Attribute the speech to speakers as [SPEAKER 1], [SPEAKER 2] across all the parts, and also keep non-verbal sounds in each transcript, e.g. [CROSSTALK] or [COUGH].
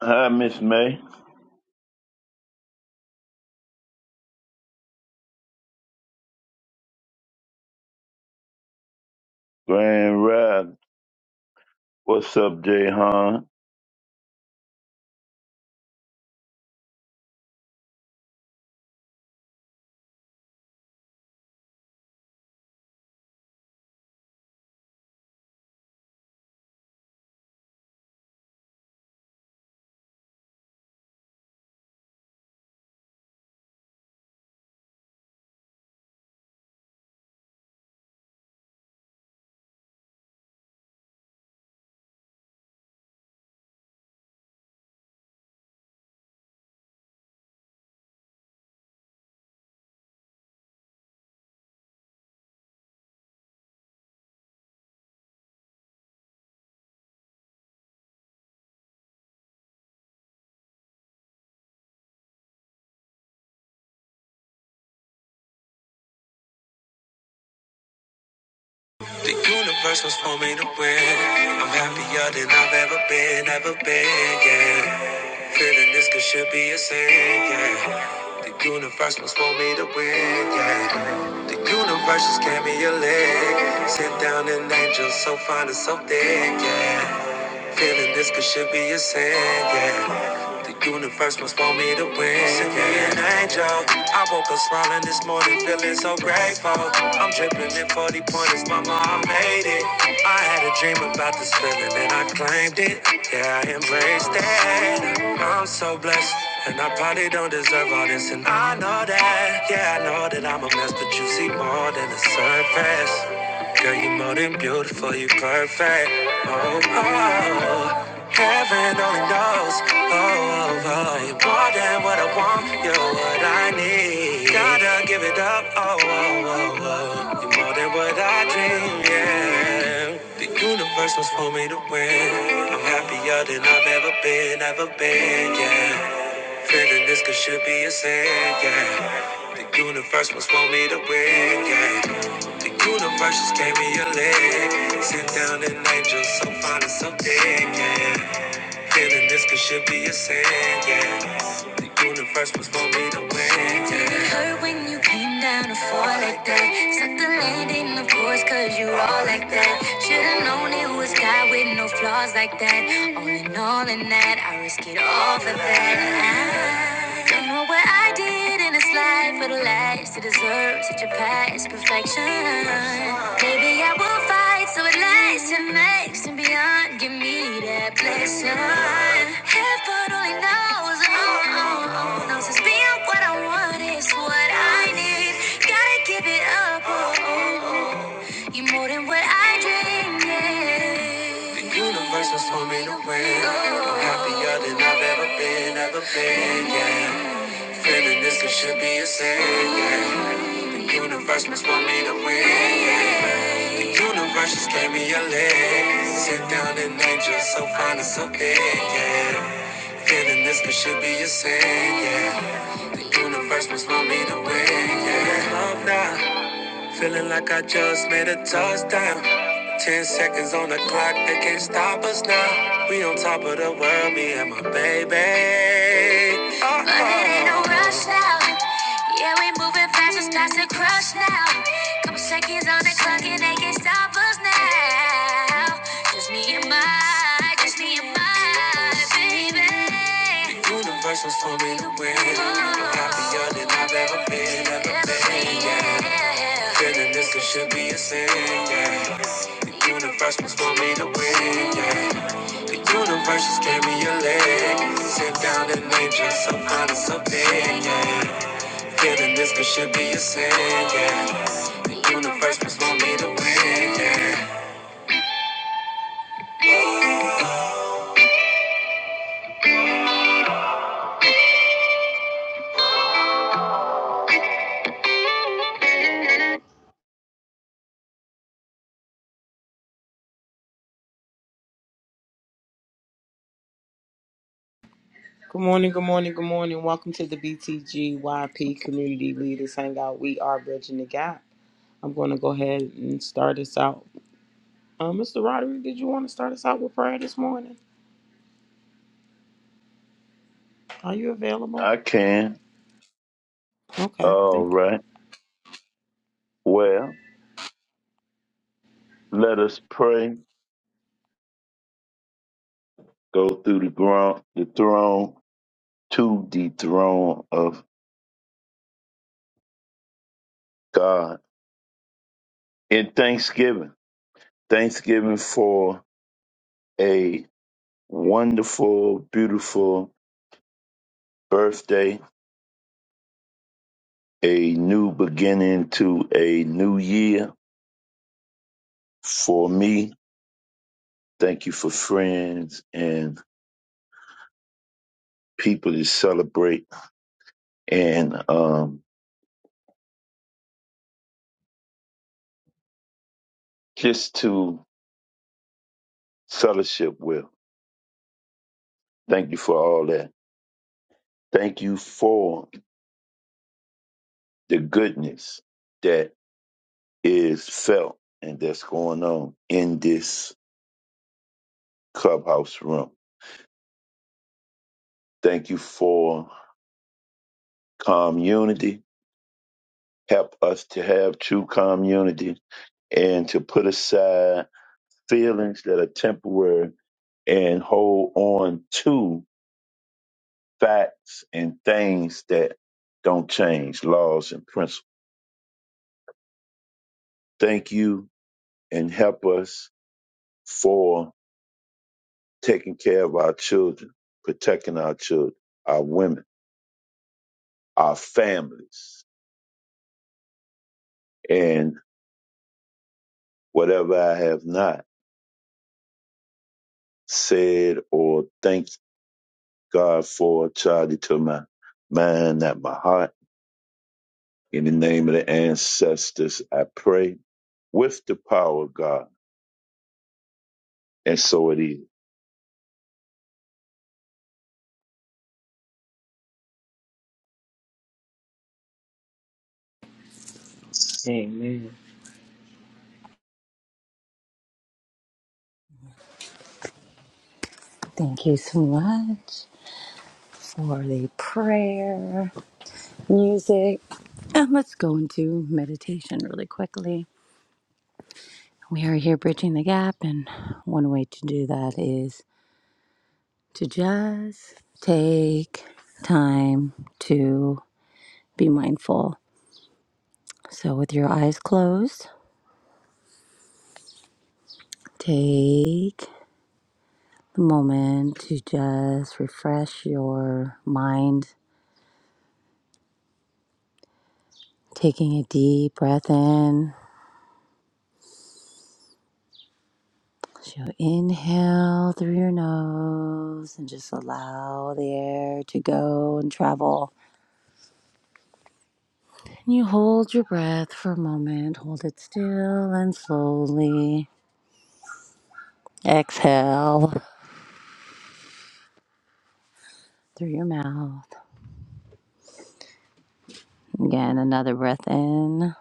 [SPEAKER 1] Hi, Miss May. Grand Rod. What's up, Jay Han?
[SPEAKER 2] The universe was for me to win. I'm happier than I've ever been, ever been, yeah. Feeling this could should be a sin, yeah. The universe was for me to win, yeah. The universe just gave me a leg. Sit down and angel so fine and so thick, yeah. Feeling this could should be a sin, yeah. The universe must want me to win. Send me an angel. I woke up smiling this morning, feeling so grateful. I'm dripping in 40 pointers, mama, I made it. I had a dream about this feeling and I claimed it. Yeah, I embraced it. I'm so blessed. And I probably don't deserve all this, and I know that. Yeah, I know that I'm a mess, but you see more than the surface. Girl, you're more than beautiful, you're perfect. Oh, oh, oh. heaven only knows. Oh, oh, oh, you're more than what I want, you're what I need. Gotta give it up. Oh, oh, oh, oh, you're more than what I dream. Yeah, the universe was for me to win. I'm happier than I've ever been, ever been. Yeah. Feeling this could should be a sin, yeah. The universe must want me to win, yeah. The universe just gave me a leg. Sent down an angel so fine and so big, yeah. Feeling this could should be a sin, yeah. The universe was for me to win. Did it hurt when you came down to fall like that? Suck the landing, of course, cause you all like that. Should've known it was God with no flaws like that. All in all, in that, I risk it all for that. I don't know what I did and in this life for the last to deserve such a past perfection. Maybe I will fight so it lasts and makes and beyond. Give me that blessing. Heaven only knows, oh, oh, oh, knows it's being what I want is what I need. Gotta give it up, oh, oh, oh. you are more than what I dreamed. yeah. The universe was for me to win. I'm happier than I've ever been, ever been, yeah. Feeling this it should be a sin. Yeah. Universe must want me to win. Yeah. Universe just gave me a leg. Sit down and angel, so fine and so big. Yeah. Feeling this it should be a sin. Yeah. Universe must want me to win. Yeah. Love now. Feeling like I just made a touchdown. Ten seconds on the clock, they can't stop us now. We on top of the world, me and my baby. Oh, but it ain't no rush now. Yeah, we moving fast, it's past the crush now. Couple seconds on the clock, and they can't stop us now. Just me and my, just me Universe was for me to win. I'm happier than I've ever been, ever been. Yeah. Feeling this could should be a sin. Yeah. The universe was for me to win. Yeah. The universe just gave me a leg. Sit down and name just some kind of something. Yeah. Feeling this could should be a sin. Yeah. The universe was for me to win. Yeah.
[SPEAKER 3] Good morning, good morning, good morning. Welcome to the BTGYP Community Leaders Hangout. We are bridging the gap. I'm going to go ahead and start us out. Uh, Mr. Roderick, did you want to start us out with prayer this morning? Are you available?
[SPEAKER 1] I can.
[SPEAKER 3] Okay,
[SPEAKER 1] All
[SPEAKER 3] thank
[SPEAKER 1] right. Well, let us pray. Go through the ground, the throne, to the throne of God in thanksgiving. Thanksgiving for a wonderful, beautiful birthday, a new beginning to a new year for me. Thank you for friends and people to celebrate and um, just to fellowship with. Thank you for all that. Thank you for the goodness that is felt and that's going on in this clubhouse room. Thank you for community. Help us to have true community and to put aside feelings that are temporary and hold on to facts and things that don't change, laws and principles. Thank you and help us for taking care of our children, protecting our children, our women, our families, and whatever I have not said or thanked God for, charge it to my mind, not my heart. In the name of the ancestors, I pray with the power of God. And so it is.
[SPEAKER 3] you. Amen.
[SPEAKER 4] Thank you so much for the prayer, music. And let's go into meditation really quickly. We are here bridging the gap, and one way to do that is to just take time to be mindful. So, with your eyes closed, take the moment to just refresh your mind, taking a deep breath in So inhale through your nose and just allow the air to go and travel. And you hold your breath for a moment, hold it still and slowly exhale through your mouth. Again, another breath in,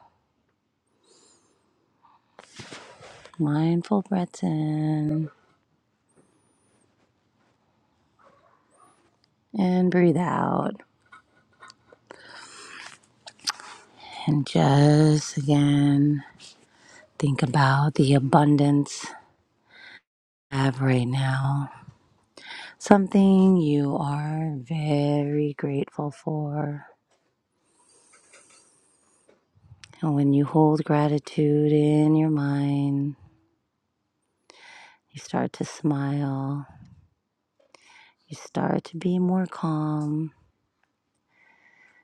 [SPEAKER 4] mindful breaths in, and breathe out. And just again, think about the abundance I have right now something you are very grateful for. And when you hold gratitude in your mind, you start to smile, you start to be more calm,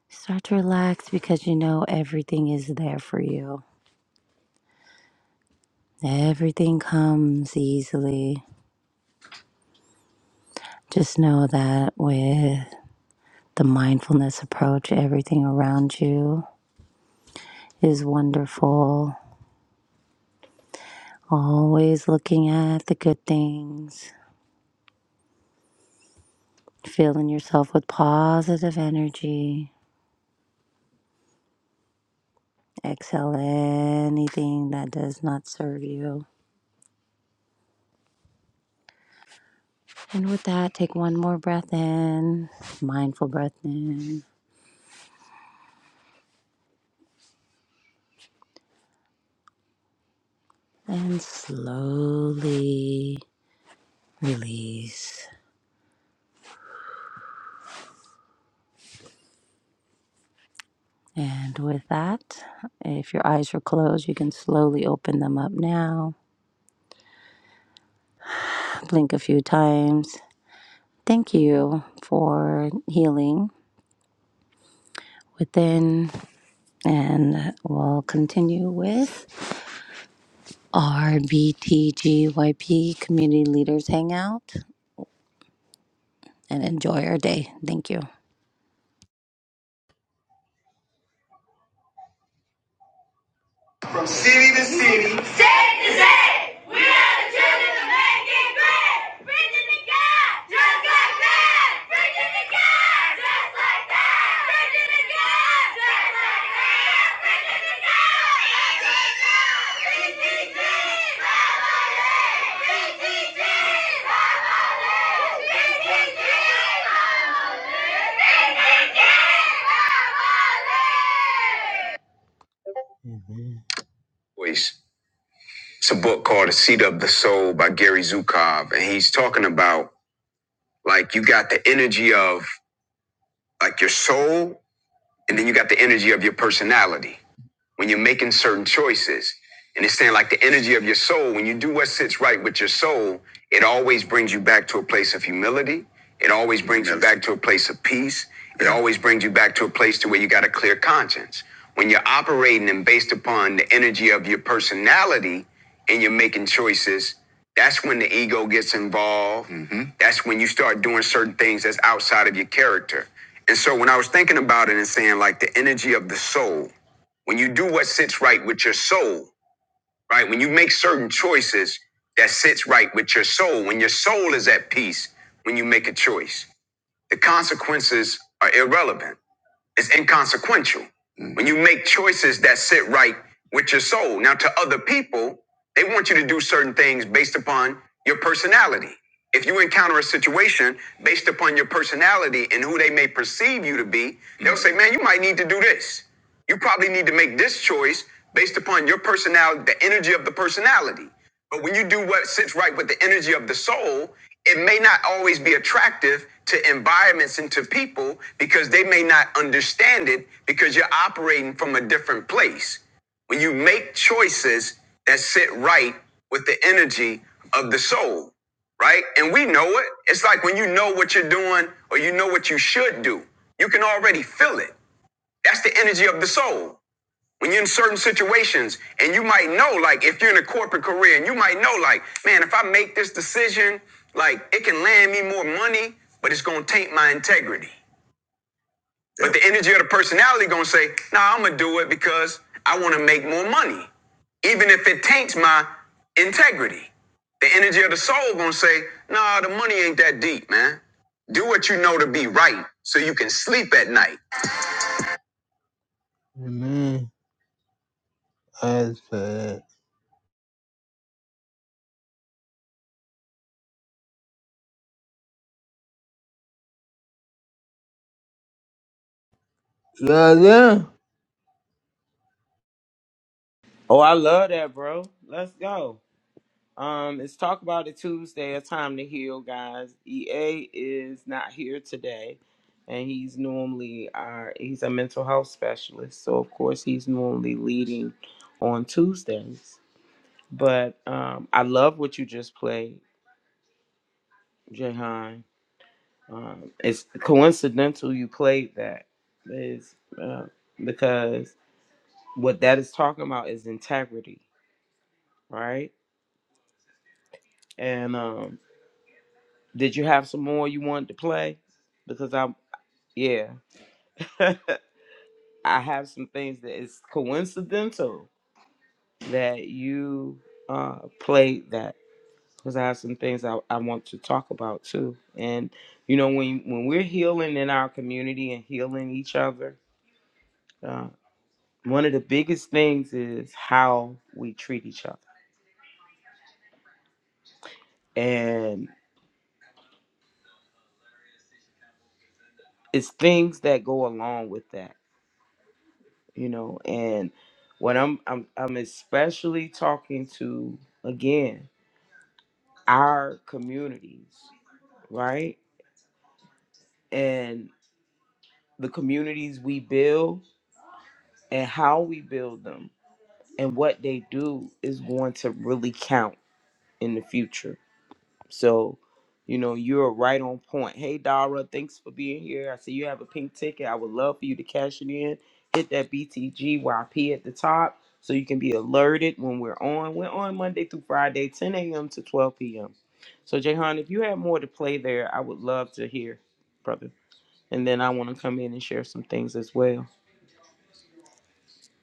[SPEAKER 4] you start to relax because you know everything is there for you. Everything comes easily. Just know that with the mindfulness approach, everything around you is wonderful. Always looking at the good things Filling yourself with positive energy. Exhale anything that does not serve you. And with that, take one more breath in, mindful breath in, and slowly release. And with that, if your eyes were closed, you can slowly open them up now. Blink a few times. Thank you for healing within, and we'll continue with Our B T G Y P Community Leaders Hangout and enjoy our day. Thank you.
[SPEAKER 2] From city to city, State to state, we are the children of making great. Preaching to God, just like that. Preaching to God, just like that. Preaching to God, just like that. Preaching to God, just like that. PTG, Family. PTG, Family. PTG, Family. PTG, Family. voice. It's a book called The Seat of the Soul by Gary Zukov. And he's talking about like you got the energy of like your soul, and then you got the energy of your personality when you're making certain choices. And it's saying like the energy of your soul, when you do what sits right with your soul, it always brings you back to a place of humility. It always brings you Yes. back to a place of peace. It Yeah. always brings you back to a place to where you got a clear conscience. When you're operating and based upon the energy of your personality and you're making choices, that's when the ego gets involved. Mhm. That's when you start doing certain things that's outside of your character. And so when I was thinking about it and saying like the energy of the soul, when you do what sits right with your soul, right? When you make certain choices that sits right with your soul, when your soul is at peace, when you make a choice, the consequences are irrelevant. It's inconsequential. Mm. When you make choices that sit right with your soul. Now, to other people, they want you to do certain things based upon your personality. If you encounter a situation based upon your personality and who they may perceive you to be, they'll say, man, you might need to do this. You probably need to make this choice based upon your personality, the energy of the personality. But when you do what sits right with the energy of the soul, it may not always be attractive to environments and to people because they may not understand it because you're operating from a different place. When you make choices that sit right with the energy of the soul, right? And we know it. It's like when you know what you're doing or you know what you should do, you can already feel it. That's the energy of the soul. When you're in certain situations and you might know, like if you're in a corporate career and you might know, like, man, if I make this decision, like it can land me more money, but it's gonna taint my integrity. Yeah. But the energy of the personality gonna say, nah, I'm gonna do it because I wanna make more money. Even if it taints my integrity. The energy of the soul gonna say, nah, the money ain't that deep, man. Do what you know to be right so you can sleep at night. Amen. That's bad. Yeah, yeah.
[SPEAKER 3] Oh, I love that, bro. Let's go. Um, it's Talk About It Tuesday, a time to heal, guys. EA is not here today, and he's normally our he's a mental health specialist, so of course he's normally leading on Tuesdays. But um, I love what you just played, Jahan. Um, it's coincidental you played that, is uh, because what that is talking about is integrity, right? And um, did you have some more you wanted to play? because I Yeah. [LAUGHS] I have some things that it's coincidental that you uh played that because I have some things I, I want to talk about too. And you know when when we're healing in our community and healing each other, uh, one of the biggest things is how we treat each other, and it's things that go along with that, you know. And what I'm I'm I'm especially talking to again our communities right? And the communities we build and how we build them and what they do is going to really count in the future. So, you know, you're right on point. Hey, Dara, thanks for being here. I see you have a pink ticket. I would love for you to cash it in. Hit that BTGYP at the top so you can be alerted when we're on. We're on Monday through Friday, 10 a.m. to 12 p.m. So, Jahan, if you have more to play there, I would love to hear, brother. and then I want to come in and share some things as well.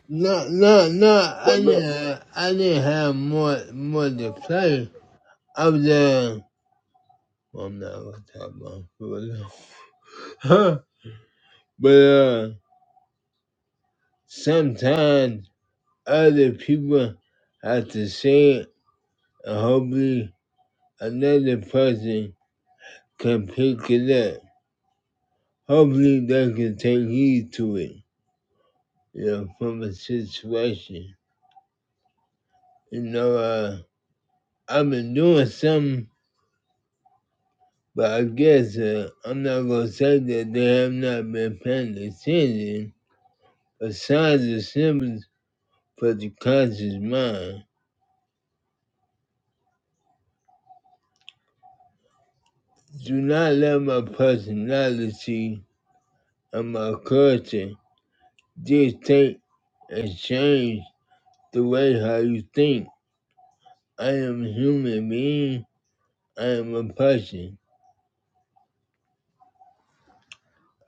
[SPEAKER 2] No, no, no.
[SPEAKER 1] Well,
[SPEAKER 2] I didn't
[SPEAKER 1] look,
[SPEAKER 2] have. I didn't have more, more to play. I was uh, well, I'm not gonna talk about football. Huh. but uh, sometimes other people have to say it, and hopefully another person can pick it up. Hopefully they can take heed to it. You know, from a situation. You know, uh, I've been doing something But I guess uh, I'm not gonna say that they have not been paying attention, but signs are symbols for the conscious mind. Do not let my personality and my culture dictate and change the way how you think. I am a human being. I am a person.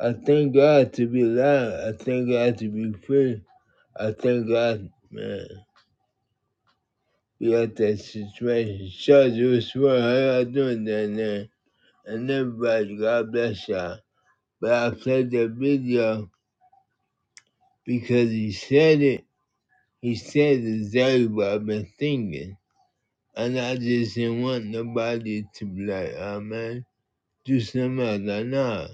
[SPEAKER 2] I thank God to be alive. I thank God to be free. I thank God, man. We got that situation. So, was what I y'all doing down there? And everybody, God bless y'all. But I played the video because he said it. He said exactly what I've been thinking. And I just didn't want nobody to be like, oh man, do something else. Like, nah.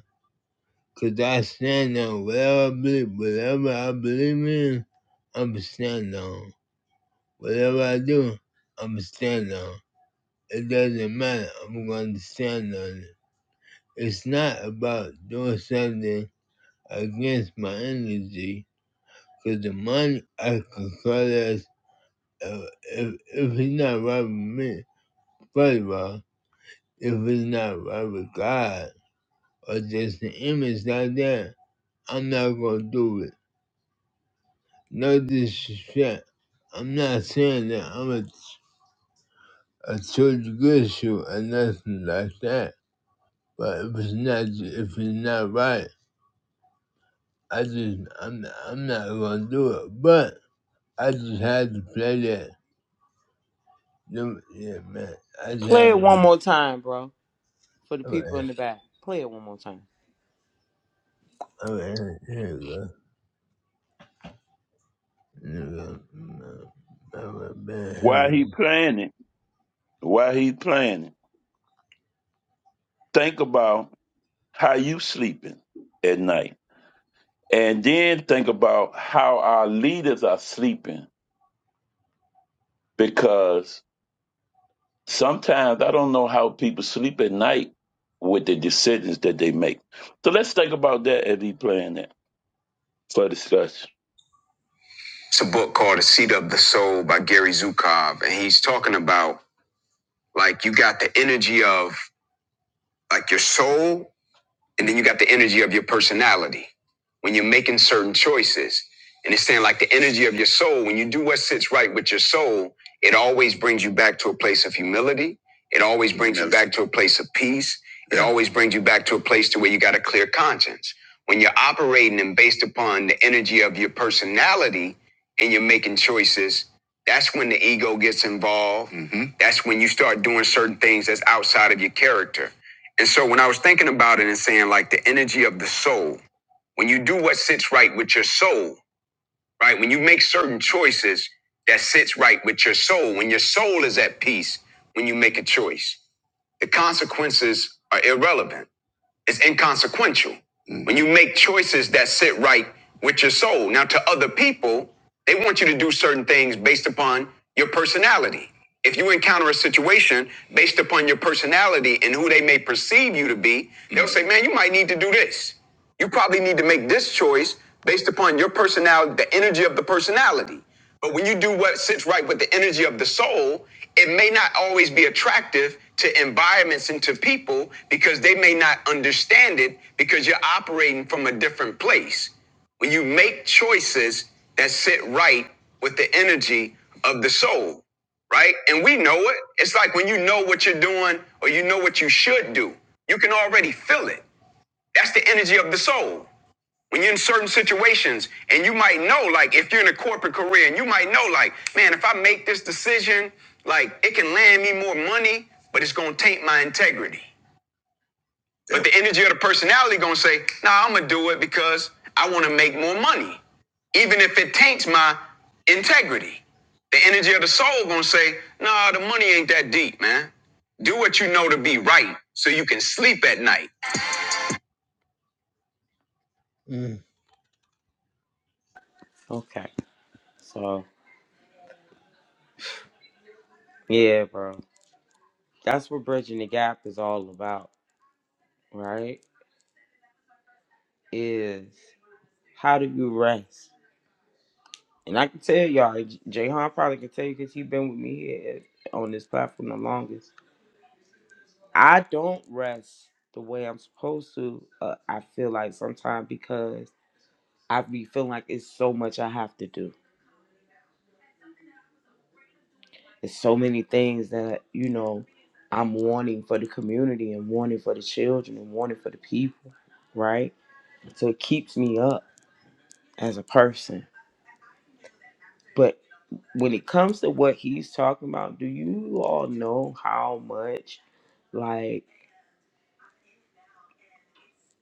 [SPEAKER 2] Cause I stand on whatever I believe, whatever I believe in, I'm stand on. Whatever I do, I'm stand on. It doesn't matter. I'm going to stand on it. It's not about doing something against my energy, because the money I can call us uh, if, if it's not right with me. First of all, if it's not right with God or just an image like that, I'm not going to do it. No disrespect. I'm not saying that I'm a, a church good shoe or nothing like that. But if it's not, if it's not right, I just, I'm, I'm not going to do it. But I just had to play that. Them- Yeah, man. I just
[SPEAKER 3] Play
[SPEAKER 2] had
[SPEAKER 3] it
[SPEAKER 2] to.
[SPEAKER 3] one more time, bro, for the
[SPEAKER 2] All
[SPEAKER 3] people
[SPEAKER 2] right.
[SPEAKER 3] in the back. Play it one more time.
[SPEAKER 2] All right. Here we go. Here we go. Mm, all right, man, here
[SPEAKER 1] while
[SPEAKER 2] we go.
[SPEAKER 1] he planning, while he planning, think about how you sleeping at night And then think about how our leaders are sleeping because sometimes I don't know how people sleep at night with the decisions that they make. So let's think about that as we plan that for discussion.
[SPEAKER 2] It's a book called The Seat of the Soul by Gary Zukov. And he's talking about like you got the energy of like your soul And then you got the energy of your personality when you're making certain choices. And it's saying like the energy of your soul, when you do what sits right with your soul, it always brings you back to a place of humility. It always brings you Yes. back to a place of peace. It Yeah. always brings you back to a place to where you got a clear conscience. When you're operating and based upon the energy of your personality and you're making choices, that's when the ego gets involved. Mhm. That's when you start doing certain things that's outside of your character. And so when I was thinking about it and saying like the energy of the soul, when you do what sits right with your soul, right? When you make certain choices that sits right with your soul, when your soul is at peace, when you make a choice, the consequences are irrelevant. It's inconsequential. Mm. When you make choices that sit right with your soul. Now, to other people, they want you to do certain things based upon your personality. If you encounter a situation based upon your personality and who they may perceive you to be, they'll say, man, you might need to do this. You probably need to make this choice based upon your personality, the energy of the personality. But when you do what sits right with the energy of the soul, it may not always be attractive to environments and to people because they may not understand it because you're operating from a different place. When you make choices that sit right with the energy of the soul, right? And we know it. It's like when you know what you're doing or you know what you should do, you can already feel it. That's the energy of the soul. When you're in certain situations and you might know, like if you're in a corporate career and you might know, like, man, if I make this decision, like it can land me more money, but it's gonna taint my integrity. But the energy of the personality gonna say, nah, I'm gonna do it because I wanna make more money. Even if it taints my integrity. The energy of the soul gonna say, nah, the money ain't that deep, man. Do what you know to be right so you can sleep at night.
[SPEAKER 3] Okay. So, yeah, bro. That's what bridging the gap is all about, right? Is how do you rest? And I can tell y'all, J. probably can tell you because he's been with me here on this platform the longest. I don't rest the way I'm supposed to. Uh, I feel like sometimes because I be feeling like it's so much I have to do There's so many things that, you know, I'm wanting for the community and wanting for the children and wanting for the people, right? So it keeps me up as a person. But when it comes to what he's talking about, do you all know how much like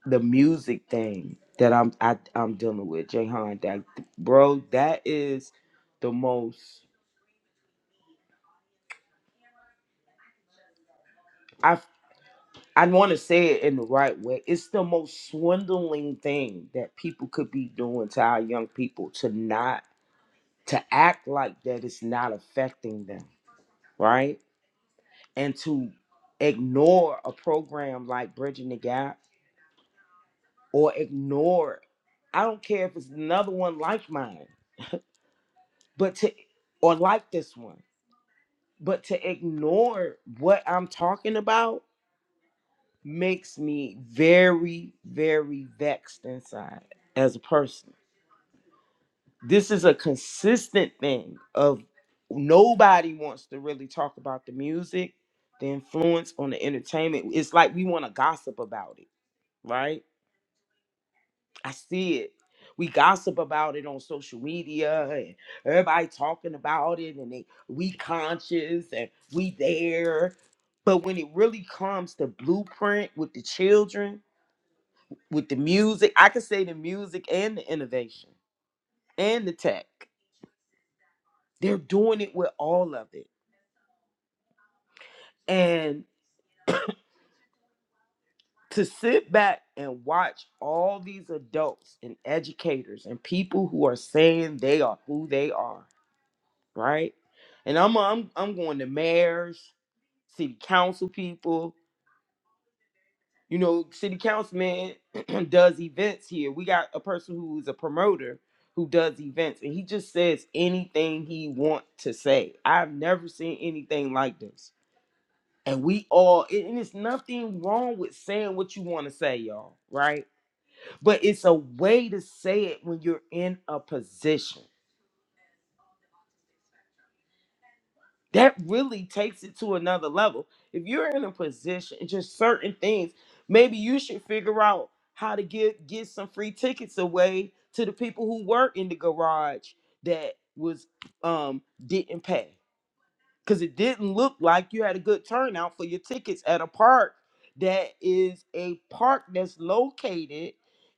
[SPEAKER 3] the music thing that I'm I, I'm dealing with, Jay Hunt, that bro, that is the most. I. I want to say it in the right way. It's the most swindling thing that people could be doing to our young people to not to act like that it's not affecting them, right? And to ignore a program like Bridging the Gap or ignore I don't care if it's another one like mine, but to or like this one, but to ignore what I'm talking about makes me very very vexed inside as a person this is a consistent thing of nobody wants to really talk about the music the influence on the entertainment it's like we want to gossip about it right i see it we gossip about it on social media and everybody talking about it and they we conscious and we there but when it really comes to blueprint with the children with the music i could say the music and the innovation and the tech they're doing it with all of it And to sit back and watch all these adults and educators and people who are saying they are who they are, right? And I'm I'm I'm going to mayors, city council people, you know, city councilman [CLEARS THROAT] does events here. We got a person who's a promoter who does events and he just says anything he want to say. I've never seen anything like this. And we all and and it's nothing wrong with saying what you want to say, y'all, right? but it's a way to say it when you're in a position that really takes it to another level if you're in a position it's just certain things maybe you should figure out how to get get some free tickets away to the people who were in the garage that was um didn't pass because it didn't look like you had a good turnout for your tickets at a park that is a park that's located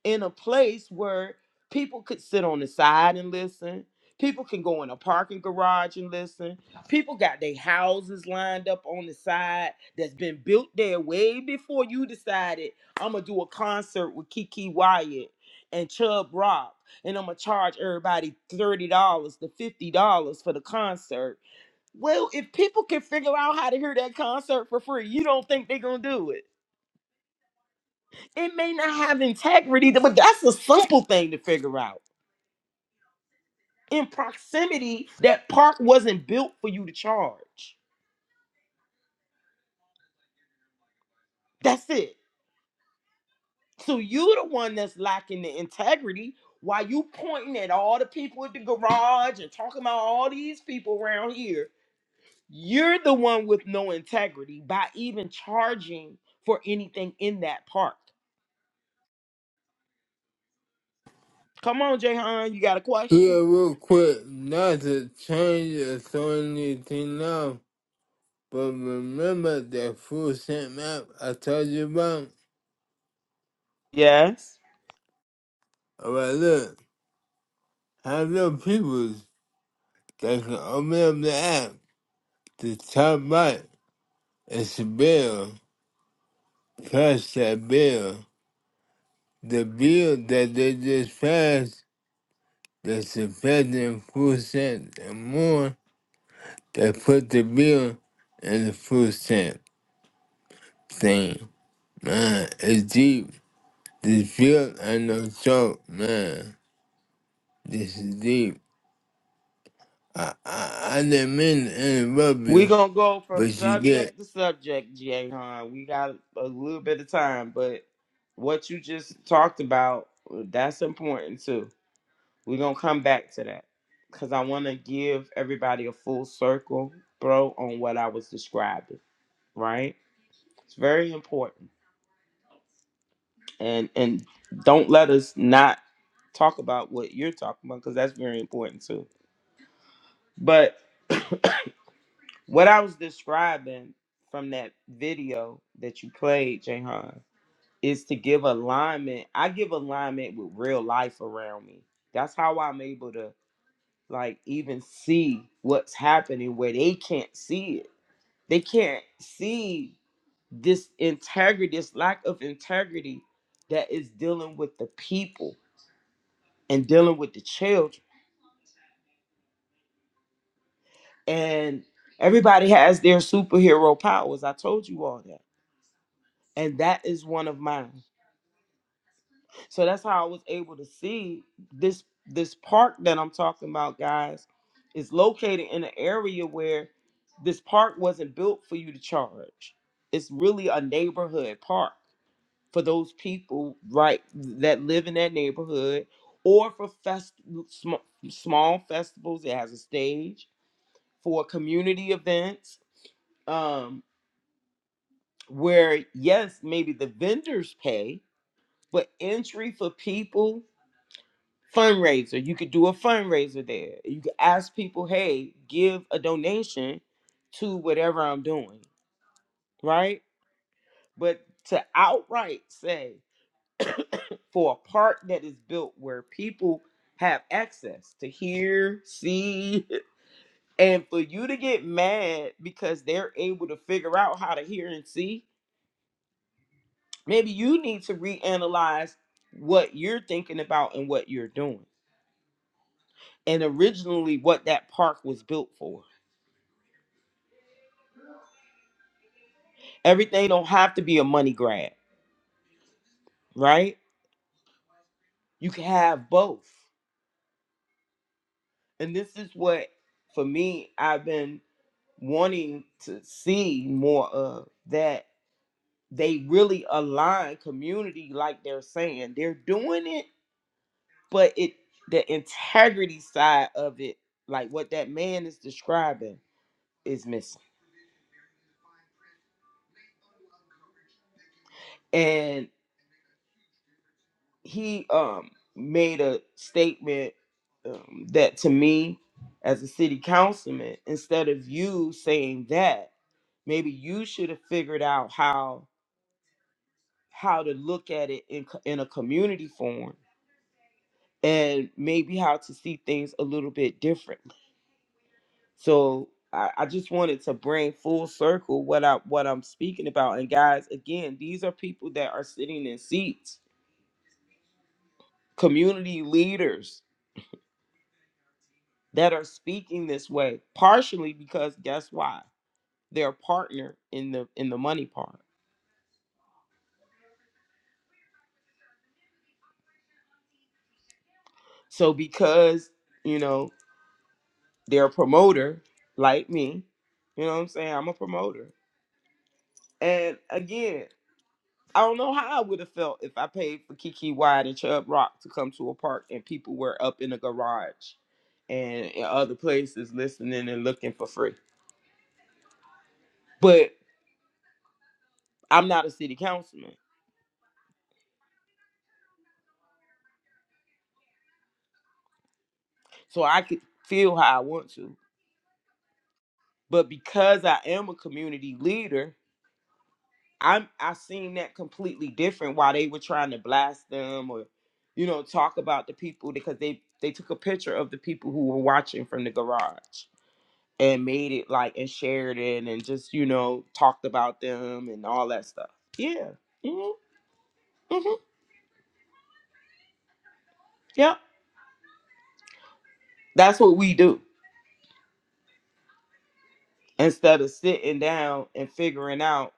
[SPEAKER 3] in a place where people could sit on the side and listen. People can go in a parking garage and listen. People got their houses lined up on the side that's been built there way before you decided I'm gonna do a concert with Kiki Wyatt and Chub Rock, and I'm gonna charge everybody thirty dollars to fifty dollars for the concert well, if people can figure out how to hear that concert for free, you don't think they're gonna do it. It may not have integrity, but that's a simple thing to figure out. In proximity, that park wasn't built for you to charge. That's it. So you're the one that's lacking the integrity. While you pointing at all the people at the garage and talking about all these people around here, you're the one with no integrity by even charging for anything in that park. Come on, Jayhan, you got a
[SPEAKER 2] Yeah,
[SPEAKER 3] question?
[SPEAKER 2] real quick, not to change or throw anything off, but remember that full set map I told you about?
[SPEAKER 3] Yes.
[SPEAKER 2] Alright, look, have your peoples that can open up the app. The top right is a bill. Press that bill. The bill that they just passed, that's affecting full set and more, they put the bill in the full set thing. Man, it's deep. The feel and the talk, man. This is deep. I, I I didn't mean to interrupt
[SPEAKER 3] we
[SPEAKER 2] you,
[SPEAKER 3] going to go from
[SPEAKER 2] but you did.
[SPEAKER 3] subject to subject, Jay Huh? We got a little bit of time, but what you just talked about, that's important too. We're going to come back to that because I want to give everybody a full circle, bro, on what I was describing, right? It's very important. And, and don't let us not talk about what you're talking about because that's very important too. But [CLEARS THROAT] What I was describing from that video that you played, Jahan, is to give alignment. I give alignment with real life around me. That's how I'm able to like even see what's happening where they can't see it. They can't see this integrity, this lack of integrity that is dealing with the people and dealing with the children. And everybody has their superhero powers. I told you all that. And that is one of mine. So that's how I was able to see this this park that I'm talking about, guys, is located in an area where this park wasn't built for you to charge. It's really a neighborhood park for those people right that live in that neighborhood or for fest sm- small festivals it has a stage for community events um where yes maybe the vendors pay but entry for people fundraiser. You could do a fundraiser there. You could ask people, hey, give a donation to whatever I'm doing, right? But to outright say for a park that is built where people have access to hear, see, [LAUGHS] and for you to get mad because they're able to figure out how to hear and see, maybe you need to reanalyze what you're thinking about and what you're doing. And originally, what that park was built for everything don't have to be a money grab, right? You can have both. And this is what for me I've been wanting to see more of that they really align community like they're saying. They're doing it, but it the integrity side of it, like what that man is describing is missing. he um made a statement um, that to me as a city councilman instead of you saying that maybe you should have figured out how how to look at it in, co- in a community form and maybe how to see things a little bit differently so I, I just wanted to bring full circle what i what i'm speaking about and guys again these are people that are sitting in seats community leaders that are speaking this way partially because guess why they're a partner in the in the money part so because you know they're a promoter like me you know what i'm saying i'm a promoter and again i don't know how i would have felt if i paid for kiki wide and Chub rock to come to a park and people were up in a garage and in other places listening and looking for free but i'm not a city councilman so i could feel how i want to But because I am a community leader, I'm I seen that completely different while they were trying to blast them or, you know, talk about the people because they they took a picture of the people who were watching from the garage and made it like and shared it and just you know talked about them and all that stuff. Yeah. Mm-hmm. hmm Yep. That's what we do instead of sitting down and figuring out.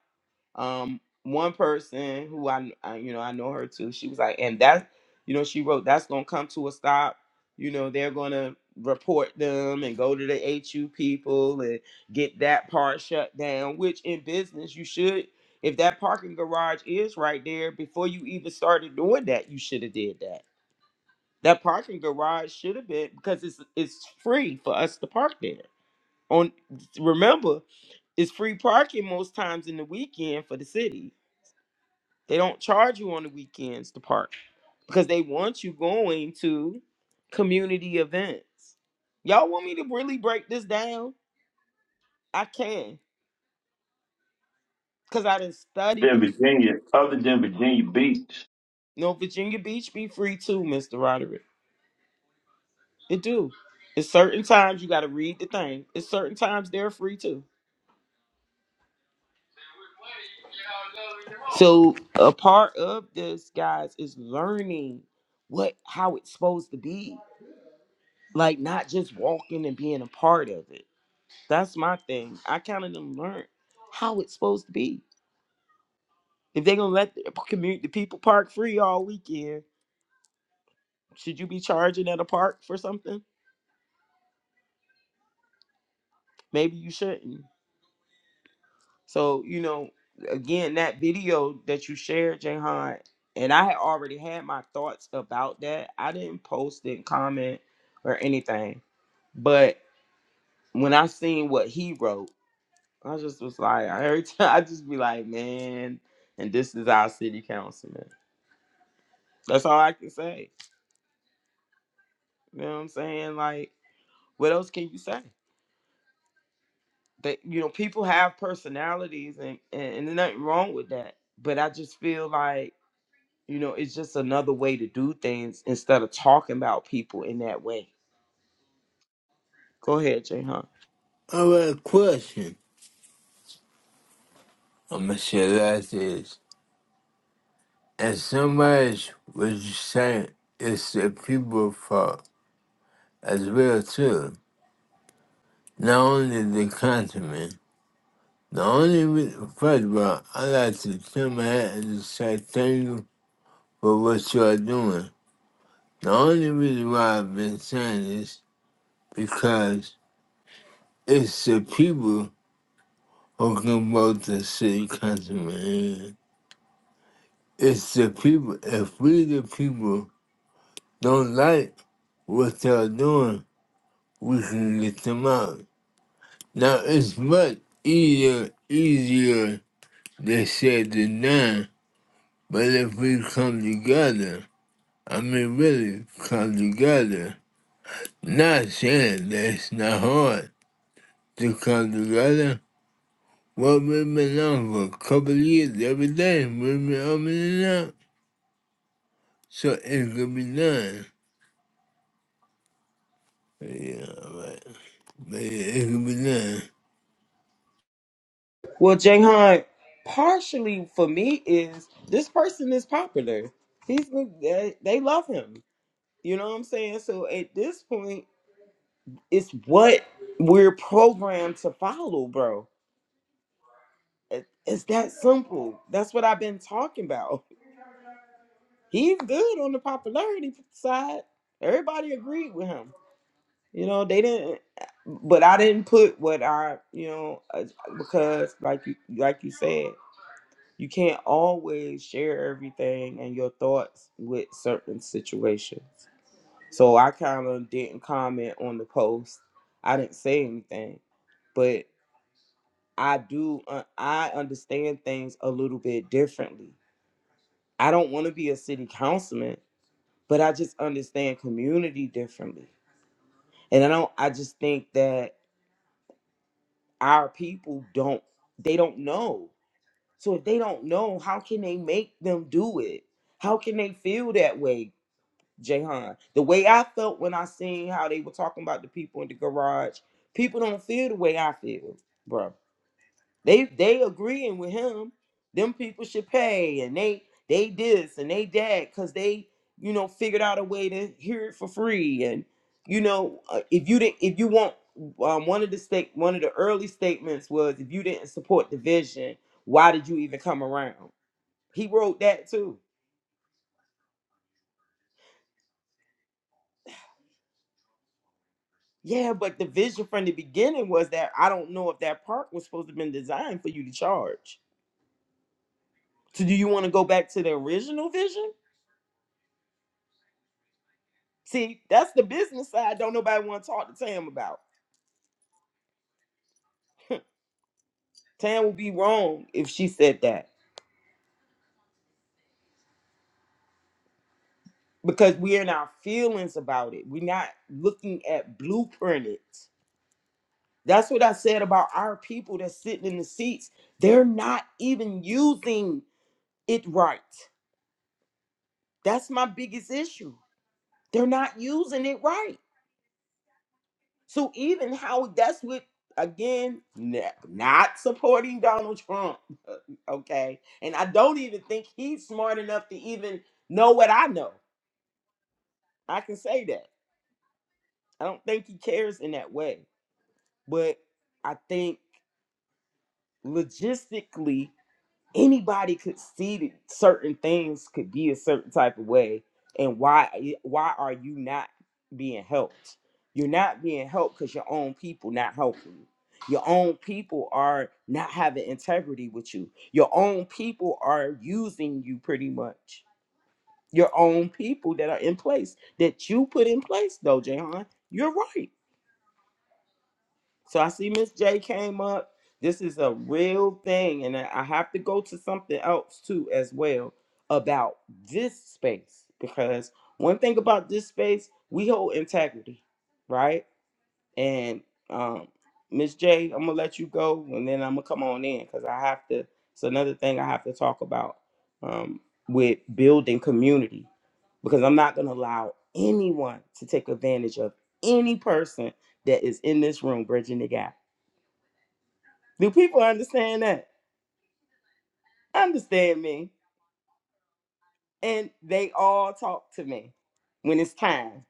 [SPEAKER 3] um one person who I, I you know I know her too. She was like, and that's you know she wrote that's gonna come to a stop. You know they're gonna report them and go to the HU people and get that part shut down. Which in business you should, if that parking garage is right there before you even started doing that, you should have did that. That parking garage should have been because it's it's free for us to park there. On remember, it's free parking most times in the weekend for the city they don't charge you on the weekends to park because they want you going to community events. Y'all want me to really break this down? I can because I done studied
[SPEAKER 1] than
[SPEAKER 3] it.
[SPEAKER 1] Virginia, other than Virginia Beach.
[SPEAKER 3] No, Virginia Beach be free too, Mr. Roderick. It do. It's certain times you got to read the thing. It's certain times they're free too. So a part of this, guys, is learning what how it's supposed to be, like not just walking and being a part of it. That's my thing. I kind of done learned how it's supposed to be. If they're gonna let the community the people park free all weekend, should you be charging at a park for something? Maybe you shouldn't. So you know, again, that video that you shared, Jahan, and I had already had my thoughts about that. I didn't post, didn't comment, or anything. But when I seen what he wrote, I just was like, [LAUGHS] every time I just be like, man, and this is our city councilman. That's all I can say. You know what I'm saying? Like, what else can you say? That you know, people have personalities, and and, and there's nothing wrong with that. But I just feel like you know, it's just another way to do things instead of talking about people in that way. Go ahead, Jayhan.
[SPEAKER 2] I have a question. I'm gonna say like this. In some ways, what you saying is the people's fault as well too. Not only the continent. The only reason, first of all, I like to turn my hat and just say thank you for what you are doing. The only reason why I've been saying this because It's the people talking about the city councilman. It's the people. If we, the people, don't like what they're doing, we can get them out. Now, it's much easier, easier they said than done, but if we come together, I mean, really come together, not saying that it's not hard to come together. Well, we've been on for a couple of years every day. We've been up and up. So it could be done. Yeah, right. But it, it could be done.
[SPEAKER 3] Well, Jayhan, partially for me is this person is popular. He's they they love him. You know what I'm saying? So at this point, it's what we're programmed to follow, bro It- It's that simple. That's what I've been talking about. [LAUGHS] He's good on the popularity side. Everybody agreed with him. You know, they didn't, but I didn't put what I, you know, uh, because like you, like you said, you can't always share everything and your thoughts with certain situations. So I kind of didn't comment on the post. I didn't say anything, but I do, uh, I understand things a little bit differently I don't want to be a city councilman, but I just understand community differently. And I don't I just think that our people don't they don't know. So if they don't know, how can they make them do it? How can they feel that way, Jahan? The way I felt when I seen how they were talking about the people in the garage, people don't feel the way I feel, bro. They they agreeing with him. Them people should pay, and they they this and they that because they you know figured out a way to hear it for free. And you know uh, if you didn't if you want um, one of the state one of the early statements was if you didn't support the vision, why did you even come around? He wrote that too. Yeah, but the vision from the beginning was that I don't know if that park was supposed to have been designed for you to charge. So do you want to go back to the original vision? See, that's the business side. Don't nobody want to talk to Tam about. Tam would be wrong if she said that because we're in our feelings about it. We're not looking at blueprint it. That's what I said about our people that's sitting in the seats. They're not even using it right. That's my biggest issue. They're not using it right. So even how that's what again n- not supporting Donald Trump, [LAUGHS] okay? And I don't even think he's smart enough to even know what I know. I can say that. I don't think he cares in that way. But I think logistically anybody could see that certain things could be a certain type of way and why eh, why are you not being helped you're not being helped because your own people not helping you your own people are not having integrity with you your own people are using you pretty much your own people that are in place that you put in place though Jahan, you're right so I see Miss J came up. This is a real thing, and I I have to go to something else too as well about this space because one thing about this space, we hold integrity, right? And um, Miss J, I'm gonna let you go, and then I'm gonna come on in because I have to. It's another thing I have to talk about um, with building community because I'm not gonna allow anyone to take advantage of any person that is in this room bridging the gap do people understand that? Understand me. And they all talk to me when it's time.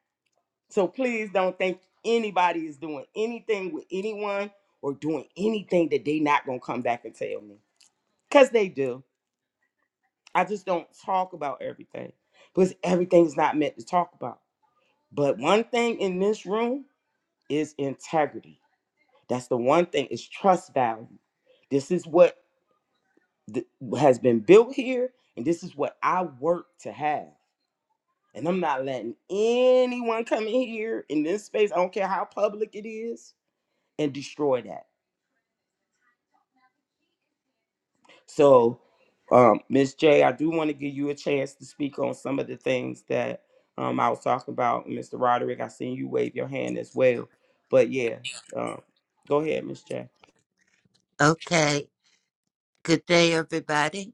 [SPEAKER 3] So please don't think anybody is doing anything with anyone or doing anything that they not gonna come back and tell me. Cause they do. I just don't talk about everything. Because everything's not meant to talk about. But one thing in this room is integrity. That's the one thing is trust value. This is what th- has been built here, and this is what I work to have. And I'm not letting anyone come in here in this space. I don't care how public it is and destroy that. So, um, Ms. J, I do want to give you a chance to speak on some of the things that um, I was talking about. Mr. Roderick, I seen you wave your hand as well. But yeah, um, go ahead, Miss J.
[SPEAKER 5] Okay. Good day, everybody.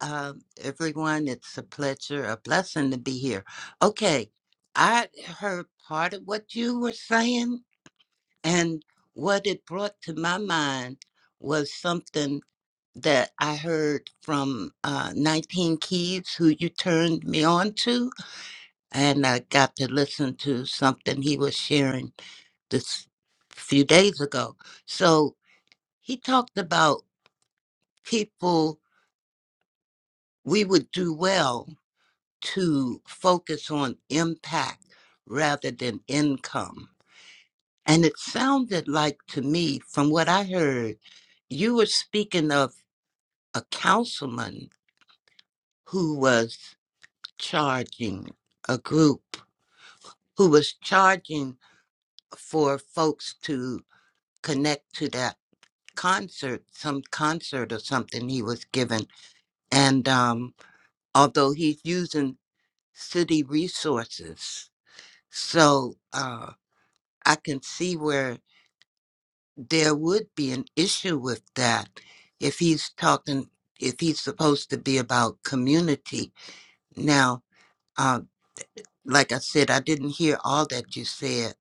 [SPEAKER 5] Um, everyone, it's a pleasure, a blessing to be here. Okay. I heard part of what you were saying, and what it brought to my mind was something that I heard from uh, 19 Keys, who you turned me on to, and I got to listen to something he was sharing this few days ago. So he talked about people. we would do well to focus on impact rather than income. And it sounded like to me, from what I heard, you were speaking of a councilman who was charging a group who was charging for folks to connect to that concert, some concert or something he was given. And um, although he's using city resources So uh, I can see where there would be an issue with that if he's talking, if he's supposed to be about community. Now, uh, like I said, I didn't hear all that you said,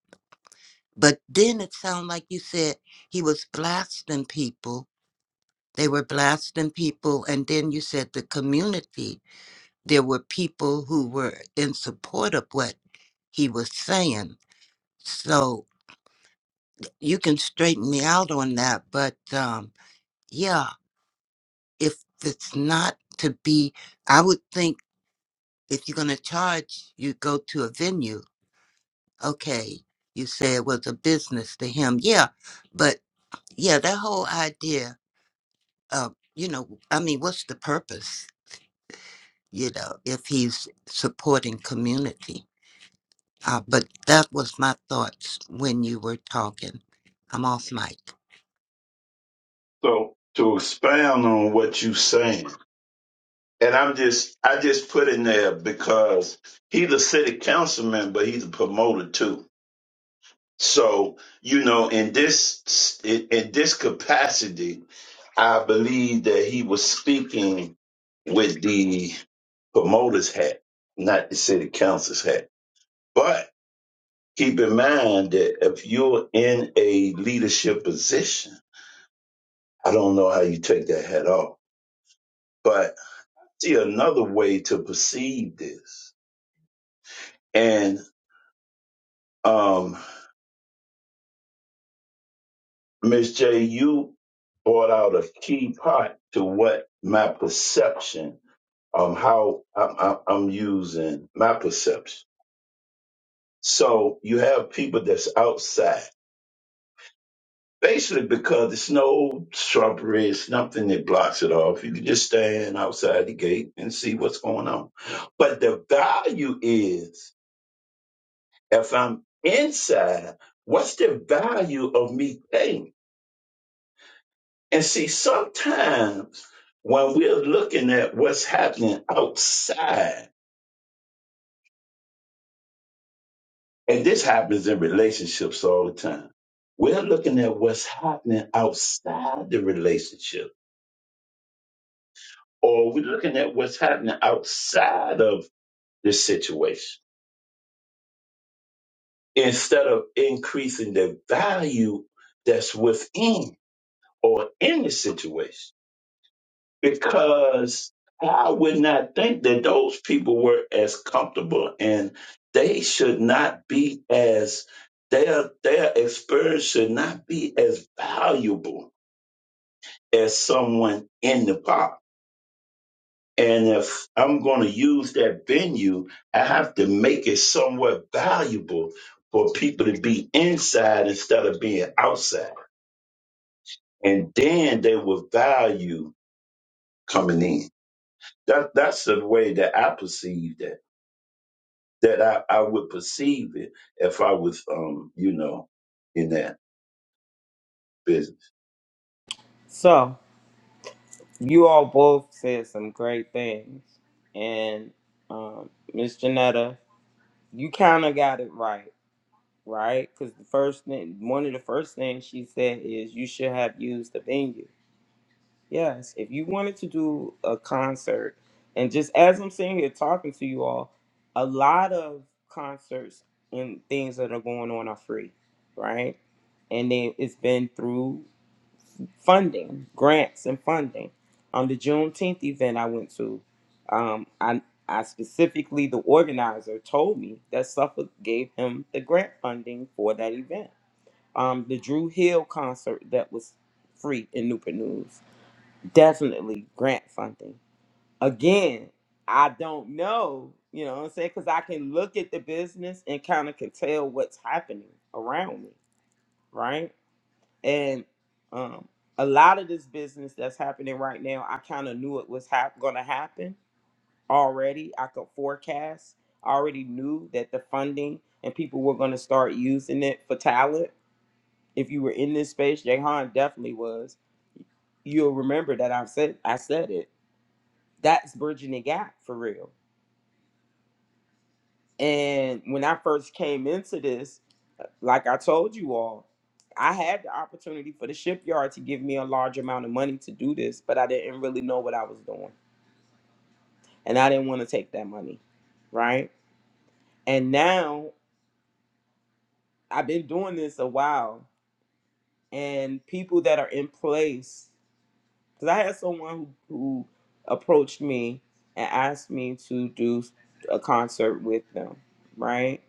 [SPEAKER 5] but then it sounded like you said he was blasting people. They were blasting people, and then you said the community. There were people who were in support of what he was saying. So. you can straighten me out on that but um yeah if it's not to be i would think if you're going to charge you go to a venue okay you say it was a business to him yeah but yeah that whole idea of you know i mean what's the purpose you know if he's supporting community uh, but that was my thoughts when you were talking i'm off mic
[SPEAKER 1] So to expound on what you saying, and I'm just I just put in there because he's a city councilman, but he's a promoter too. So, you know, in this in, in this capacity, I believe that he was speaking with the promoter's hat, not the city council's hat. But keep in mind that if you're in a leadership position, I don't know how you take that hat off. But see another way to perceive this. And um Ms. J, you brought out a key part to what my perception um, how I'm, I'm I'm using my perception. So you have people that's outside, basically because it's no shrubbery, it's nothing that blocks it off. You can just stand outside the gate and see what's going on. But the value is if I'm inside, what's the value of me paying? And see, sometimes when we're looking at what's happening outside, And this happens in relationships all the time. We're looking at what's happening outside the relationship, or we're looking at what's happening outside of the situation instead of increasing the value that's within or in the situation. Because I would not think that those people were as comfortable and they should not be as, their, their experience should not be as valuable as someone in the pop. And if I'm going to use that venue, I have to make it somewhat valuable for people to be inside instead of being outside. And then they will value coming in. That, that's the way that I perceive that, that I, I would perceive it if I was, um, you know, in that business.
[SPEAKER 3] So, you all both said some great things. And um, Ms. Janetta, you kind of got it right right? Because the first thing, one of the first things she said is you should have used the venue. Yes, if you wanted to do a concert, and just as I'm sitting here talking to you all, a lot of concerts and things that are going on are free, right? And then it's been through funding, grants, and funding. On the Juneteenth event I went to, um, I I specifically the organizer told me that Suffolk gave him the grant funding for that event um, the Drew Hill concert that was free in Newport News. Definitely grant funding. Again, I don't know, you know what I'm saying? Because I can look at the business and kind of can tell what's happening around me, right? And um, a lot of this business that's happening right now, I kind of knew it was hap- going to happen already. I could forecast, I already knew that the funding and people were going to start using it for talent if you were in this space, Jahan definitely was. You'll remember that I said I said it. That's bridging the gap for real. And when I first came into this, like I told you all, I had the opportunity for the shipyard to give me a large amount of money to do this, but I didn't really know what I was doing. And I didn't want to take that money. Right. And now I've been doing this a while, and people that are in place Because I had someone who, who approached me and asked me to do a concert with them, right?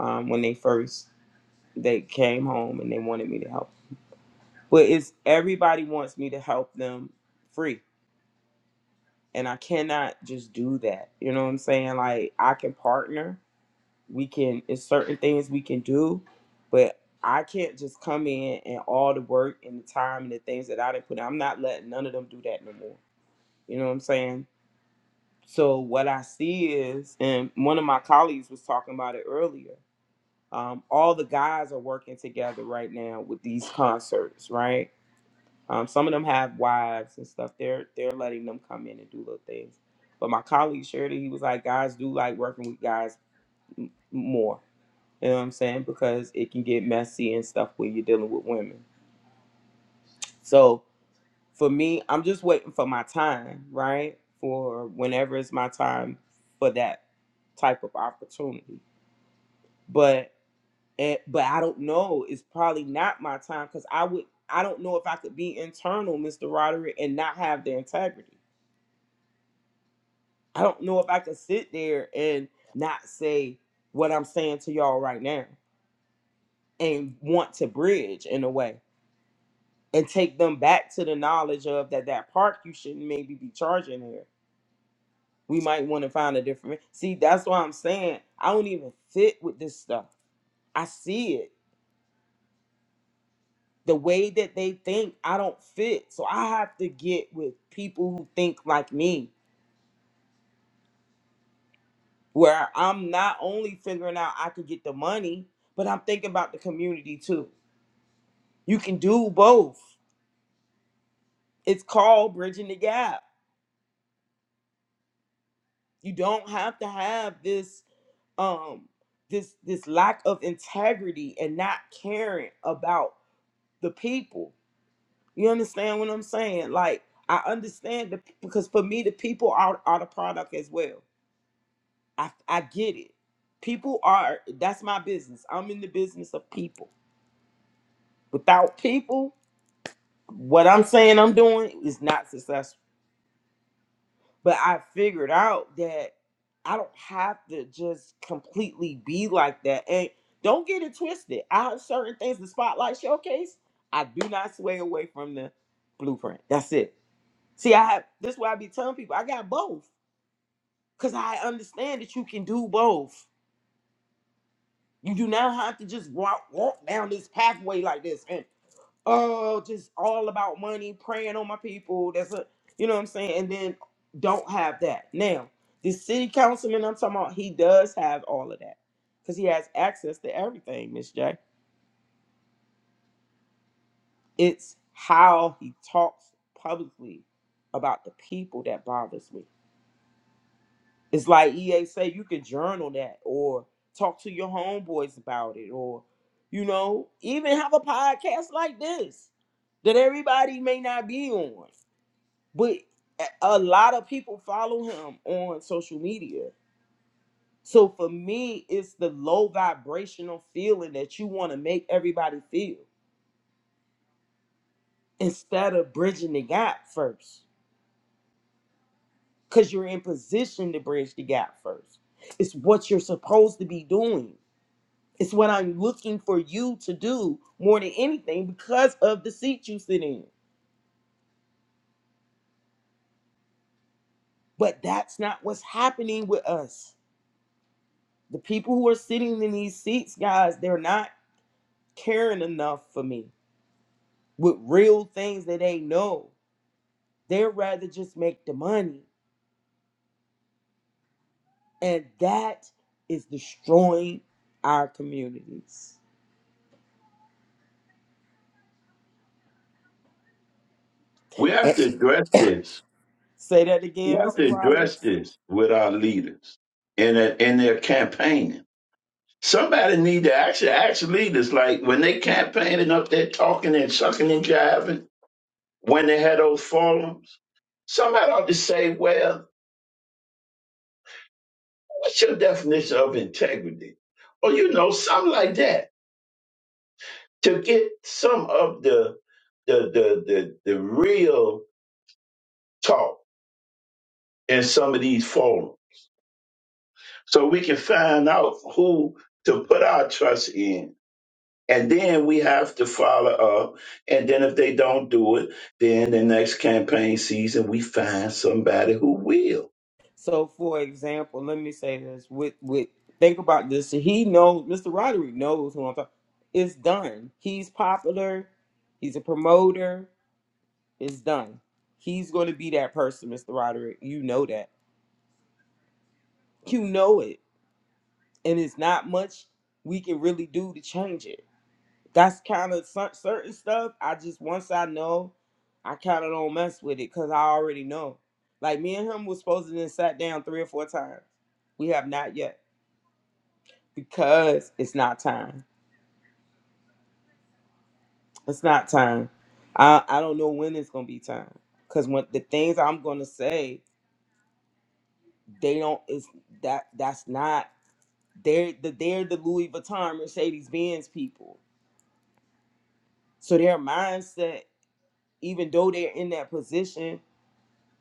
[SPEAKER 3] Um, when they first they came home and they wanted me to help. But it's everybody wants me to help them free. And I cannot just do that. You know what I'm saying? Like I can partner. We can it's certain things we can do, but I can't just come in and all the work and the time and the things that I didn't put in. I'm not letting none of them do that no more. You know what I'm saying? So what I see is, and one of my colleagues was talking about it earlier. Um, all the guys are working together right now with these concerts, right? Um, some of them have wives and stuff. They're they're letting them come in and do little things. But my colleague shared it. He was like, guys do like working with guys more. You know what I'm saying? Because it can get messy and stuff when you're dealing with women. So for me, I'm just waiting for my time, right? For whenever it's my time for that type of opportunity. But it, but I don't know. It's probably not my time because I would. I don't know if I could be internal, Mr. Roderick, and not have the integrity. I don't know if I could sit there and not say what I'm saying to y'all right now and want to bridge in a way and take them back to the knowledge of that that park you shouldn't maybe be charging here we might want to find a different see that's why i'm saying i don't even fit with this stuff i see it the way that they think i don't fit so i have to get with people who think like me where i'm not only figuring out i could get the money but i'm thinking about the community too you can do both it's called bridging the gap you don't have to have this um this this lack of integrity and not caring about the people You understand what I'm saying? Like I understand the because for me the people are are the product as well. I I get it. People are that's my business. I'm in the business of people. Without people, what I'm saying I'm doing is not successful. But I figured out that I don't have to just completely be like that. And don't get it twisted. I have certain things the spotlight showcase. I do not sway away from the blueprint. That's it. See, I have this is why I be telling people I got both. Cause I understand that you can do both. You do not have to just walk walk down this pathway like this and oh, just all about money, praying on my people. That's a you know what I'm saying, and then don't have that. Now, this city councilman I'm talking about, he does have all of that. Cause he has access to everything, Miss J. It's how he talks publicly about the people that bothers me. It's like EA say you can journal that or talk to your homeboys about it or you know, even have a podcast like this that everybody may not be on. But a a lot of people follow him on social media. So for me, it's the low vibrational feeling that you want to make everybody feel instead of bridging the gap first. Cause you're in position to bridge the gap first. It's what you're supposed to be doing It's what I'm looking for you to do more than anything because of the seat you sit in. But that's not what's happening with us. The people who are sitting in these seats, guys, they're not caring enough for me with real things that they know. They'd rather just make the money. And that is destroying our communities.
[SPEAKER 1] We
[SPEAKER 3] Eh,
[SPEAKER 1] have to address this.
[SPEAKER 3] Say that
[SPEAKER 1] We
[SPEAKER 3] again,
[SPEAKER 1] have to
[SPEAKER 3] Mr. Roderick.
[SPEAKER 1] address this with our leaders and, in their campaigning Somebody need to actually ask leaders like when they campaigning up there talking and sucking and jiving when they had those forums. Somebody ought to say, "Well, what's your definition of integrity?" Or you know, something like that to get some of the the the the, the real talk in some of these forums, so we can find out who to put our trust in And then we have to follow up. And then if they don't do it, then the next campaign season, we find somebody who will.
[SPEAKER 3] So, for example, let me say this: with with think about this. He knows Mr. Roderick knows who I'm talking. It's done. He's popular. He's a promoter. It's done. He's going to be that person, Mr. Roderick. You know that. You know it, and it's not much we can really do to change it. That's kind of certain stuff. I just once I know, I kind of don't mess with it because I already know. Like me and him was supposed to then sat down three or four times. We have not yet. because it's not time. It's not time. I I don't know when it's gonna be time. Cause when the things I'm gonna say, they don't. It's that that's not. They're the they're the Louis Vuitton, Mercedes Benz people. So their mindset, even though they're in that position,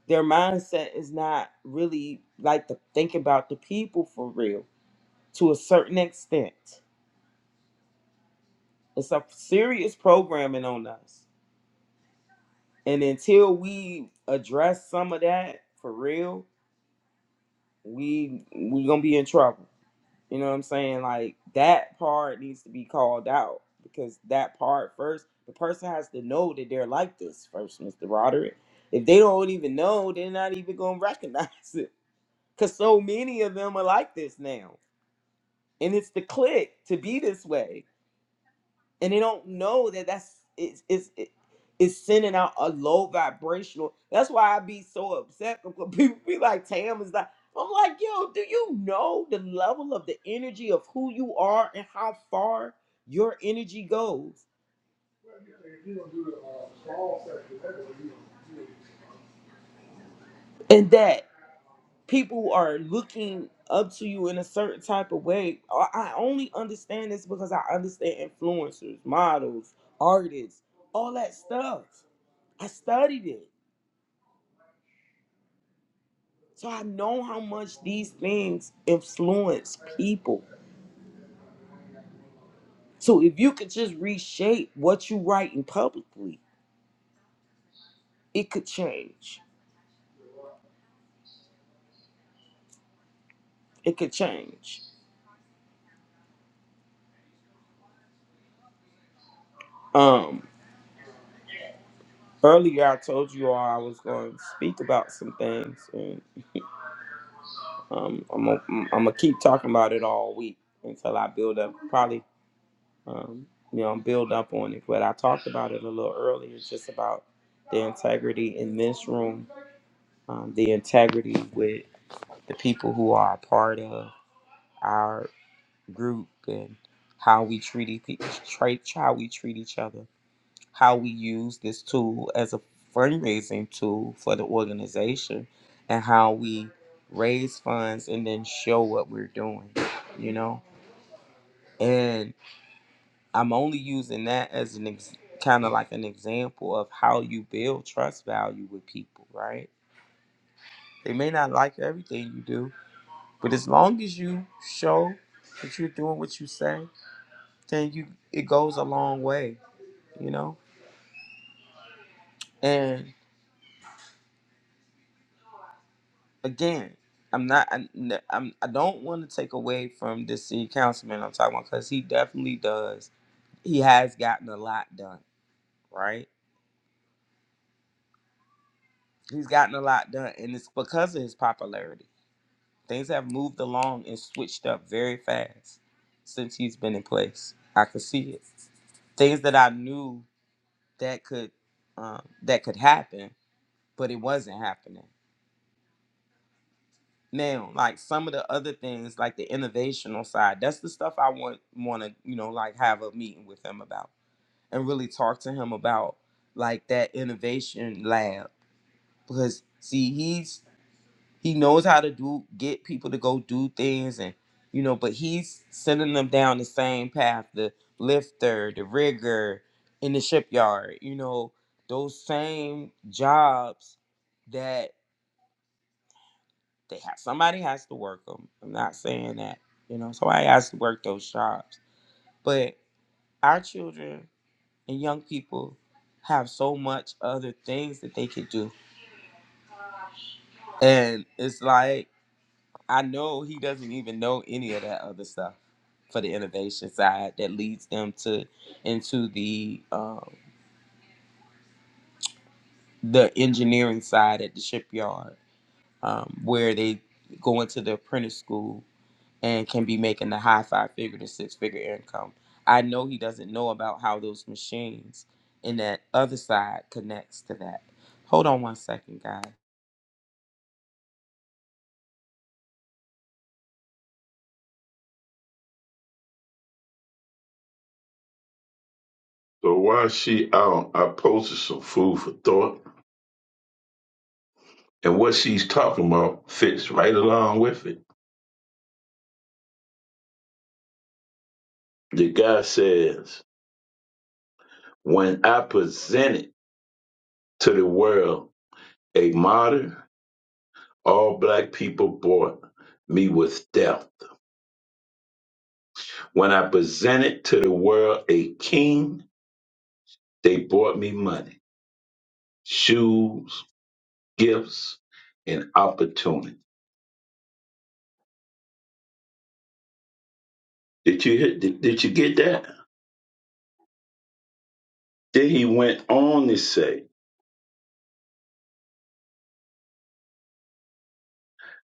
[SPEAKER 3] their mindset is not really like to think about the people for real. To a certain extent, it's a serious programming on us And until we address some of that for real, we we gonna be in trouble. You know what I'm saying? Like that part needs to be called out because that part first, the person has to know that they're like this first, Mr. Roderick. If they don't even know, they're not even gonna recognize [LAUGHS] it. Cause so many of them are like this now. And it's the click to be this way and they don't know that that's it's it's it- it's sending out a low vibrational. That's why I be so upset [LAUGHS] because people be like, "Tam is like," I'm like, "Yo, do you know the level of the energy of who you are and how far your energy goes?" and that people are looking up to you in a certain type of way. I I only understand this because I understand influencers, models, artists, all that stuff. I studied it. So I know how much these things influence people. So if you could just reshape what you write in publicly, it could change. It could change. Um earlier I told you all I was going to speak about some things and um I'm gonna- I'm going to keep talking about it all week until I build up probably um you know build up on it but I talked about it a little earlier just about the integrity in this room um, the integrity with the people who are a part of our group and how we treat each, how we treat each other, how we use this tool as a fundraising tool for the organization, and how we raise funds and then show what we're doing, you know. And I'm only using that as an ex- kind of like an example of how you build trust value with people, right? They may not like everything you do, But as long as you show that you're doing what you say, then you it goes a long way, you know. And again, I'm not. I'm. I'm I am not i i am i do not want to take away from this city councilman I'm talking about because he definitely does. He has gotten a lot done, right? He's gotten a lot done, and it's because of his popularity. Things have moved along and switched up very fast since he's been in place. I could see it. Things that I knew that could um, that could happen, but it wasn't happening. Now, like some of the other things, like the innovational side, that's the stuff I want want to you know like have a meeting with him about and really talk to him about like that innovation lab because see he's He knows how to do get people to go do things and you know, but he's sending them down the same path, the lifter, the rigger in the shipyard, you know, those same jobs that they have somebody has to work them. I'm not saying that, you know, somebody has to work those jobs. But our children and young people have so much other things that they could do. And it's like I know he doesn't even know any of that other stuff for the innovation side that leads them to into the um, the engineering side at the shipyard um, where they go into the apprentice school and can be making the high five figure to six figure income. I know he doesn't know about how those machines in that other side connects to that. Hold on one second, guys.
[SPEAKER 1] So while she out, I posted some food for thought. And what she's talking about fits right along with it. The guy says, When I presented to the world a martyr, all black people bought me with death. When I presented to the world a king, they bought me money, shoes, gifts and opportunity. Did you hit, did, did you get that? Then he went on to say,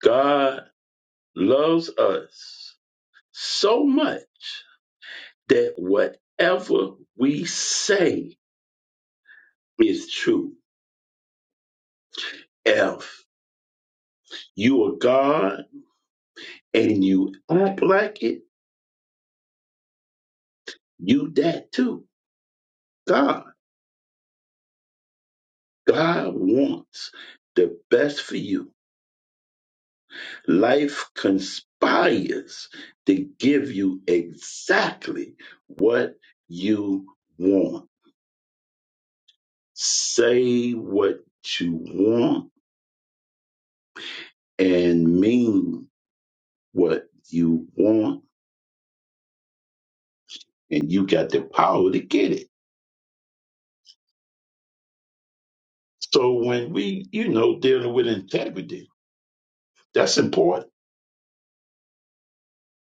[SPEAKER 1] God loves us so much that whatever we say is true. If you are God and you act like it, you that too. God. God wants the best for you. Life conspires to give you exactly what you want. Say what you want and mean what you want, and you got the power to get it. So when we, you know, dealing with integrity, that's important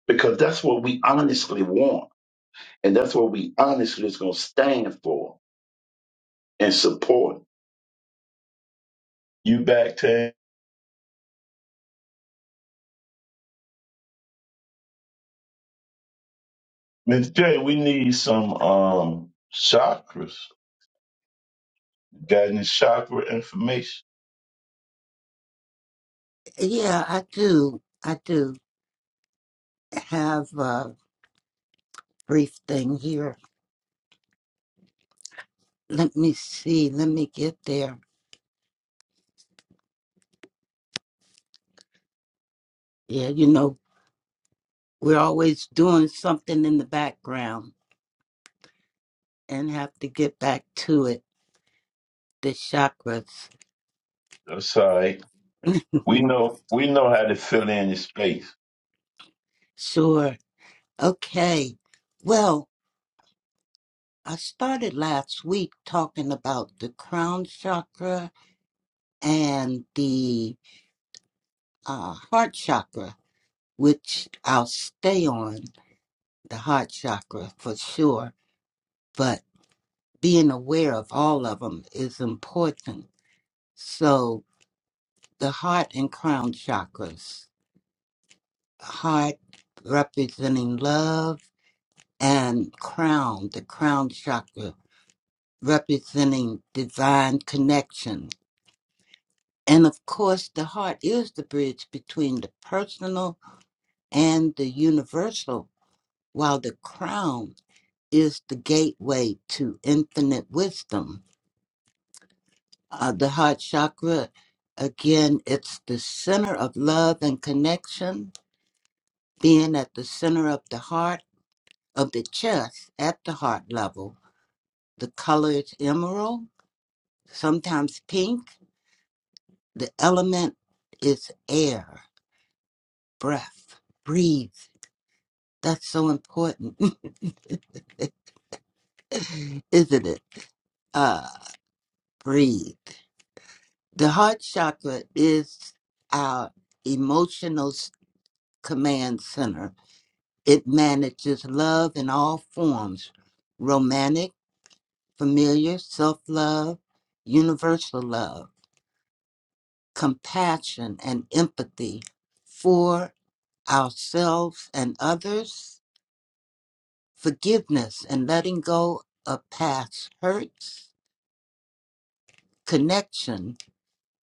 [SPEAKER 1] because that's what we honestly want, and that's what we honestly is going to stand for and support. You back, Tam? Miss J, we need some um chakras. Got any chakra information?
[SPEAKER 5] yeah i do i do have Uh, brief thing here. Let me see. Let me get there. Yeah, you know, we're always doing something in the background and have to get back to it. The chakras.
[SPEAKER 1] That's all right.
[SPEAKER 5] [LAUGHS]
[SPEAKER 1] We know we know how to fill in the space.
[SPEAKER 5] Sure. Okay. Well, I started last week talking about the crown chakra and the uh, heart chakra, which I'll stay on the heart chakra for sure. But being aware of all of them is important So the heart and crown chakras. Heart representing love and crown, the crown chakra representing divine connection. And of course, the heart is the bridge between the personal and the universal, while the crown is the gateway to infinite wisdom. Uh, the heart chakra, again, it's the center of love and connection Then at the center of the heart, of the chest, at the heart level, the color is emerald, sometimes pink. The element is air, breath, breathe. That's so important, [LAUGHS] isn't it? Uh, breathe. The heart chakra is our emotional s- command center. It manages love in all forms, romantic. familiar self love, universal love, compassion, and empathy for ourselves and others, forgiveness and letting go of past hurts, connection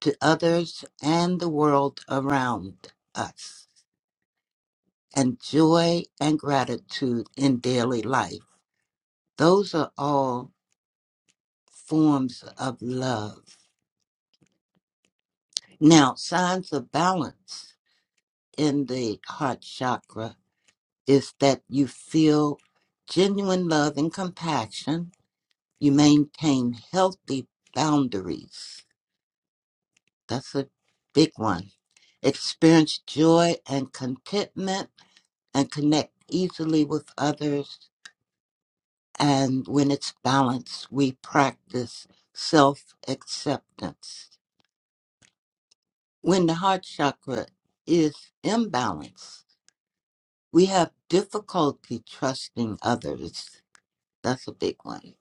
[SPEAKER 5] to others and the world around us, and joy and gratitude in daily life. Those are all forms of love. Now, signs of balance in the heart chakra is that you feel genuine love and compassion. You maintain healthy boundaries. That's a big one. Experience joy and contentment and connect easily with others. And when it's balanced, we practice self acceptance. When the heart chakra is imbalanced, we have difficulty trusting others. That's a big one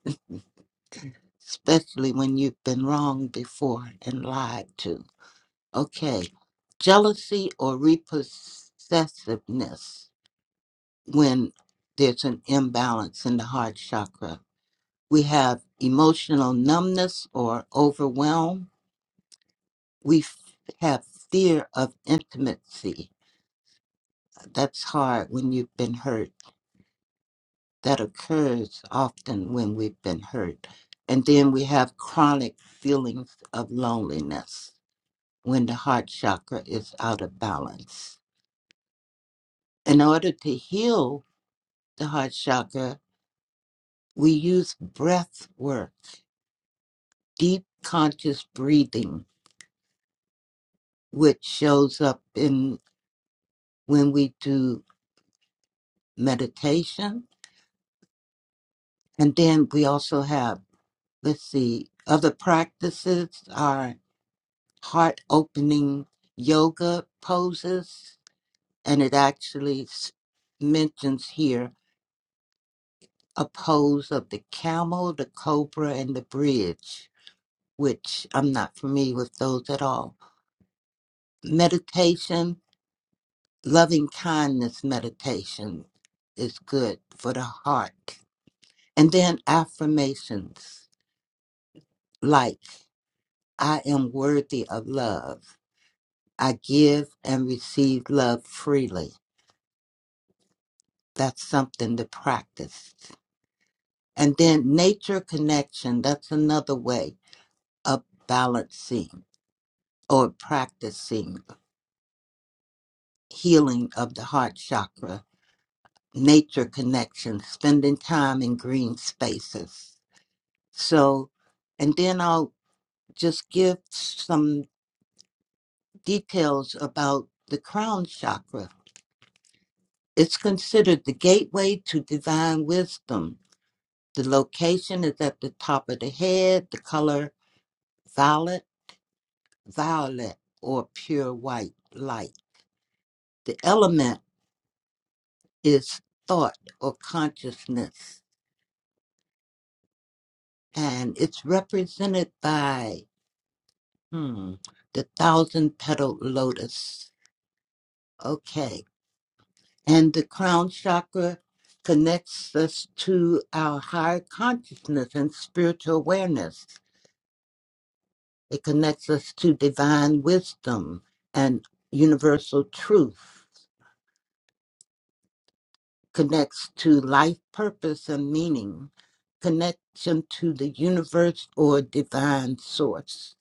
[SPEAKER 5] especially when you've been wronged before and lied to. Okay, jealousy or repossessiveness when there's an imbalance in the heart chakra. We have emotional numbness or overwhelm. We f- have fear of intimacy. That's hard when you've been hurt. That occurs often when we've been hurt. And then we have chronic feelings of loneliness when the heart chakra is out of balance. In order to heal the heart chakra, we use breath work, deep conscious breathing, which shows up in when we do meditation. And then we also have, let's see, other practices are heart opening yoga poses, and it actually s- mentions here opposed of the camel, the cobra, and the bridge, which I'm not familiar with those at all. Meditation, loving kindness meditation is good for the heart. And then affirmations like, I am worthy of love. I give and receive love freely. That's something to practice. And then nature connection, that's another way of balancing or practicing healing of the heart chakra, nature connection, spending time in green spaces. So, and then I'll just give some details about the crown chakra. It's considered the gateway to divine wisdom. The location is at the top of the head, the color violet, violet, or pure white light. The element is thought or consciousness and it's represented by hmm, the thousand petaled lotus. Okay. And the crown chakra connects us to our higher consciousness and spiritual awareness. It connects us to divine wisdom and universal truth, connects to life purpose and meaning, connection to the universe or divine source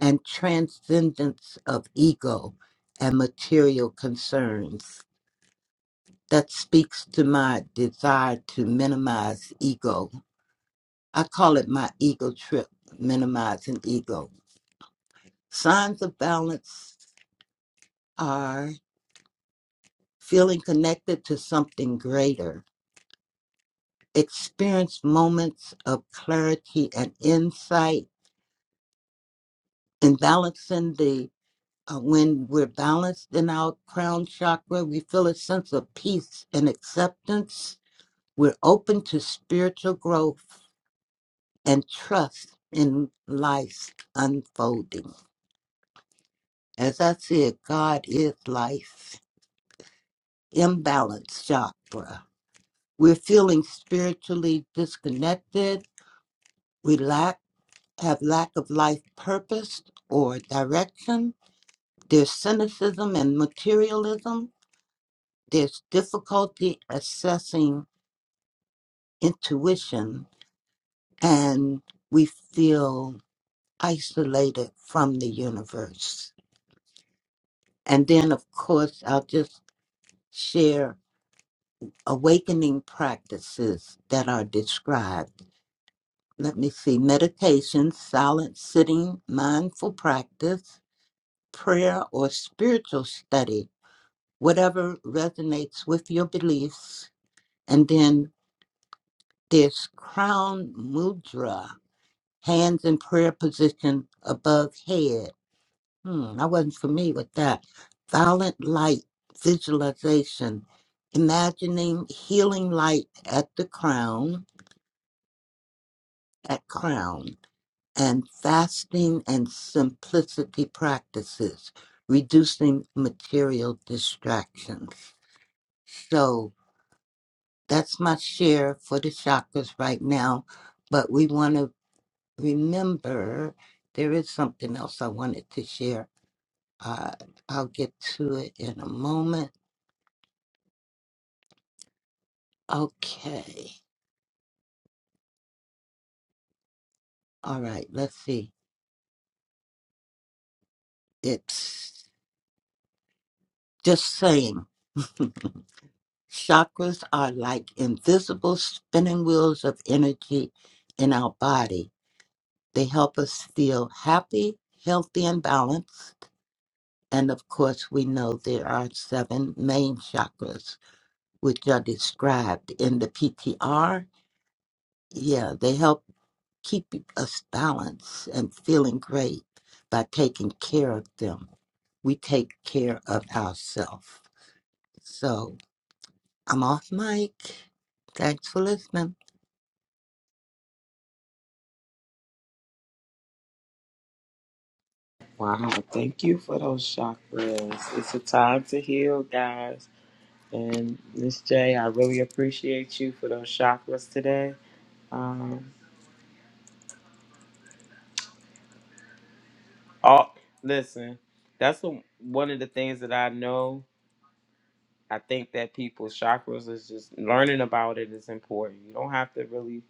[SPEAKER 5] and transcendence of ego and material concerns. That speaks to my desire to minimize ego. I call it my ego trip, minimizing ego. Signs of balance are feeling connected to something greater, experience moments of clarity and insight, in balancing the Uh, when we're balanced in our crown chakra, we feel a sense of peace and acceptance. We're open to spiritual growth and trust in life's unfolding. As I said, God is life. Imbalance chakra. We're feeling spiritually disconnected. We lack have lack of life purpose or direction. There's cynicism and materialism. There's difficulty assessing intuition and we feel isolated from the universe. And then, of course, I'll just share awakening practices that are described. Let me see meditation, silent sitting, mindful practice, prayer, or spiritual study, whatever resonates with your beliefs. And then there's crown mudra, hands in prayer position above head Hmm, I wasn't familiar with that. Violet light visualization, imagining healing light at the crown, at crown, and fasting and simplicity practices, reducing material distractions. So that's my share for the chakras right now, but we want to remember there is something else I wanted to share. Uh, I'll get to it in a moment Okay. All right. Let's see. It's just saying [LAUGHS] chakras are like invisible spinning wheels of energy in our body. They help us feel happy, healthy, and balanced. And of course, we know there are seven main chakras, which are described in the PTR. Yeah, they help. keep us balanced and feeling great by taking care of them. We take care of ourselves. So I'm off mic. Thanks for listening.
[SPEAKER 3] Wow, thank you for those chakras. It's a time to heal, guys. And Miss J, I really appreciate you for those chakras today. Um, all listen, that's the, one of the things that I know. I think that people's chakras is just learning about it is important. You don't have to really.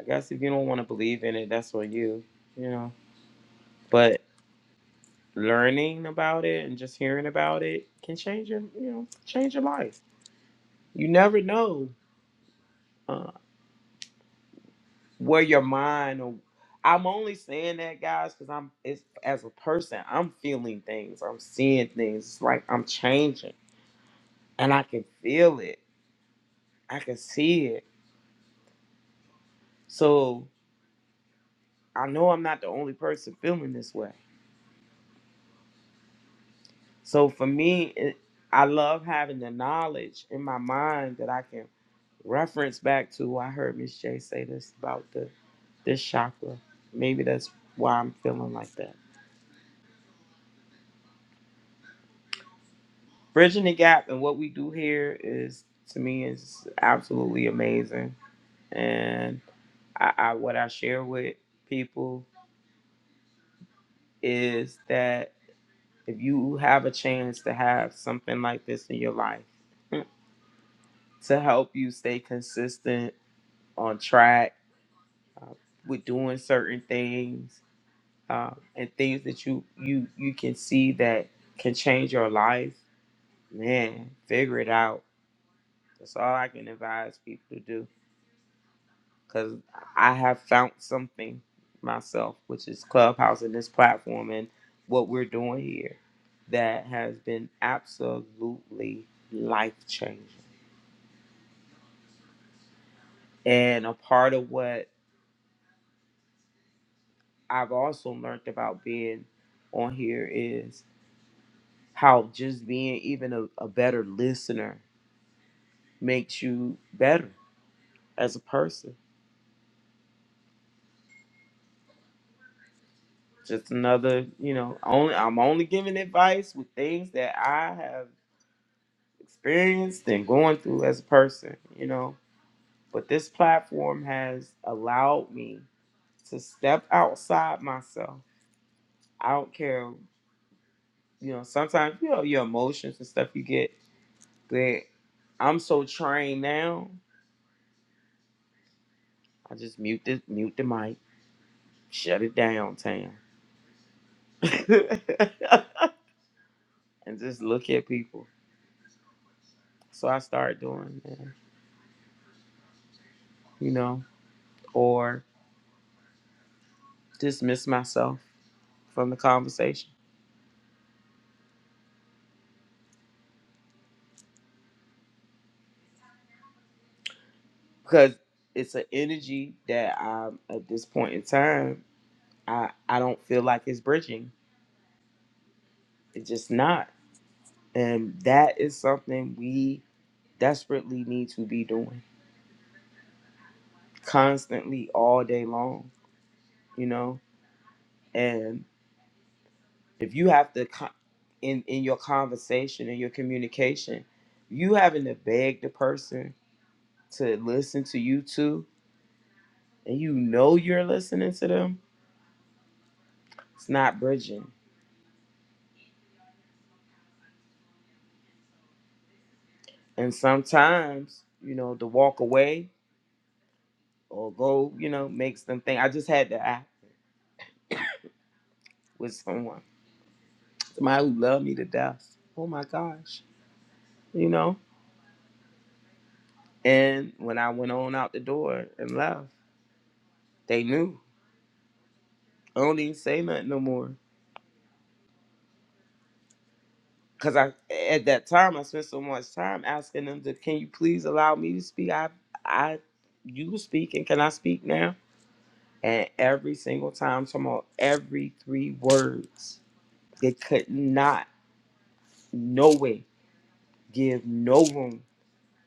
[SPEAKER 3] I guess if you don't want to believe in it, that's on you. You know, but learning about it and just hearing about it can change your, you know, change your life. You never know. uh, where your mind or I'm only saying that guys because I'm it's, as a person I'm feeling things I'm seeing things it's like I'm changing and I can feel it I can see it so I know I'm not the only person feeling this way so for me it, I love having the knowledge in my mind that I can reference back to I heard Miss J say this about the this chakra maybe that's why I'm feeling like that Bridging the gap and what we do here is to me is absolutely amazing. And I, I what I share with people is that if you have a chance to have something like this in your life mm, to help you stay consistent on track uh, with doing certain things uh, and things that you you you can see that can change your life man figure it out that's all i can advise people to do because I have found something myself, which is Clubhouse and this platform and what we're doing here that has been absolutely life changing. And a part of what I've also learned about being on here is how just being even a, a better listener makes you better as a person. Just another, you know, only I'm only giving advice with things that I have experienced and going through as a person, you know. But this platform has allowed me to step outside myself. I don't care, you know, sometimes you know your emotions and stuff you get, but I'm so trained now, I just mute this mute the mic, shut it down, Tam. [LAUGHS] and just look at people. So I started doing that, you know, or dismiss myself from the conversation because it's an energy that I'm at this point in time. I I don't feel like it's bridging. It's just not, and that is something we desperately need to be doing constantly all day long. You know, and if you have to co- in in your conversation and your communication, you having to beg the person to listen to you too, and you know you're listening to them. It's not bridging And sometimes, you know, to walk away or go, you know, makes them think. I just had to act with someone, somebody who loved me to death. Oh my gosh, you know. And when I went on out the door and left, they knew. I don't even say nothing no more. Cause I at that time I spent so much time asking them to, can you please allow me to speak? I, I, you were speaking. Can I speak now? And every single time, talking about every three words, they could not no way give no room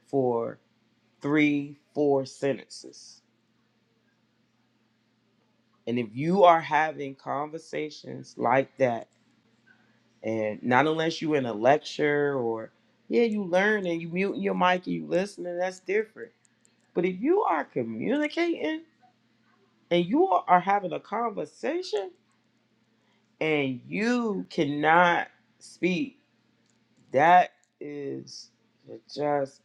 [SPEAKER 3] for three four sentences and if you are having conversations like that and not unless you in a lecture or yeah you learn and you mute your mic and you listen and that's different but if you are communicating and you are are having a conversation and you cannot speak that is just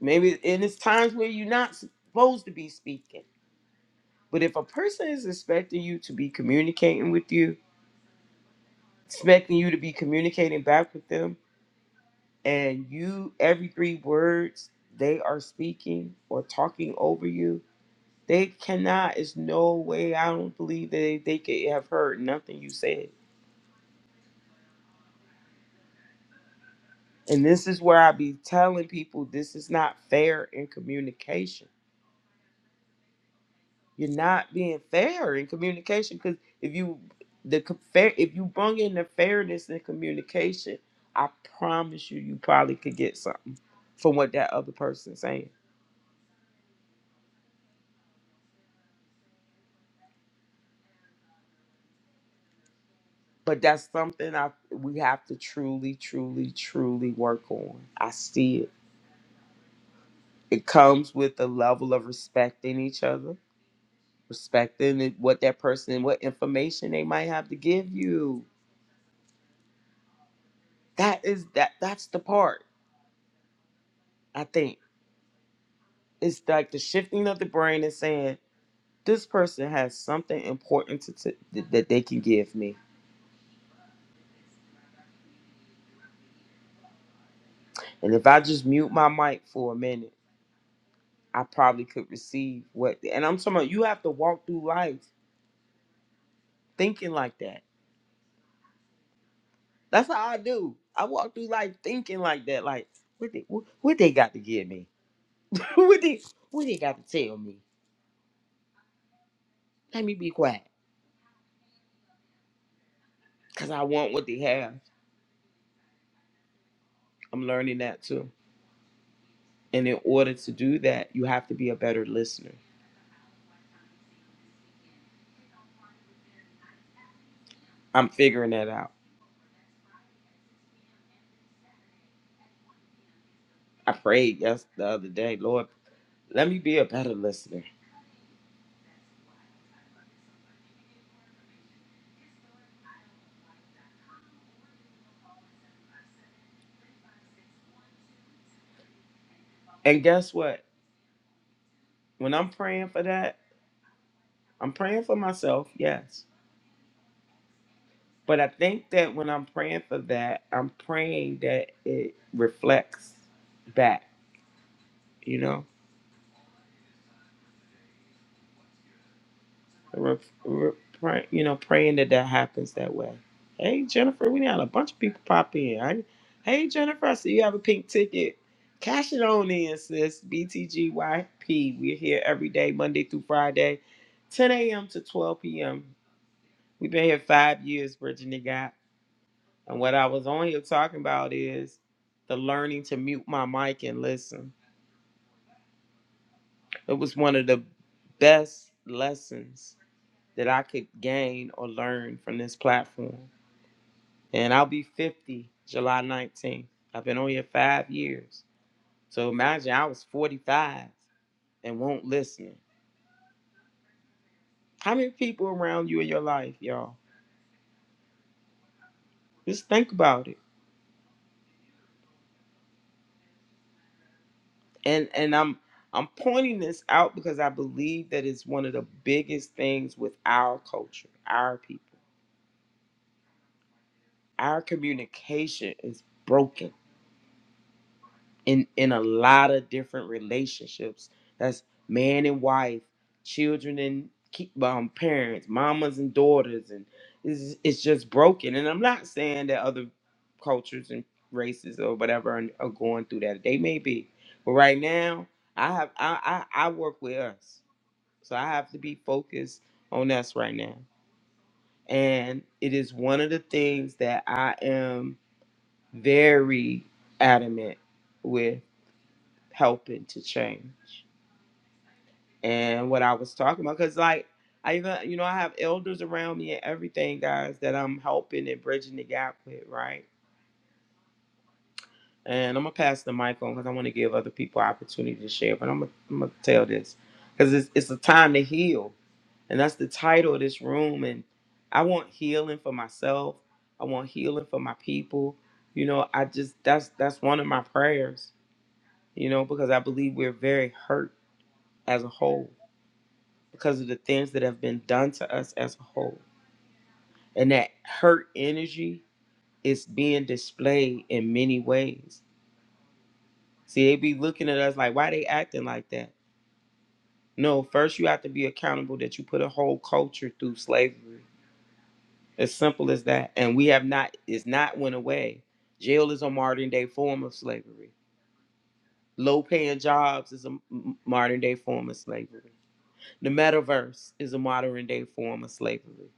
[SPEAKER 3] maybe and it's times where you're not supposed to be speaking But if a person is expecting you to be communicating with you, expecting you to be communicating back with them, and you, every three words they are speaking or talking over you, they cannot, it's no way, I don't believe that they could have heard nothing you said. And this is where I be telling people this is not fair in communication You're not being fair in communication because if you the co- fair if you bring in the fairness in communication, I promise you, you probably could get something from what that other person's saying. But that's something I we have to truly, truly, truly work on. I see it. It comes with a level of respecting each other, respecting it- what that person, what information they might have to give you. That is that. That's the part I think. It's like the shifting of the brain and saying. this person has something important to, to that they can give me. And if I just mute my mic for a minute, I probably could receive what. And I'm talking about you have to walk through life thinking like that. That's how I do. I walk through life thinking like that. Like what they what, what they got to give me? [LAUGHS] what they what they got to tell me? Let me be quiet because I want what they have. I'm learning that too. And in order to do that, you have to be a better listener. I'm figuring that out. I prayed yes the other day, Lord Let me be a better listener. And guess what? When I'm praying for that, I'm praying for myself, yes. But I think that when I'm praying for that, I'm praying that it reflects back, you know? Re- re- pray, you know, praying that that happens that way. Hey, Jennifer, we had a bunch of people pop in. I, hey, Jennifer, I see you have a pink ticket. Cash it on in, sis. BTGYP. We're here every day, Monday through Friday, 10 a.m. to 12 p.m. We've been here five years, Brittany got. And what I was on here talking about is the learning to mute my mic and listen. It was one of the best lessons that I could gain or learn from this platform. And I'll be 50 July 19th. I've been on here five years. So imagine I was 45 and won't listen. How many people around you in your life, y'all? Just think about it. and and I'm I'm pointing this out because I believe that it's one of the biggest things with our culture, our people. Our communication is broken in in a lot of different relationships. That's man and wife, children and ki- um, parents, mamas and daughters, and it's, it's just broken. And I'm not saying that other cultures and races or whatever are, are going through that. They may be, but right now, I have I I, I work with us. So I have to be focused on us right now. And it is one of the things that I am very adamant with helping to change. And what I was talking about, because like I even, you know, I have elders around me and everything, guys, that I'm helping and bridging the gap with, right? and I'm gonna pass the mic on because I want to give other people opportunity to share. But I'm gonna, I'm gonna tell this because it's it's a time to heal, and that's the title of this room. And I want healing for myself. I want healing for my people. You know, I just that's that's one of my prayers. You know, because I believe we're very hurt as a whole because of the things that have been done to us as a whole, and that hurt energy is being displayed in many ways See, they be looking at us like, why they acting like that? No, first you have to be accountable that you put a whole culture through slavery. As simple as that. And we have not, it's not went away. Jail is a modern day form of slavery. Low paying jobs is a m- modern day form of slavery. The metaverse is a modern day form of slavery.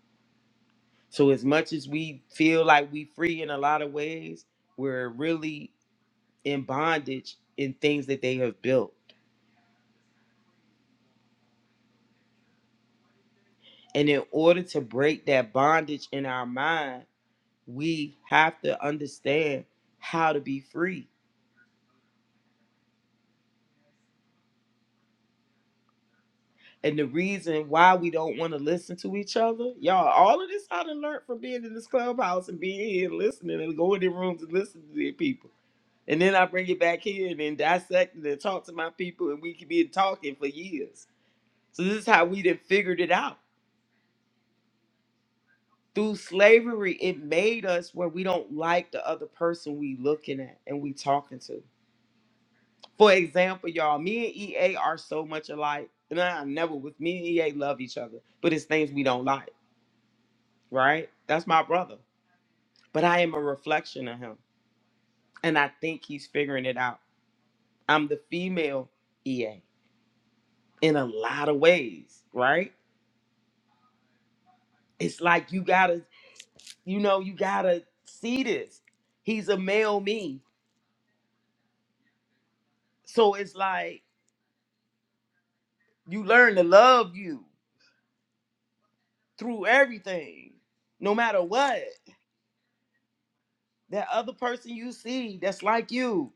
[SPEAKER 3] So as much as we feel like we free in a lot of ways, we're really in bondage in things that they have built. And in order to break that bondage in our mind, we have to understand how to be free. And the reason why we don't want to listen to each other, y'all, all of this I done learned from being in this clubhouse and being here and listening and going in rooms and listening to the people. And then I bring it back here and then dissect it and talk to my people and we could be talking for years. So this is how we then figured it out through slavery, it made us where we don't like the other person we looking at and we talking to. For example, y'all, me and EA are so much alike. And I never with me and EA love each other, but it's things we don't like, right? That's my brother. But I am a reflection of him. And I think he's figuring it out. I'm the female EA in a lot of ways, right? It's like you gotta, you know, you gotta see this. He's a male me. So it's like you learn to love you through everything, no matter what. That other person you see that's like you,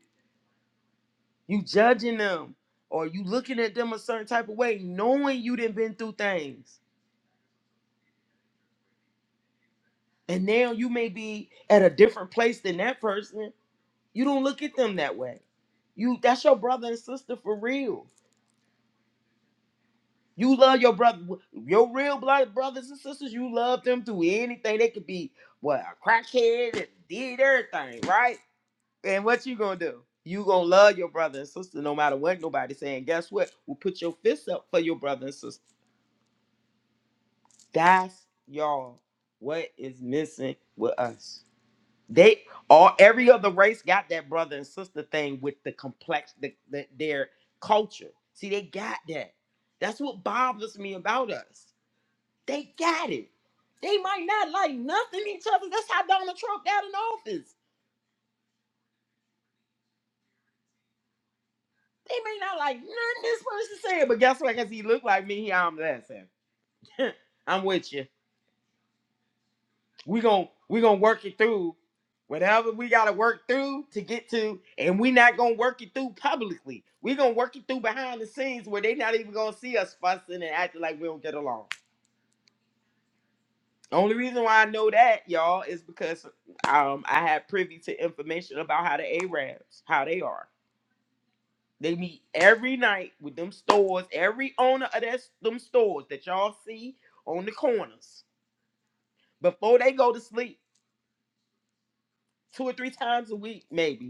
[SPEAKER 3] You judging them or you looking at them a certain type of way, knowing you didn't been through things. And now you may be at a different place than that person. You don't look at them that way. You that's your brother and sister for real. You love your brother, your real blood brothers and sisters. You love them through anything. They could be what a crackhead and did everything right. And what you gonna do? You gonna love your brother and sister no matter what nobody saying. Guess what? We'll put your fists up for your brother and sister That's y'all what is missing with us. They all every other race got that brother and sister thing with the complex the, the, their culture. See, they got that. That's what bothers me about us. They got it. They might not like nothing each other. That's how Donald Trump got in office. They may not like nothing this person said, but guess what? Because he looked like me, he I'm laughing. [LAUGHS] I'm with you. we gon' we gonna work it through whatever we gotta work through to get to and we not gonna work it through publicly we gonna work it through behind the scenes where they not even gonna see us fussing and acting like we don't get along only reason why i know that y'all is because um i had privy to information about how the arabs how they are they meet every night with them stores every owner of that them stores that y'all see on the corners before they go to sleep two or three times a week maybe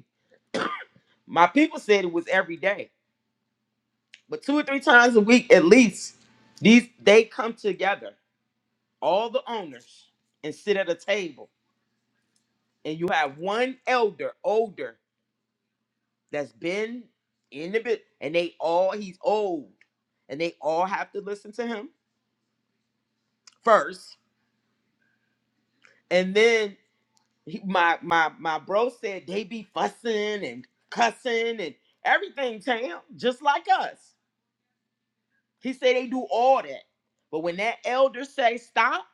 [SPEAKER 3] My people said it was every day, but two or three times a week at least. These they come together, all the owners, and sit at a table, and you have one elder, older, that's been in the bit, and they all he's old, and they all have to listen to him first, and then he, my my my bro said they be fussing and cussing and everything, Tam, just like us. He said they do all that, but when that elder say stop.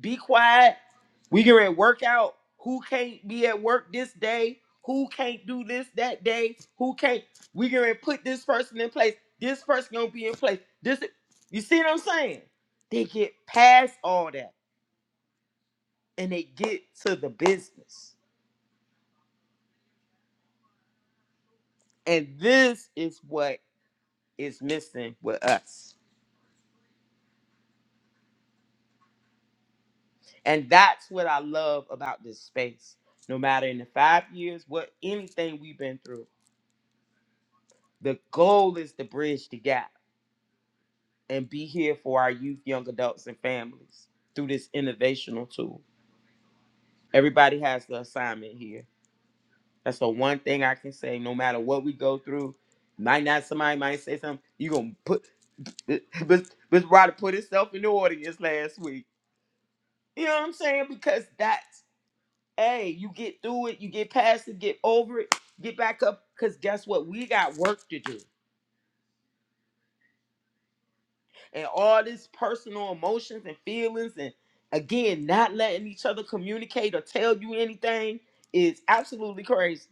[SPEAKER 3] be quiet. We can work out. Who can't be at work this day? Who can't do this that day? Who can't? We can ready to put this person in place. This person gonna be in place. This, you see what I'm saying? They get past all that and they get to the business. And this is what is missing with us. And that's what I love about this space. No matter in the five years, what anything we've been through, the goal is to bridge the gap and be here for our youth, young adults, and families through this innovational tool. Everybody has the assignment here. That's the one thing I can say. No matter what we go through, might not somebody might say something. You gonna put [LAUGHS] but but Ryder put himself in the audience last week. You know what I'm saying? Because that's hey, you get through it, you get past it, get over it, get back up. Cause guess what? We got work to do. and all this personal emotions and feelings and again not letting each other communicate or tell you anything is absolutely crazy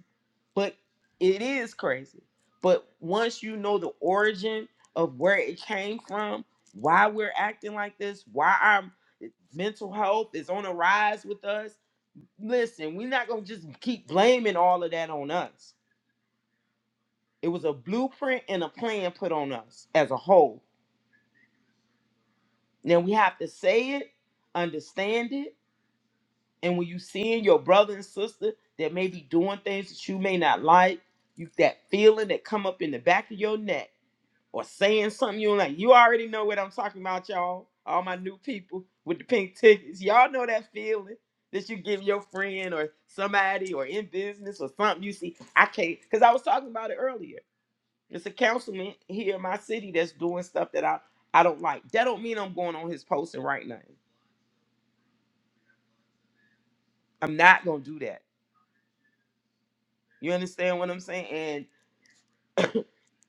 [SPEAKER 3] but it is crazy but once you know the origin of where it came from why we're acting like this why our mental health is on a rise with us listen we're not going to just keep blaming all of that on us it was a blueprint and a plan put on us as a whole Now we have to say it, understand it, and when you seeing your brother and sister that may be doing things that you may not like, you that feeling that come up in the back of your neck or saying something you don't like, you already know what I'm talking about, y'all. All my new people with the pink tickets, y'all know that feeling that you give your friend or somebody or in business or something. You see, I can't because I was talking about it earlier. There's a councilman here in my city that's doing stuff that I I don't like. That don't mean I'm going on his post and writing nothing. I'm not gonna do that. You understand what I'm saying? And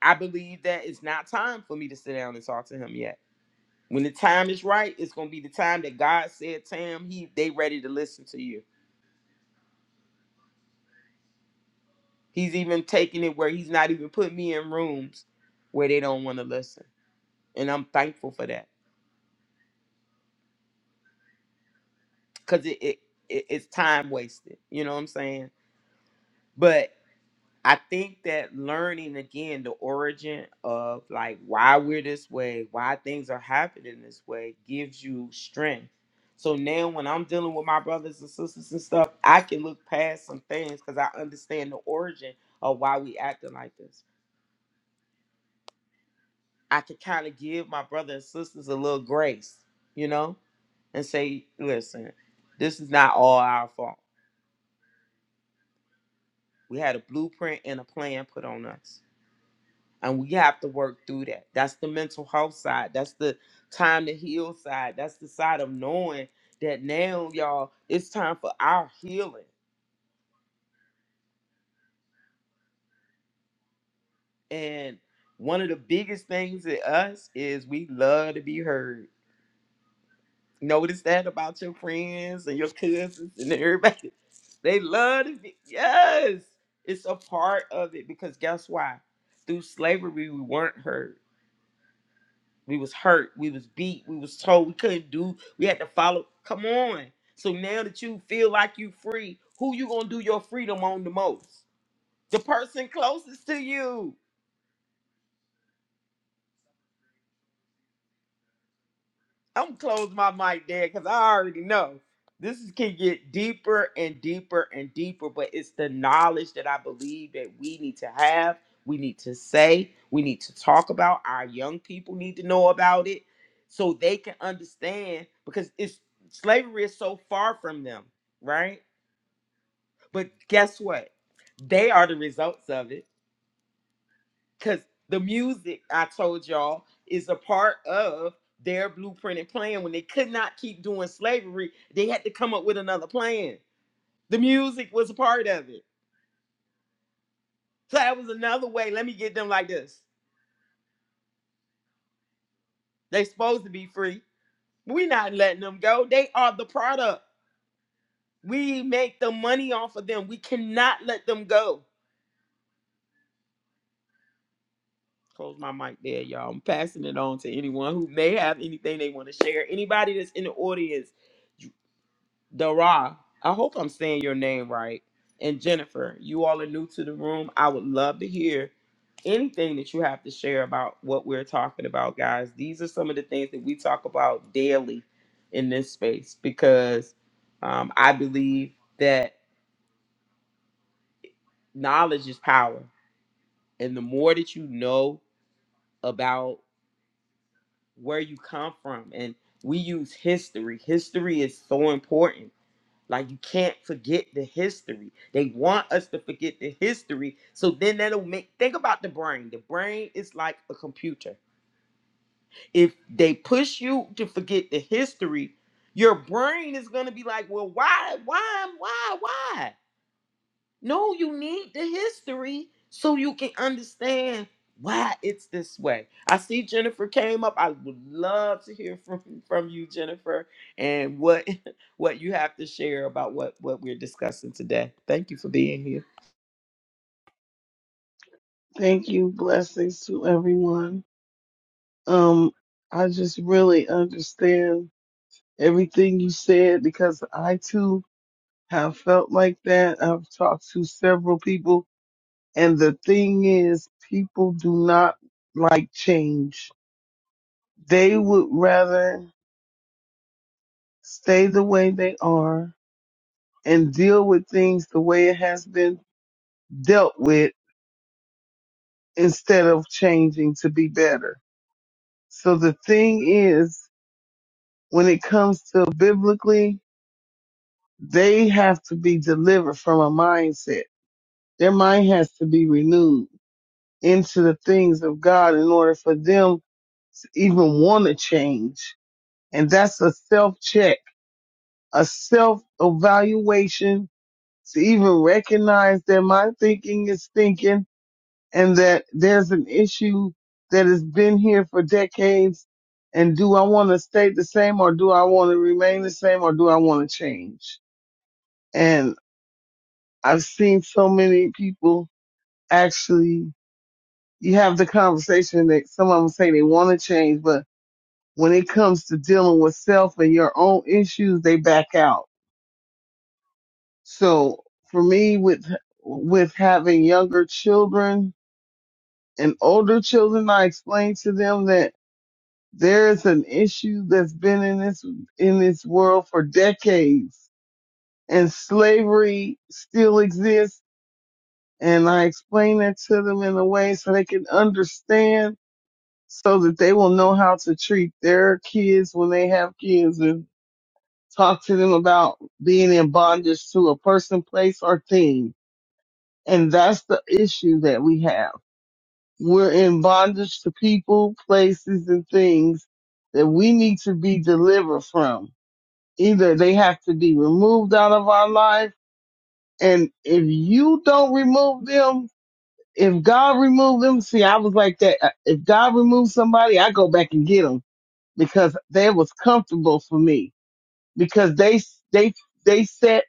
[SPEAKER 3] I believe that it's not time for me to sit down and talk to him yet. When the time is right, it's gonna be the time that God said, Tam, he they ready to listen to you. He's even taking it where he's not even putting me in rooms where they don't want to listen. And I'm thankful for that. Cause it, it, it it's time wasted. You know what I'm saying? But. I think that learning again the origin of like why we're this way, why things are happening this way, gives you strength. So now when I'm dealing with my brothers and sisters and stuff, I can look past some things because I understand the origin of why we acting like this. I can kind of give my brother and sisters a little grace, you know, and say, listen, this is not all our fault. We had a blueprint and a plan put on us. and we have to work through that. That's the mental health side. That's the time to heal side. That's the side of knowing that now, y'all, it's time for our healing. And one of the biggest things in us is we love to be heard. Notice that about your friends and your cousins and everybody. They love to be, yes, it's a part of it because guess why? Through slavery, we weren't heard. We was hurt. We was beat. We was told we couldn't do. We had to follow. Come on. So now that you feel like you free, who you gonna do your freedom on the most? The person closest to you. I'm close my mic there because I already know this is, can get deeper and deeper and deeper. But it's the knowledge that I believe that we need to have, we need to say, we need to talk about. Our young people need to know about it so they can understand because it's slavery is so far from them, right? But guess what? They are the results of it because the music I told y'all is a part of their blueprint and plan. When they could not keep doing slavery, they had to come up with another plan. The music was a part of it. So that was another way. Let me get them like this. They supposed to be free. We're not letting them go. They are the product. We make the money off of them. We cannot let them go. Close my mic there, y'all. I'm passing it on to anyone who may have anything they want to share. Anybody that's in the audience Dara, I hope I'm saying your name right. And Jennifer, you all are new to the room. I would love to hear anything that you have to share about what we're talking about, guys. These are some of the things that we talk about daily in this space because um, I believe that knowledge is power. And the more that you know about where you come from, and we use history, history is so important Like you can't forget the history. They want us to forget the history. So then that'll make think about the brain. The brain is like a computer. If they push you to forget the history, your brain is gonna be like, well, why, why, why, why? No, you need the history so you can understand why it's this way. I see Jennifer came up. I would love to hear [LAUGHS] from from you, Jennifer, and what [LAUGHS] what you have to share about what what we're discussing today. Thank you for being here.
[SPEAKER 6] Thank you. Blessings to everyone. Um, I just really understand everything you said because I too have felt like that. I've talked to several people, and the thing is, people do not like change. They would rather stay the way they are and deal with things the way it has been dealt with instead of changing to be better. So the thing is, when it comes to biblically, they have to be delivered from a mindset. Their mind has to be renewed into the things of God in order for them to even want to change. And that's a self check, a self evaluation to even recognize that my thinking is thinking and that there's an issue that has been here for decades. And do I want to stay the same or do I want to remain the same or do I want to change? And I've seen so many people actually, you have the conversation that some of them say they want to change, but when it comes to dealing with self and your own issues, they back out. So for me, with, with having younger children and older children, I explain to them that there is an issue that's been in this, in this world for decades and slavery still exists and I explain that to them in a way so they can understand so that they will know how to treat their kids when they have kids and talk to them about being in bondage to a person, place, or thing. And that's the issue that we have. We're in bondage to people, places, and things that we need to be delivered from. Either they have to be removed out of our life. And if you don't remove them, if God removed them, see, I was like that. Uh, If God removed somebody, I go back and get them because they was comfortable for me because they they they set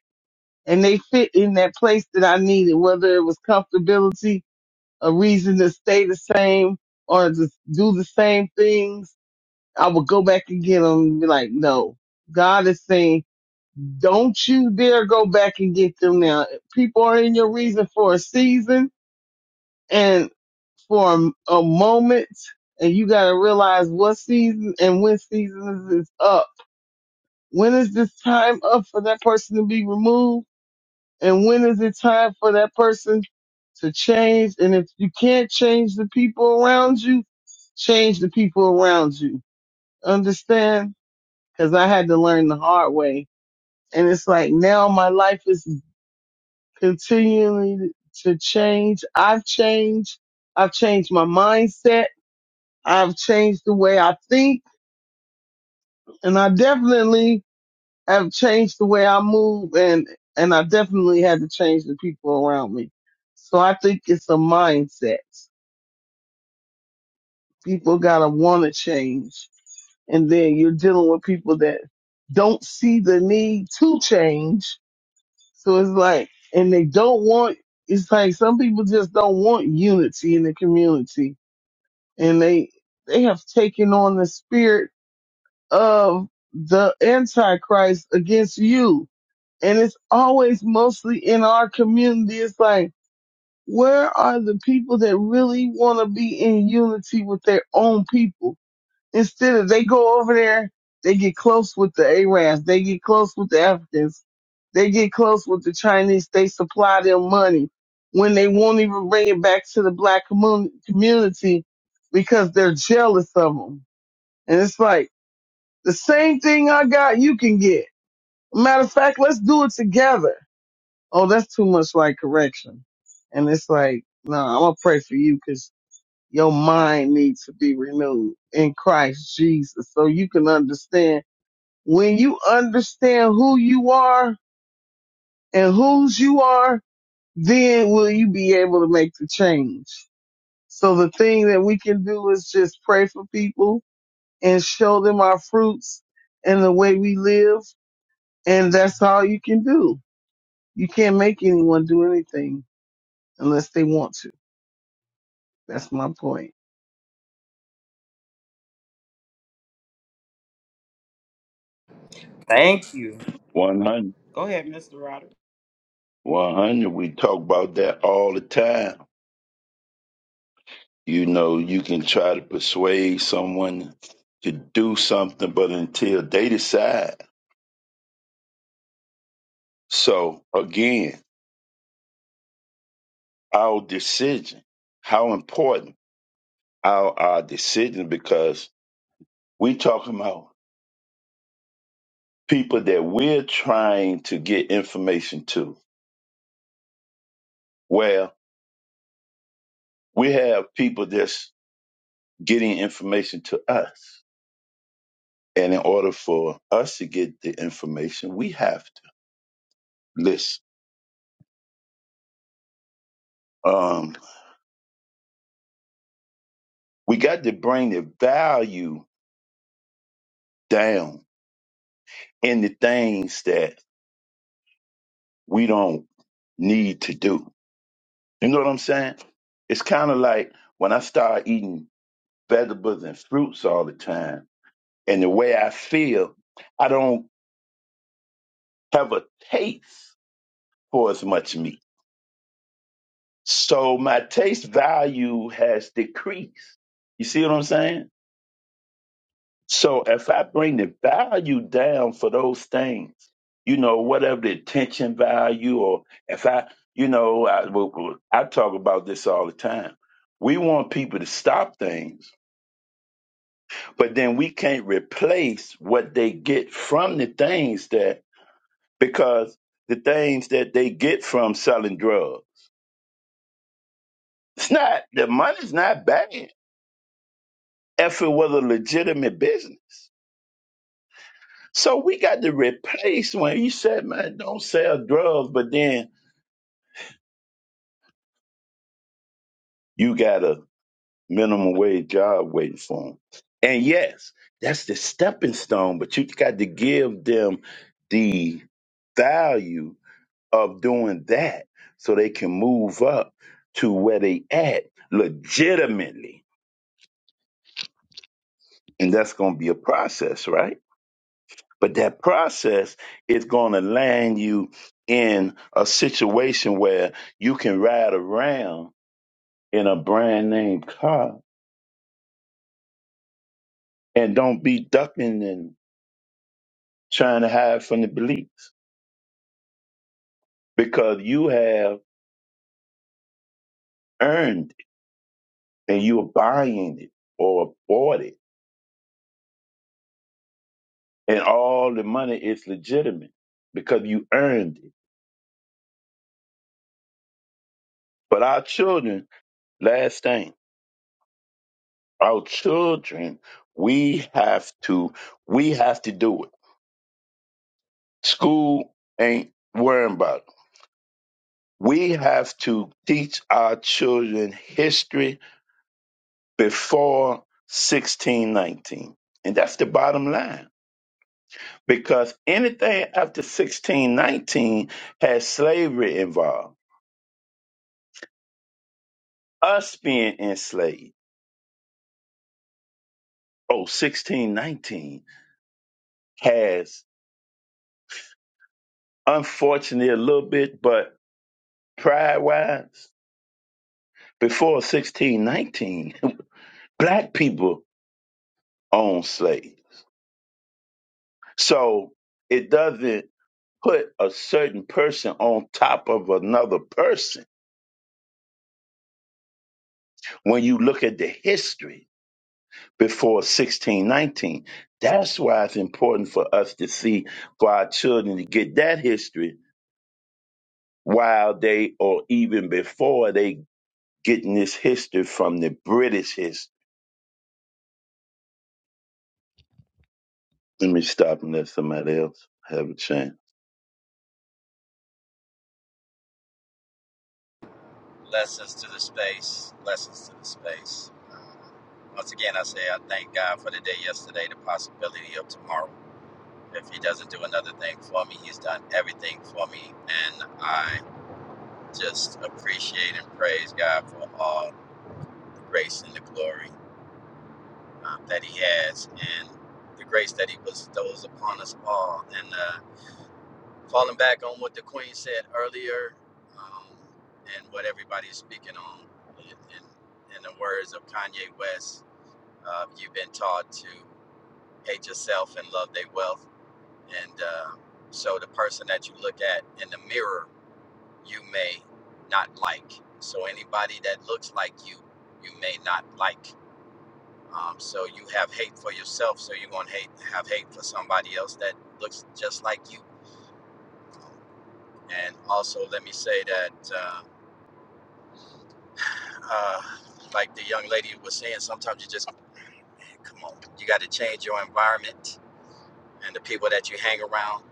[SPEAKER 6] and they fit in that place that I needed, whether it was comfortability, a reason to stay the same or to do the same things. I would go back and get them and be like, no, God is saying, don't you dare go back and get them now. People are in your reason for a season and. for a, a moment and you got to realize what season and when season is up. When is this time up for that person to be removed? And when is it time for that person to change? And if you can't change the people around you, change the people around you. Understand? Cause I had to learn the hard way. And it's like now my life is continuing to change. I've changed. I've changed my mindset. I've changed the way I think and I definitely have changed the way I move and, and I definitely had to change the people around me. So I think it's a mindset. People gotta want to change. And then you're dealing with people that don't see the need to change. So it's like, and they don't want, it's like some people just don't want unity in the community and they, they have taken on the spirit of the Antichrist against you. And it's always mostly in our community. It's like, where are the people that really want to be in unity with their own people? Instead of they go over there, they get close with the Arabs, they get close with the Africans, they get close with the Chinese, they supply them money when they won't even bring it back to the black commun- community because they're jealous of them. And it's like, the same thing I got, you can get. Matter of fact, let's do it together. Oh, that's too much like correction. And it's like, no, nah, I'm gonna pray for you because your mind needs to be renewed in Christ Jesus so you can understand. When you understand who you are and whose you are, then will you be able to make the change. So the thing that we can do is just pray for people and show them our fruits and the way we live And that's all you can do. You can't make anyone do anything unless they want to. That's my point.
[SPEAKER 3] Thank you.
[SPEAKER 1] One hundred.
[SPEAKER 3] Go ahead, Mr. Rodder.
[SPEAKER 1] One hundred. We talk about that all the time. You know, you can try to persuade someone to do something, but until they decide. So again, our decision. How important our our decision because we talking about people that we're trying to get information to. Well, we have people that's getting information to us. And in order for us to get the information, we have to listen. Um, we got to bring the value down in the things that we don't need to do. You know what I'm saying? It's kind of like when I start eating vegetables and fruits all the time, and the way I feel, I don't. have a taste for as much meat. So my taste value has decreased. You see what I'm saying? So if I bring the value down for those things, you know, whatever the attention value, or if I, you know, I, w- w- I talk about this all the time. We want people to stop things, but then we can't replace what they get from the things that, because the things that they get from selling drugs It's not the money's not bad if it was a legitimate business. So we got to replace when you said, man, don't sell drugs, but then you got a minimum wage job waiting for them. And yes, that's the stepping stone, but you got to give them the value of doing that so they can move up to where they at legitimately. And that's going to be a process, right? But that process is going to land you in a situation where you can ride around in a brand name car and don't be ducking and trying to hide from the police because you have earned it and you're buying it or bought it. And all the money is legitimate because you earned it. But our children, last thing, our children, we have to, we have to do it School ain't worrying about it. We have to teach our children history before 1619. And that's the bottom line. Because anything after 1619 has slavery involved, us being enslaved. Oh, 1619 has, unfortunately, a little bit, but pride wise, before 1619, [LAUGHS] black people owned slaves So it doesn't put a certain person on top of another person when you look at the history before 1619. That's why it's important for us to see, for our children to get that history while they, or even before they getting this history from the British history. Let me stop and let somebody else have a chance.
[SPEAKER 7] Lessons to the space. Lessons to the space. Uh, once again, I say I thank God for the day yesterday, the possibility of tomorrow. If He doesn't do another thing for me, He's done everything for me. And I just appreciate and praise God for all the grace and the glory uh, that He has and the grace that He bestows upon us all. And the uh, falling back on what the queen said earlier um, and what everybody's speaking on in, in, in the words of kanye west uh, you've been taught to hate yourself and love their wealth and uh, so the person that you look at in the mirror you may not like so anybody that looks like you you may not like um, so you have hate for yourself so you're going to hate have hate for somebody else that looks just like you and also let me say that uh, Uh, like the young lady was saying, sometimes you just, man, come on, you got to change your environment and the people that you hang around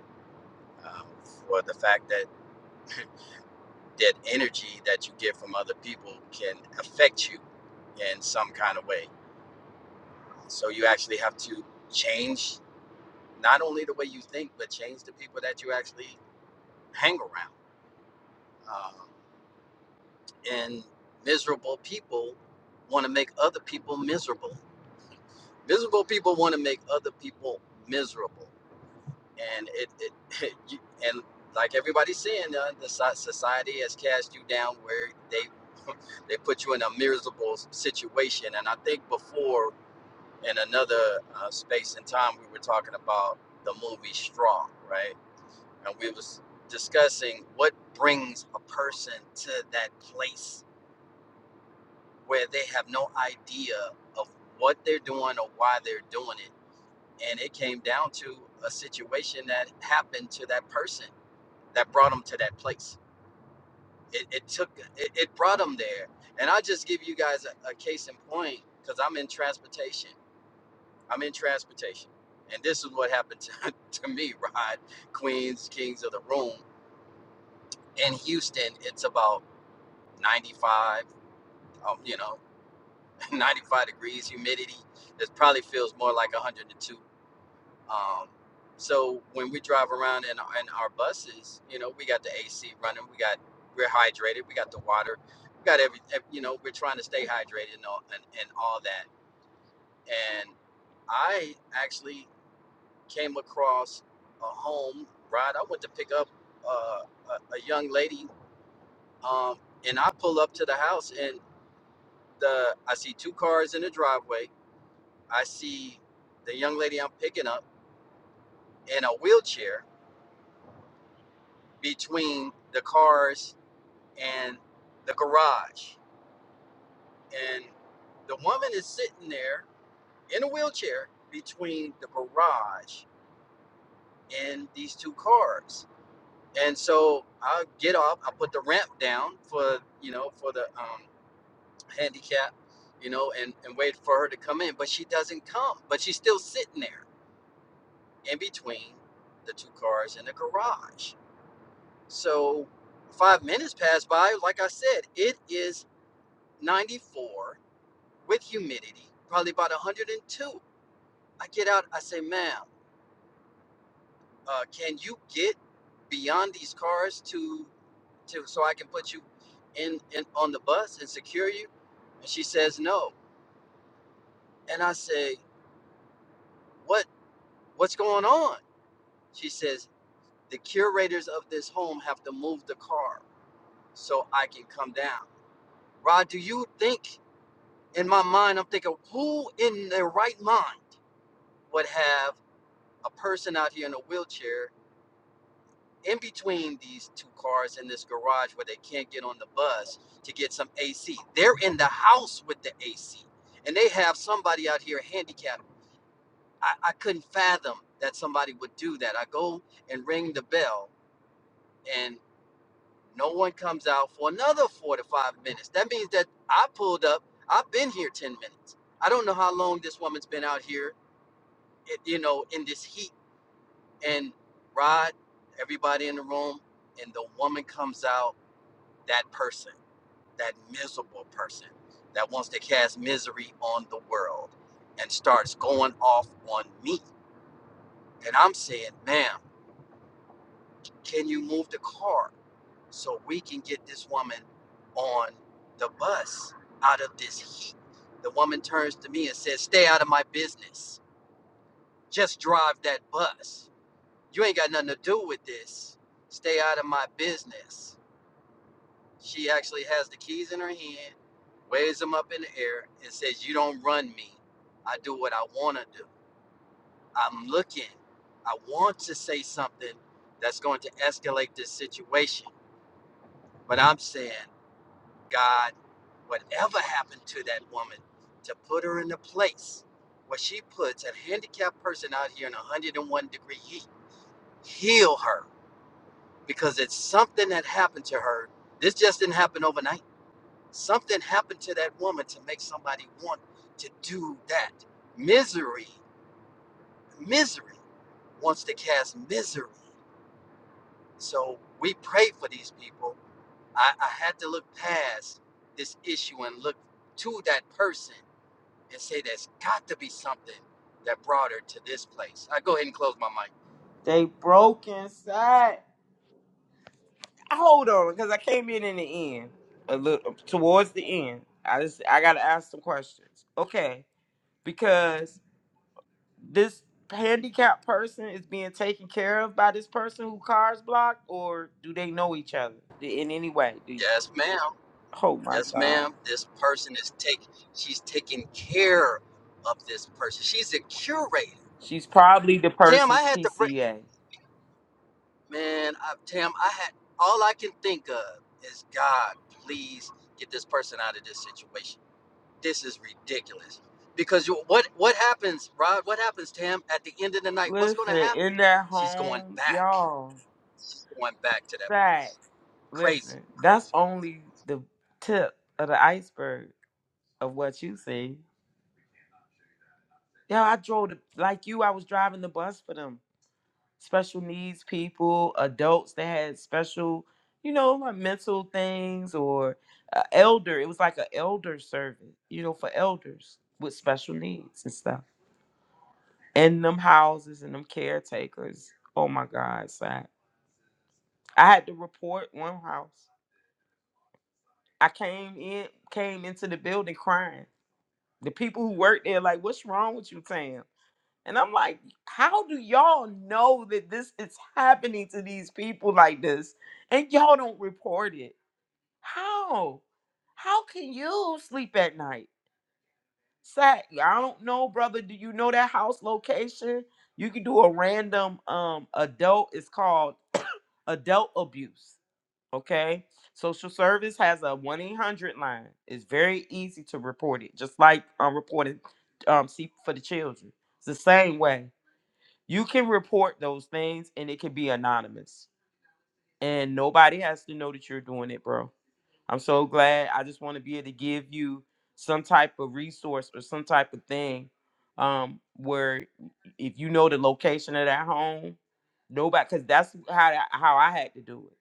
[SPEAKER 7] um, for the fact that that energy that you get from other people can affect you in some kind of way. So you actually have to change not only the way you think, but change the people that you actually hang around. Um, and miserable people want to make other people miserable. Miserable people want to make other people miserable. and it, it, [LAUGHS] and like everybody's saying, uh, the so- society has cast you down where they they put you in a miserable s- situation. And I think before in another uh, space and time, we were talking about the movie Straw, right? And we was discussing what brings a person to that place where they have no idea of what they're doing or why they're doing it. And it came down to a situation that happened to that person that brought them to that place. It, it took it, it brought them there. And I just give you guys a, a case in point because I'm in transportation. I'm in transportation, and this is what happened to, [LAUGHS] to me. Rod, Queens, Kings of the Room in Houston. It's about 95, um, you know, [LAUGHS] 95 degrees humidity. It probably feels more like 102 Um, so when we drive around in, in our buses, you know, we got the AC running, we got we're hydrated, we got the water, we got every, ev- you know, we're trying to stay hydrated and all, and, and all that. And I actually came across a home ride. I went to pick up uh, a, a young lady, um, and I pull up to the house, and the I see two cars in the driveway. I see the young lady I'm picking up in a wheelchair between the cars and the garage. And the woman is sitting there in a wheelchair between the garage and these two cars. And so I get off, I put the ramp down for, you know, for the um, handicap, you know, and, and wait for her to come in. But she doesn't come, but she's still sitting there in between the two cars in the garage. So five minutes pass by. Like I said, it is 94 with humidity, probably about 102. I get out, I say, ma'am, uh, can you get beyond these cars to, to so I can put you in, in on the bus and secure you? And she says, no. And I say, what what's going on? She says, the curators of this home have to move the car so I can come down. Rod, do you think in my mind, I'm thinking, who in their right mind would have a person out here in a wheelchair in between these two cars in this garage where they can't get on the bus to get some AC. They're in the house with the AC, and they have somebody out here handicapped. I, I couldn't fathom that somebody would do that. I go and ring the bell, and no one comes out for another four to five minutes. That means that I pulled up. I've been here ten minutes. I don't know how long this woman's been out here, it, you know, in this heat and Rod, everybody in the room, and the woman comes out that person, that miserable person that wants to cast misery on the world and starts going off on me. And I'm saying, ma'am, can you move the car so we can get this woman on the bus out of this heat? The woman turns to me and says, stay out of my business. Just drive that bus. You ain't got nothing to do with this. Stay out of my business She actually has the keys in her hand, waves them up in the air, and says, You don't run me. I do what I want to do. I'm looking. I want to say something that's going to escalate this situation. But I'm saying, God, whatever happened to that woman to put her in a place where she puts a handicapped person out here in 101 degree heat, heal her because it's something that happened to her. This just didn't happen overnight Something happened to that woman to make somebody want to do that. Misery, misery wants to cast misery. So we pray for these people. I, I had to look past this issue and look to that person and say there's got to be something that brought her to this place. I go ahead and close my mic.
[SPEAKER 3] They broke inside. Hold on, because I came in in the end, a little towards the end. I just I gotta ask some questions. Okay, because this handicapped person is being taken care of by this person who cars blocked, or do they know each other in any way? Do you,
[SPEAKER 7] Yes, ma'am.
[SPEAKER 3] oh my
[SPEAKER 7] Yes,
[SPEAKER 3] God,
[SPEAKER 7] ma'am. This person is taking. she's taking care of this person. She's a curator.
[SPEAKER 3] she's probably the
[SPEAKER 7] Tam, I
[SPEAKER 3] person's
[SPEAKER 7] had to break.
[SPEAKER 3] PCA.
[SPEAKER 7] Man, I, Tam, I had all I can think of is God, please get this person out of this situation. This is ridiculous. Because you, what what happens, Rod? What happens, Tam? At the end of the night, what's going
[SPEAKER 3] Listen,
[SPEAKER 7] to happen?
[SPEAKER 3] in that
[SPEAKER 7] She's going
[SPEAKER 3] home,
[SPEAKER 7] back.
[SPEAKER 3] y'all,
[SPEAKER 7] She's going back to that
[SPEAKER 3] that
[SPEAKER 7] place. Crazy,
[SPEAKER 3] listen, that's
[SPEAKER 7] crazy.
[SPEAKER 3] only the tip of the iceberg of what you see. Yeah, I drove the, like you. I was driving the bus for them. special needs people, adults that had special, you know, like mental things or uh, elder. It was like an elder service, you know, for elders with special needs and stuff. And them houses and them caretakers. Oh my God, it's like I had to report one house. I came in, came into the building crying. The people who worked there, like, what's wrong with you, Tam? And I'm like, how do y'all know that this is happening to these people like this and y'all don't report it? How? How can you sleep at night? Sack, I don't know, brother. Do you know that house location? You can do a random um adult, it's called adult abuse. Okay. Social service has a 1 800 line. It's very easy to report it, just like um, reporting um, see for the children. It's the same way. You can report those things and it can be anonymous. And nobody has to know that you're doing it, bro. I'm so glad. I just want to be able to give you some type of resource or some type of thing um, where if you know the location of that home, nobody, because that's how, I- how I had to do it.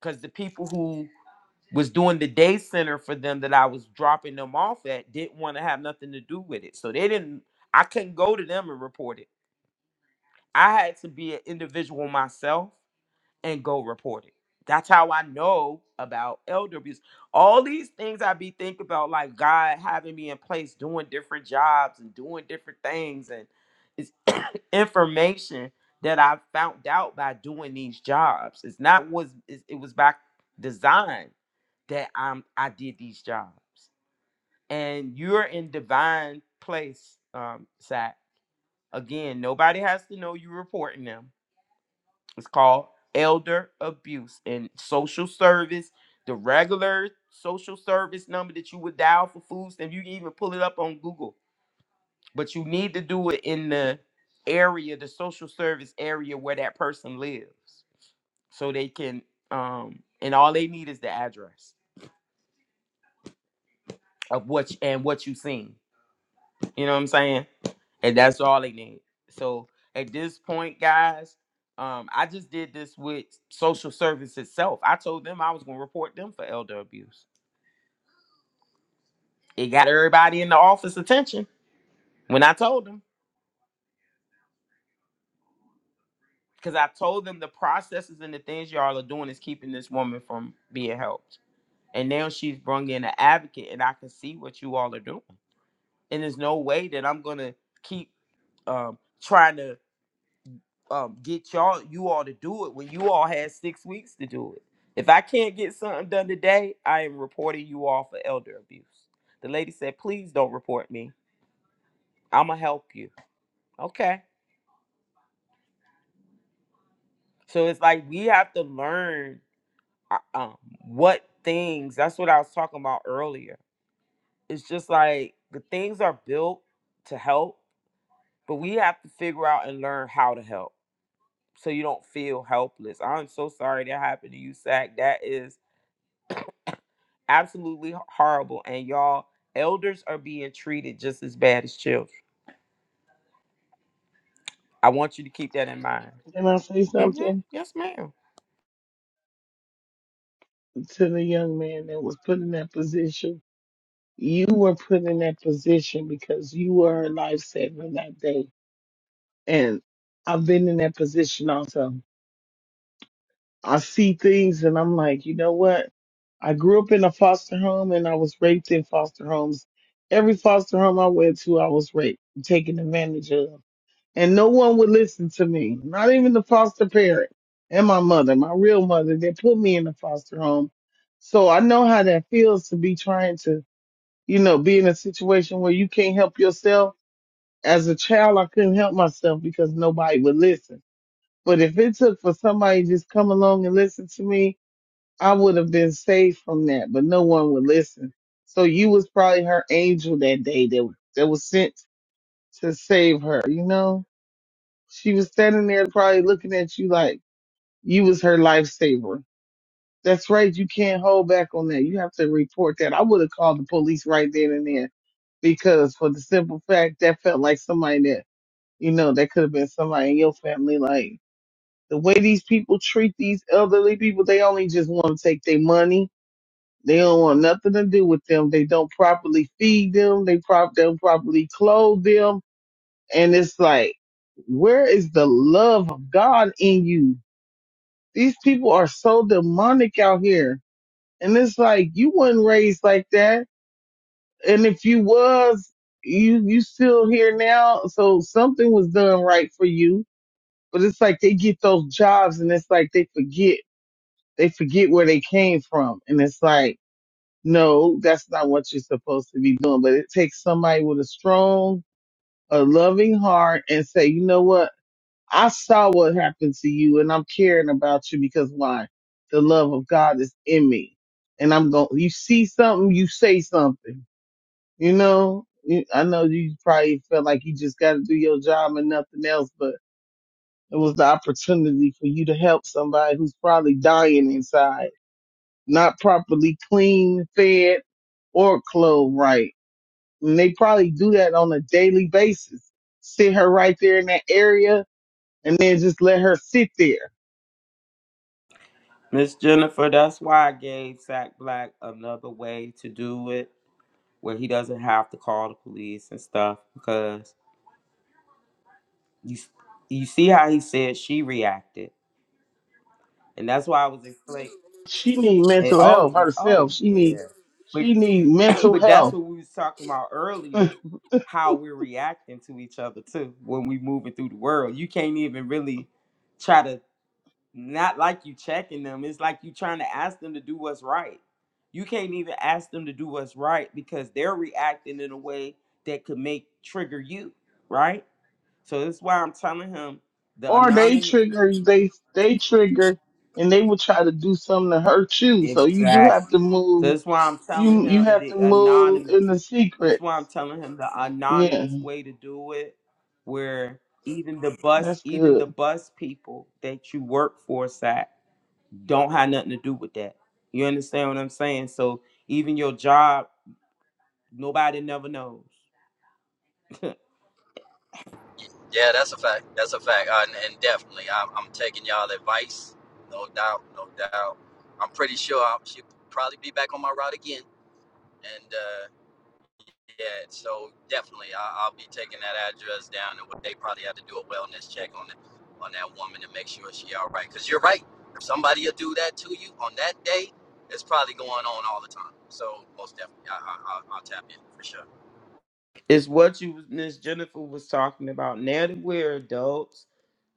[SPEAKER 3] Because the people who was doing the day center for them that I was dropping them off at didn't want to have nothing to do with it. So they didn't, I couldn't go to them and report it I had to be an individual myself and go report it. That's how I know about elder abuse. All these things I be thinking about, like God having me in place, doing different jobs and doing different things, and it's [COUGHS] information that I found out by doing these jobs. It's not was it's- it was by design that I'm I did these jobs. And you're in divine place, um, Sack. Again, nobody has to know you reporting them it's called elder abuse and social service. The regular social service number that you would dial for food stamps, you can even pull it up on Google. But you need to do it in the area, the social service area where that person lives, so they can. Um, and all they need is the address of what you, and what you've seen. You know what I'm saying? And that's all they need. So at this point, guys, um, I just did this with social service itself. I told them I was gonna report them for elder abuse. It got everybody in the office attention when I told them. Because I told them the processes and the things y'all are doing is keeping this woman from being helped. And now she's brung in an advocate, and I can see what you all are doing. And there's no way that I'm gonna keep um, trying to um get y'all you all to do it when you all had six weeks to do it. If I can't get something done today, I am reporting you all for elder abuse. The lady said, please don't report me. I'ma help you. Okay. So it's like we have to learn uh, um what things that's what I was talking about earlier. It's just like the things are built to help, but we have to figure out and learn how to help so you don't feel helpless. I'm so sorry that happened to you, Sack. That is absolutely h- horrible and y'all elders are being treated just as bad as children i want you to keep that in mind
[SPEAKER 6] Can I say
[SPEAKER 3] mm-hmm
[SPEAKER 6] something
[SPEAKER 3] yes ma'am
[SPEAKER 6] to the young man that was put in that position? You were put in that position because you were a lifesaver that day. And I've been in that position also. I see things and I'm like, you know what? I grew up in a foster home and I was raped in foster homes. Every foster home I went to, I was raped, taken advantage of. and no one would listen to me, not even the foster parent and my mother, my real mother that put me in the foster home. So I know how that feels to be trying to, you know, be in a situation where you can't help yourself. As a child, I couldn't help myself because nobody would listen. But if it took for somebody to just come along and listen to me, I would have been saved from that, but no one would listen. So you was probably her angel that day that, that was sent to save her, you know? She was standing there probably looking at you like you was her lifesaver. That's right. You can't hold back on that. You have to report that. I would have called the police right then and there because for the simple fact that felt like somebody that, you know, that could have been somebody in your family. Like the way these people treat these elderly people, they only just want to take their money. They don't want nothing to do with them. They don't properly feed them. They prop don't properly clothe them. And it's like, where is the love of God in you? These people are so demonic out here. And it's like, you wasn't raised like that. And if you was, you, you still here now. So something was done right for you. But it's like they get those jobs and it's like they forget, they forget where they came from. And it's like, no, that's not what you're supposed to be doing. But it takes somebody with a strong, a loving heart and say, you know what? I saw what happened to you and I'm caring about you because why? The love of God is in me. And I'm going, you see something, you say something, you know? You- I know you probably felt like you just got to do your job and nothing else, but it was the opportunity for you to help somebody who's probably dying inside, not properly clean, fed, or clothed right. And they probably do that on a daily basis. Sit her right there in that area and then just let her sit there
[SPEAKER 3] Miss Jennifer, that's why I gave Sack Black another way to do it, where he doesn't have to call the police and stuff, because you you see how he said she reacted, and that's why I was explaining.
[SPEAKER 6] She need
[SPEAKER 3] And,
[SPEAKER 6] mental health
[SPEAKER 3] oh,
[SPEAKER 6] herself.
[SPEAKER 3] oh
[SPEAKER 6] She need
[SPEAKER 3] yeah,
[SPEAKER 6] she need
[SPEAKER 3] [COUGHS] [CLEARS THROAT]
[SPEAKER 6] mental
[SPEAKER 3] but that's
[SPEAKER 6] health.
[SPEAKER 3] what we was talking about
[SPEAKER 6] [LAUGHS]
[SPEAKER 3] earlier how we're reacting to each other too when we moving through the world you can't even really try to not like you checking them it's like you trying to ask them to do what's right you can't even ask them to do what's right because they're reacting in a way that could make trigger you right so that's why i'm telling him the
[SPEAKER 6] or they
[SPEAKER 3] anonymous
[SPEAKER 6] trigger they they trigger and they will try to do something to hurt you. So you do have
[SPEAKER 3] exactly
[SPEAKER 6] to
[SPEAKER 3] so
[SPEAKER 6] move.
[SPEAKER 3] that's why i'm telling
[SPEAKER 6] You you
[SPEAKER 3] him
[SPEAKER 6] have
[SPEAKER 3] the
[SPEAKER 6] to move
[SPEAKER 3] anonymous
[SPEAKER 6] in the
[SPEAKER 3] This is
[SPEAKER 6] secrets.
[SPEAKER 3] why I'm telling him the
[SPEAKER 6] Yeah,
[SPEAKER 3] anonymous way to do it, where even the bus,
[SPEAKER 6] that's
[SPEAKER 3] even
[SPEAKER 6] good.
[SPEAKER 3] the bus people that you work for, Sack, don't have nothing to do with that. You understand what I'm saying? So even your job, nobody never knows.
[SPEAKER 7] Yeah, that's a fact. That's a fact. Uh, and, definitely, I'm, I'm taking y'all advice. No doubt, no doubt. I'm pretty sure I'll, she'll probably be back on my route again. And. uh, Yeah, so definitely, I, I'll be taking that address down, and what they probably have to do a wellness check on the, on that woman to make sure she all right. Because you're right, if somebody will do that to you on that day, it's probably going on all the time. So most definitely, I, I, I'll, I'll tap in for sure.
[SPEAKER 3] It's what you Miss Jennifer was talking about. Now that we're adults,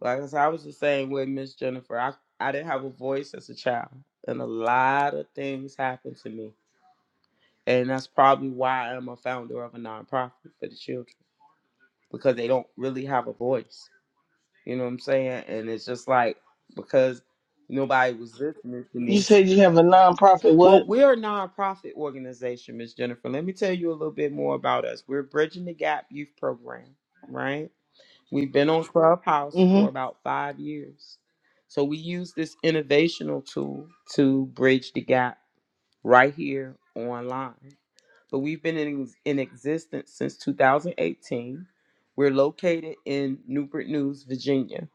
[SPEAKER 3] like I said, I was the same way, Miss Jennifer. I, I didn't have a voice as a child. And a lot of things happened to me. And that's probably why I'm a founder of a nonprofit for the children because they don't really have a voice. You know what I'm saying? And it's just like because nobody was listening to
[SPEAKER 6] You
[SPEAKER 3] me.
[SPEAKER 6] said you have a nonprofit.
[SPEAKER 3] Well,
[SPEAKER 6] What?
[SPEAKER 3] we're a nonprofit organization, Miss Jennifer. Let me tell you a little bit more about us. We're Bridging the Gap Youth Program, right? We've been on Clubhouse for
[SPEAKER 6] Mhm.
[SPEAKER 3] about five years. So we use this innovational tool to bridge the gap right here online but we've been in, in existence since 2018. We're located in Newport News, Virginia,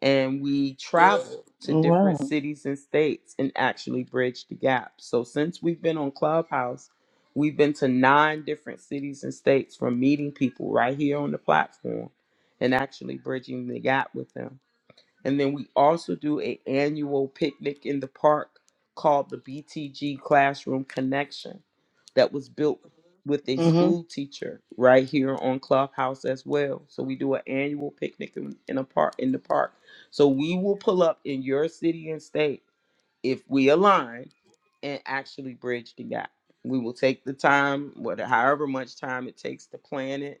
[SPEAKER 3] and we travel to
[SPEAKER 6] Wow.
[SPEAKER 3] different cities and states and actually bridge the gap. So since we've been on Clubhouse, we've been to nine different cities and states from meeting people right here on the platform and actually bridging the gap with them. And then we also do a annual picnic in the park called the BTG Classroom Connection that was built with a
[SPEAKER 6] Mhm.
[SPEAKER 3] school teacher right here on Clubhouse as well. So we do an annual picnic in, in a park in the park. So we will pull up in your city and state if we align and actually bridge the gap. We will take the time, whatever however much time it takes to plan it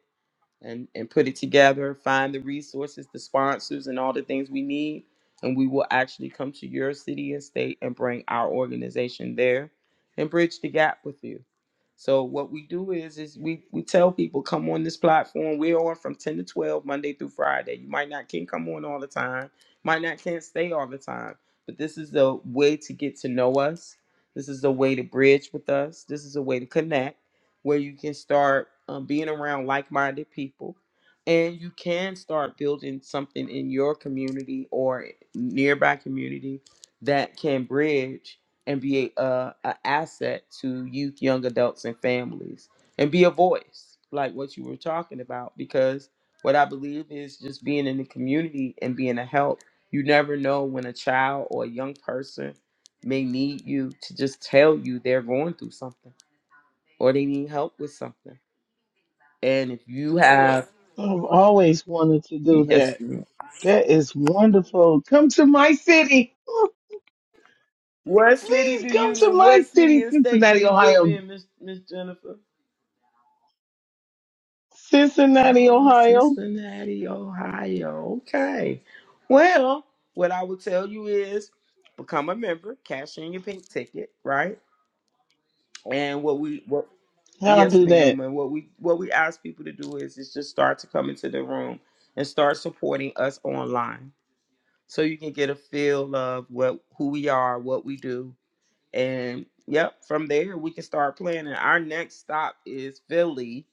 [SPEAKER 3] and and put it together find the resources the sponsors and all the things we need and we will actually come to your city and state and bring our organization there and bridge the gap with you so what we do is is we we tell people come on this platform we're on from 10 to 12 monday through friday you might not can come on all the time might not can't stay all the time but this is a way to get to know us this is a way to bridge with us this is a way to connect where you can start um, being around like-minded people and you can start building something in your community or nearby community that can bridge and be a, a, a asset to youth young adults and families and be a voice like what you were talking about because what i believe is just being in the community and being a help you never know when a child or a young person may need you to just tell you they're going through something or they need help with something. And if you have,
[SPEAKER 6] I've always wanted to
[SPEAKER 3] [LAUGHS]
[SPEAKER 6] do
[SPEAKER 3] yes,
[SPEAKER 6] that.
[SPEAKER 3] ma'am.
[SPEAKER 6] That is wonderful. Come to my city.
[SPEAKER 3] what city
[SPEAKER 6] Please
[SPEAKER 3] do
[SPEAKER 6] come
[SPEAKER 3] you
[SPEAKER 6] to
[SPEAKER 3] live?
[SPEAKER 6] my
[SPEAKER 3] What city
[SPEAKER 6] city,
[SPEAKER 3] and state do
[SPEAKER 6] Cincinnati,
[SPEAKER 3] you live
[SPEAKER 6] Ohio.
[SPEAKER 3] in, Miss Miss Jennifer?
[SPEAKER 6] Cincinnati,
[SPEAKER 3] Oh,
[SPEAKER 6] Ohio.
[SPEAKER 3] Cincinnati, Ohio. Okay. Well, what I would tell you is become a member, cash in your pink ticket, right? And what we what
[SPEAKER 6] I'll
[SPEAKER 3] yes,
[SPEAKER 6] do that.
[SPEAKER 3] ma'am. And what we what we ask people to do is is just start to come into the room and start supporting us online so you can get a feel of what who we are, what we do, and yep, from there we can start planning. Our next stop is Philly.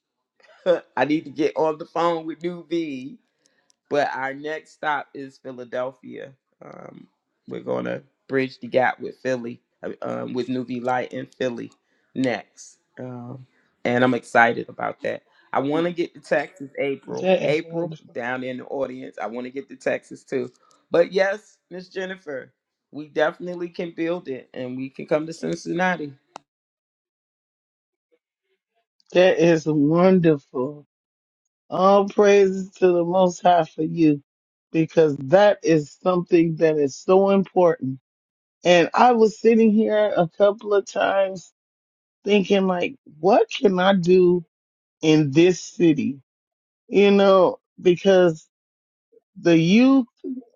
[SPEAKER 3] [LAUGHS] I need to get on the phone with New V but our next stop is Philadelphia. Um, we're going to bridge the gap with Philly, uh, um, with Nuvi Light in Philly next. Um, and I'm excited about that. I want to get to Texas, April.
[SPEAKER 6] That is
[SPEAKER 3] April,
[SPEAKER 6] wonderful.
[SPEAKER 3] down in the audience. I want to get to Texas too. But yes, Miss Jennifer, we definitely can build it and we can come to Cincinnati.
[SPEAKER 6] That is wonderful. All praises to the Most High for you, because that is something that is so important. And I was sitting here a couple of times thinking, like, what can I do in this city? You know, because the youth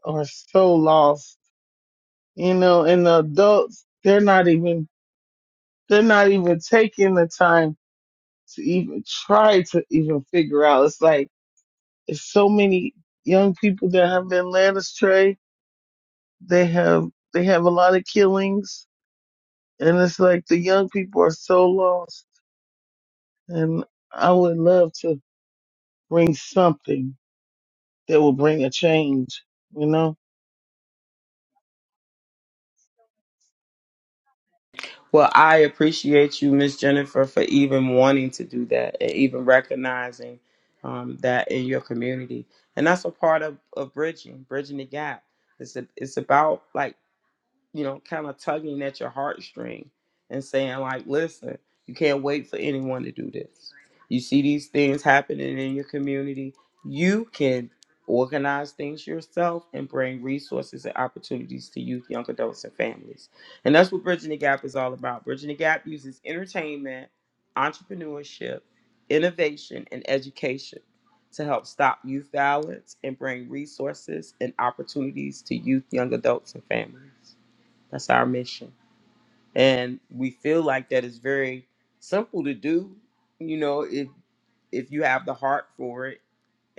[SPEAKER 6] are so lost, you know, and the adults, they're not even, they're not even taking the time to even try to even figure out. It's like it's so many young people that have been led astray. They have they have a lot of killings, and it's like the young people are so lost. And I would love to bring something that will bring a change. You know,
[SPEAKER 3] Well, I appreciate you, Miss Jennifer, for even wanting to do that and even recognizing um, that in your community. And that's a part of, of bridging, bridging the gap. It's a, it's about like you know, kind of tugging at your heartstring and saying, like, listen, you can't wait for anyone to do this. You see these things happening in your community. You can organize things yourself and bring resources and opportunities to youth, young adults, and families. And that's what Bridging the Gap is all about. Bridging the Gap uses entertainment, entrepreneurship, innovation, and education to help stop youth violence and bring resources and opportunities to youth, young adults, and families. That's our mission. And we feel like that is very simple to do, you know, if if you have the heart for it.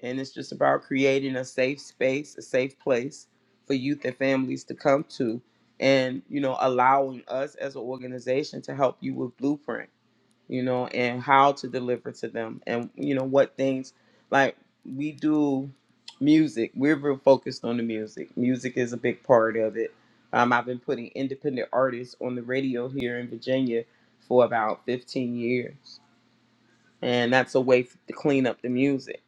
[SPEAKER 3] And it's just about creating a safe space, a safe place for youth and families to come to and, you know, allowing us as an organization to help you with blueprint you know, and how to deliver to them and, you know, what things like we do music. We're real focused on the music. Music is a big part of it. Um, I've been putting independent artists on the radio here in Virginia for about 15 years. And that's a way f- to clean up the music.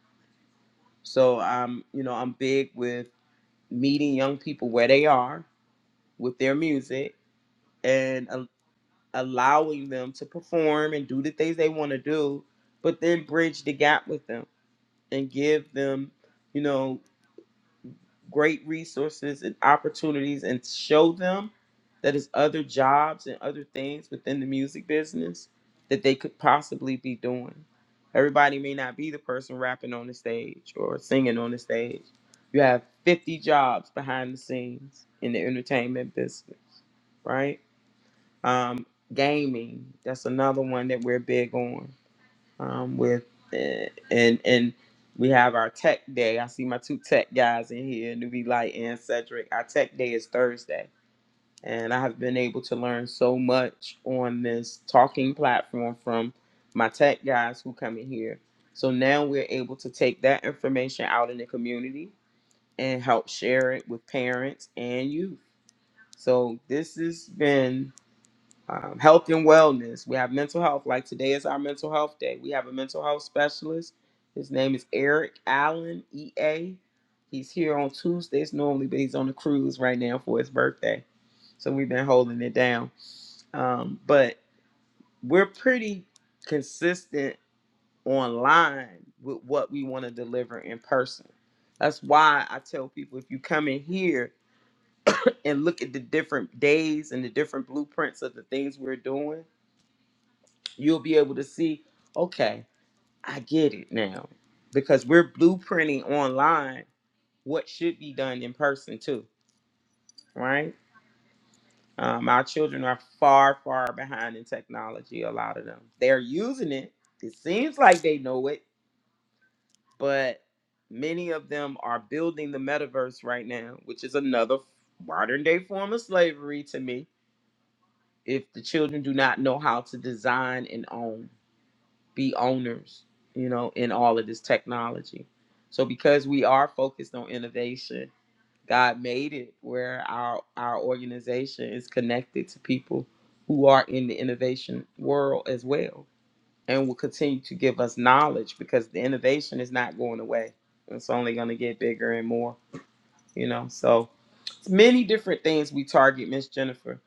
[SPEAKER 3] So I'm, you know, I'm big with meeting young people where they are with their music and. uh, allowing them to perform and do the things they want to do, but then bridge the gap with them and give them, you know, great resources and opportunities and show them that there's other jobs and other things within the music business that they could possibly be doing. Everybody may not be the person rapping on the stage or singing on the stage. You have 50 jobs behind the scenes in the entertainment business, right? Um, gaming, that's another one that we're big on. Um, with eh, and and we have our tech day. I see my two tech guys in here, Newbie Light and Cedric. Our tech day is Thursday, and I have been able to learn so much on this talking platform from my tech guys who come in here. So now we're able to take that information out in the community and help share it with parents and youth. So this has been um, health and wellness. We have mental health. Like today is our mental health day. We have a mental health specialist. His name is Eric Allen, EA. He's here on Tuesdays normally, but he's on a cruise right now for his birthday. So we've been holding it down. Um, but we're pretty consistent online with what we want to deliver in person. That's why I tell people if you come in here and look at the different days and the different blueprints of the things we're doing, You'll be able to see, okay, I get it now. Because we're blueprinting online what should be done in person too, right? Um, our children are far, far behind in technology, a lot of them. They're using it. It seems like they know it, but many of them are building the metaverse right now, which is another modern day form of slavery to me if the children do not know how to design and own. be owners, you know, in all of this technology. So because we are focused on innovation, God made it where our our organization is connected to people who are in the innovation world as well and will continue to give us knowledge because the innovation is not going away. It's only going to get bigger and more, you know. So it's many different things we target, Miss Jennifer.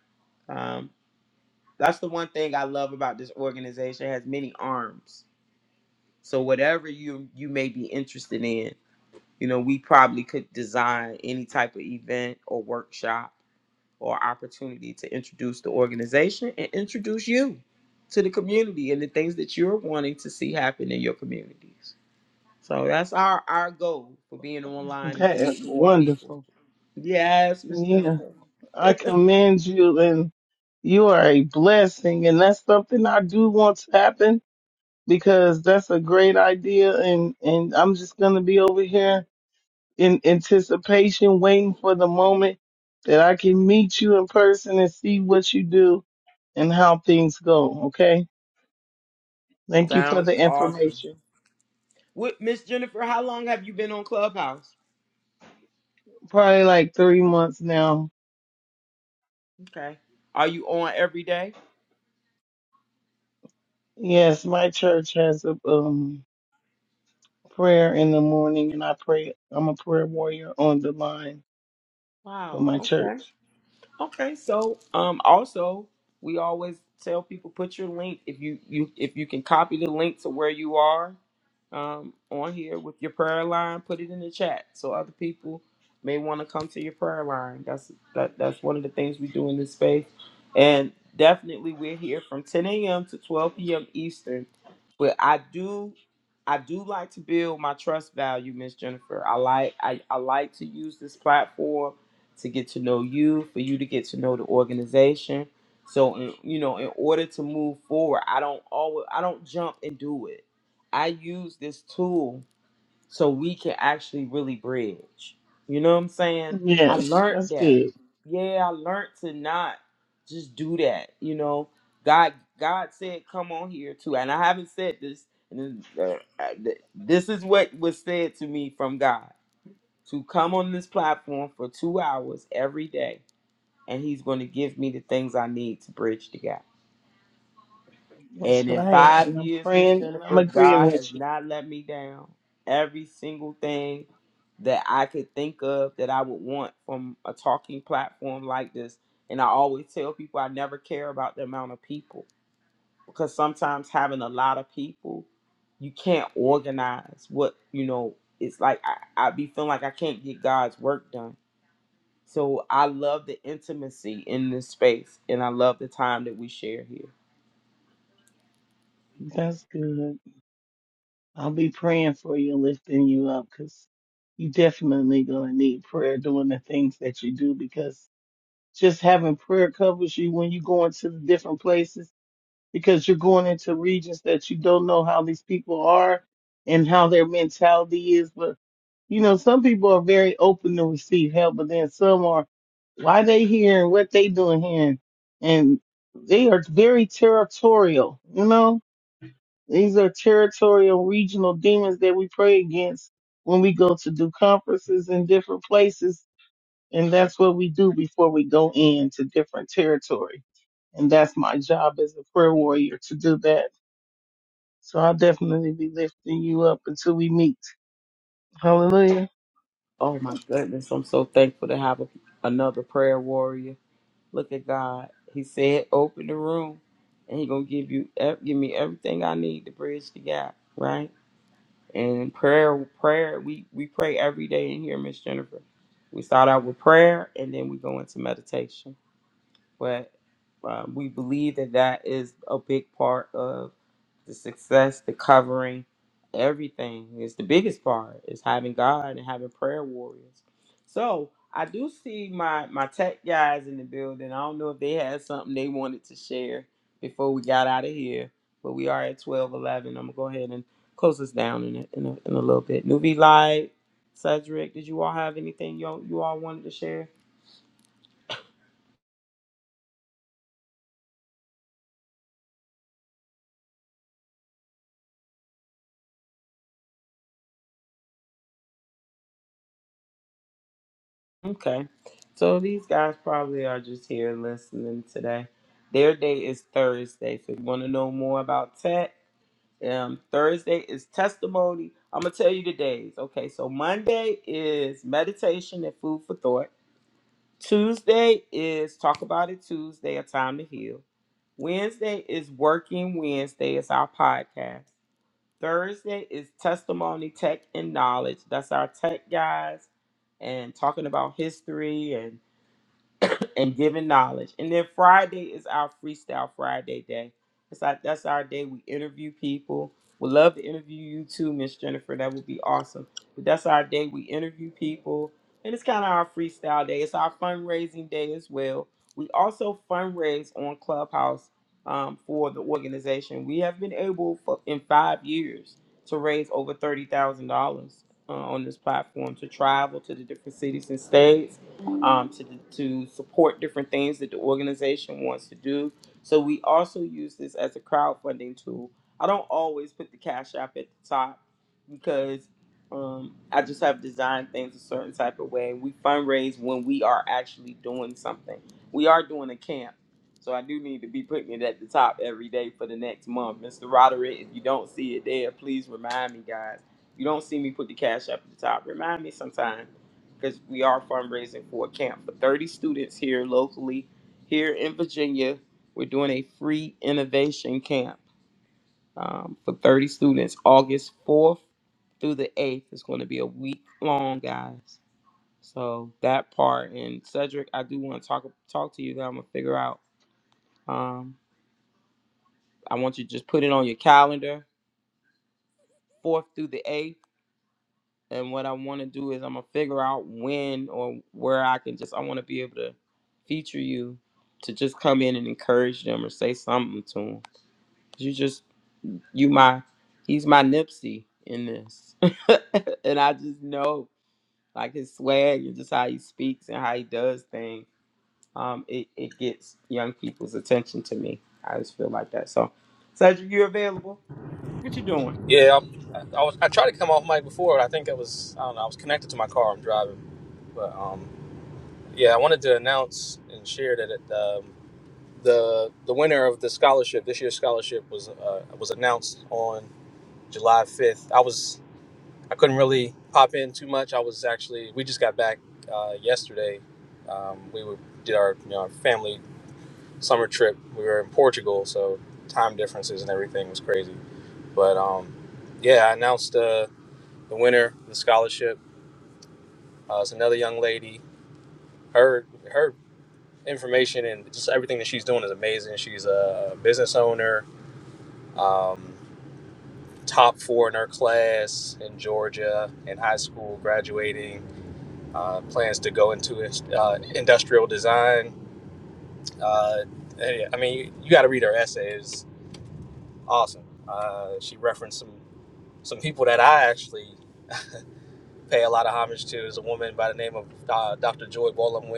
[SPEAKER 3] Um, that's the one thing I love about this organization. It has many arms so whatever you you may be interested in, you know, we probably could design any type of event or workshop or opportunity to introduce the organization and introduce you to the community and the things that you're wanting to see happen in your communities. So that's our our goal for being online is to
[SPEAKER 6] that is
[SPEAKER 3] meet more people.
[SPEAKER 6] wonderful.
[SPEAKER 3] Yes, Miss
[SPEAKER 6] Yeah,
[SPEAKER 3] Jennifer.
[SPEAKER 6] I commend you, and you are a blessing, and that's something I do want to happen because that's a great idea and and I'm just going to be over here in anticipation waiting for the moment that I can meet you in person and see what you do and how things go, okay? Thank you for
[SPEAKER 3] Sounds
[SPEAKER 6] the
[SPEAKER 3] awesome.
[SPEAKER 6] information.
[SPEAKER 3] What Miss Jennifer, how long have you been on Clubhouse?
[SPEAKER 6] Probably like 3 months now.
[SPEAKER 3] Okay. Are you on every day?
[SPEAKER 6] Yes, my church has a um prayer in the morning and I pray I'm a prayer warrior on the line for
[SPEAKER 3] Wow.
[SPEAKER 6] my
[SPEAKER 3] Okay.
[SPEAKER 6] church.
[SPEAKER 3] Okay, so um also we always tell people put your link if you you if you can copy the link to where you are um on here with your prayer line, put it in the chat so other people may want to come to your prayer line. That's that that's one of the things we do in this space. And definitely we're here from 10 a.m. to 12 p.m. Eastern. But I do I do like to build my trust value, Miss Jennifer. I like I, I like to use this platform to get to know you, for you to get to know the organization. So, in, you know, in order to move forward, I don't always, I don't jump and do it. I use this tool so we can actually really bridge. You know what I'm saying? I
[SPEAKER 6] Yes,
[SPEAKER 3] learned
[SPEAKER 6] that's
[SPEAKER 3] that.
[SPEAKER 6] good.
[SPEAKER 3] Yeah, I learned to not just do that. You know, God, God said, "Come on here too," and I haven't said this. And uh, uh, th- this is what was said to me from God to come on this platform for two hours every day, and He's going to give me the things I need to bridge the gap.
[SPEAKER 6] That's
[SPEAKER 3] And in
[SPEAKER 6] right.
[SPEAKER 3] five
[SPEAKER 6] And I'm
[SPEAKER 3] years, Miss
[SPEAKER 6] praying and I'm
[SPEAKER 3] Jennifer,
[SPEAKER 6] agreeing
[SPEAKER 3] God
[SPEAKER 6] with
[SPEAKER 3] has
[SPEAKER 6] you.
[SPEAKER 3] not let me down. Every single thing that I could think of that I would want from a talking platform like this. And I always tell people I never care about the amount of people because sometimes having a lot of people, you can't organize what, you know, it's like I, I be feeling like I can't get God's work done So I love the intimacy in this space and I love the time that we share here.
[SPEAKER 6] That's good. I'll be praying for you and lifting you up because you definitely gonna need prayer doing the things that you do because just having prayer covers you when you go into the different places because you're going into regions that you don't know how these people are and how their mentality is. But you know, some people are very open to receive help, but then some are why they here and what they doing here and they are very territorial, you know? These are territorial regional demons that we pray against when we go to do conferences in different places. And that's what we do before we go into different territory. And that's my job as a prayer warrior to do that. So I'll definitely be lifting you up until we meet. Hallelujah.
[SPEAKER 3] Oh my goodness, I'm so thankful to have a, another prayer warrior. Look at God. He said, "Open the room and he going to give you ev- give me everything I need to bridge the gap," right? And prayer prayer we we pray every day in here, Miss Jennifer. We start out with prayer and then we go into meditation. but um, we believe that that is a big part of the success, the covering, everything. It's the biggest part is having God and having prayer warriors. So I do see my my tech guys in the building. I don't know if they had something they wanted to share before we got out of here, but we are at twelve eleven. I'm gonna go ahead and close this down in a, in a, in a little bit. Newbie Light, Cedric, did you all have anything you all, you all wanted to share? Okay. So these guys probably are just here listening today. Their day is Thursday. So if you want to know more about tech, um, Thursday is testimony. I'm going to tell you the days. Okay. So Monday is meditation and food for thought. Tuesday is talk about it Tuesday, a time to heal. Wednesday is working Wednesday. It's our podcast. Thursday is testimony, tech, and knowledge. That's our tech guys and talking about history and and giving knowledge. And then Friday is our Freestyle Friday day. That's our, that's our day we interview people. We'd love to interview you too, Miss Jennifer. That would be awesome. But that's our day we interview people. And it's kind of our freestyle day. It's our fundraising day as well. We also fundraise on Clubhouse um, for the organization. We have been able for, in five years to raise over $30,000 uh, on this platform to travel to the different cities and states um, to, to support different things that the organization wants to do. So we also use this as a crowdfunding tool. I don't always put the Cash App at the top because um, I just have designed things a certain type of way. We fundraise when we are actually doing something. We are doing a camp, so I do need to be putting it at the top every day for the next month. Mr. Roderick, if you don't see it there, please remind me, guys. You don't see me put the cash up at the top. Remind me sometime because we are fundraising for a camp for 30 students here locally, here in Virginia. We're doing a free innovation camp um, for 30 students. August 4th through the 8th is going to be a week long, guys. So that part and Cedric, I do want to talk talk to you. That I'm gonna figure out. Um, I want you to just put it on your calendar, fourth through the eighth. And what I want to do is I'm gonna figure out when or where I can just. I want to be able to feature you to just come in and encourage them or say something to them. You just you my he's my Nipsey in this, [LAUGHS] and I just know like his swag and just how he speaks and how he does things, um, it, it gets young people's attention to me. I just feel like that. So, Cedric, you available? What you doing?
[SPEAKER 8] Yeah, I'm, I, I was. I tried to come off mic before, but I think I was. I don't know. I was connected to my car. I'm driving, but um, yeah, I wanted to announce and share that it, um, the the winner of the scholarship this year's scholarship was uh, was announced on July 5th. I was I couldn't really pop in too much. I was actually we just got back uh, yesterday. Um, we were, did our you know our family summer trip. We were in Portugal, so time differences and everything was crazy. But um, yeah, I announced. Uh, the winner of the scholarship. Uh, it's another young lady. Her her information and just everything that she's doing is amazing. She's a business owner, um, top four in her class in Georgia in high school, graduating. Uh, plans to go into uh, industrial design. Uh, I mean, you got to read her essay. It's awesome. Uh, she referenced some some people that I actually [LAUGHS] pay a lot of homage to is a woman by the name of uh, Dr. Joy Bolam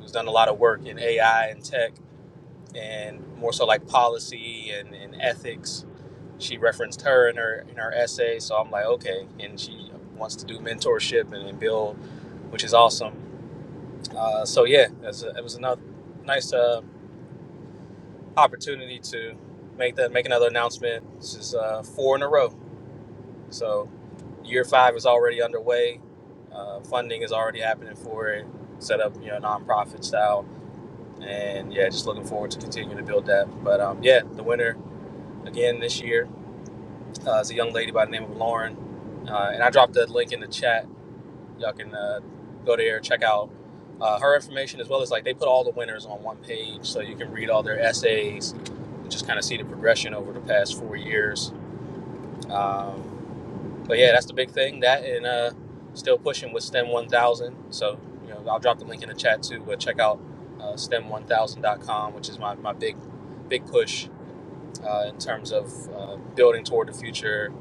[SPEAKER 8] who's done a lot of work in AI and tech and more so like policy and, and ethics. She referenced her in her in her essay, so I'm like, okay. And she wants to do mentorship and, and build, which is awesome. Uh, so yeah, that's a, it was another nice uh, opportunity to make that make another announcement. This is uh, four in a row. So year five is already underway. Uh, funding is already happening for it. Set up, you know, nonprofit style, and yeah, just looking forward to continuing to build that. But um, yeah, the winner again this year uh, is a young lady by the name of Lauren, uh, and I dropped the link in the chat. Y'all can uh, go there, check out uh, her information as well as like they put all the winners on one page, so you can read all their essays and just kind of see the progression over the past four years. Um, but yeah, that's the big thing. That and uh, still pushing with STEM 1000. So, you know, I'll drop the link in the chat too, but check out uh, STEM1000.com, which is my, my big, big push uh, in terms of uh, building toward the future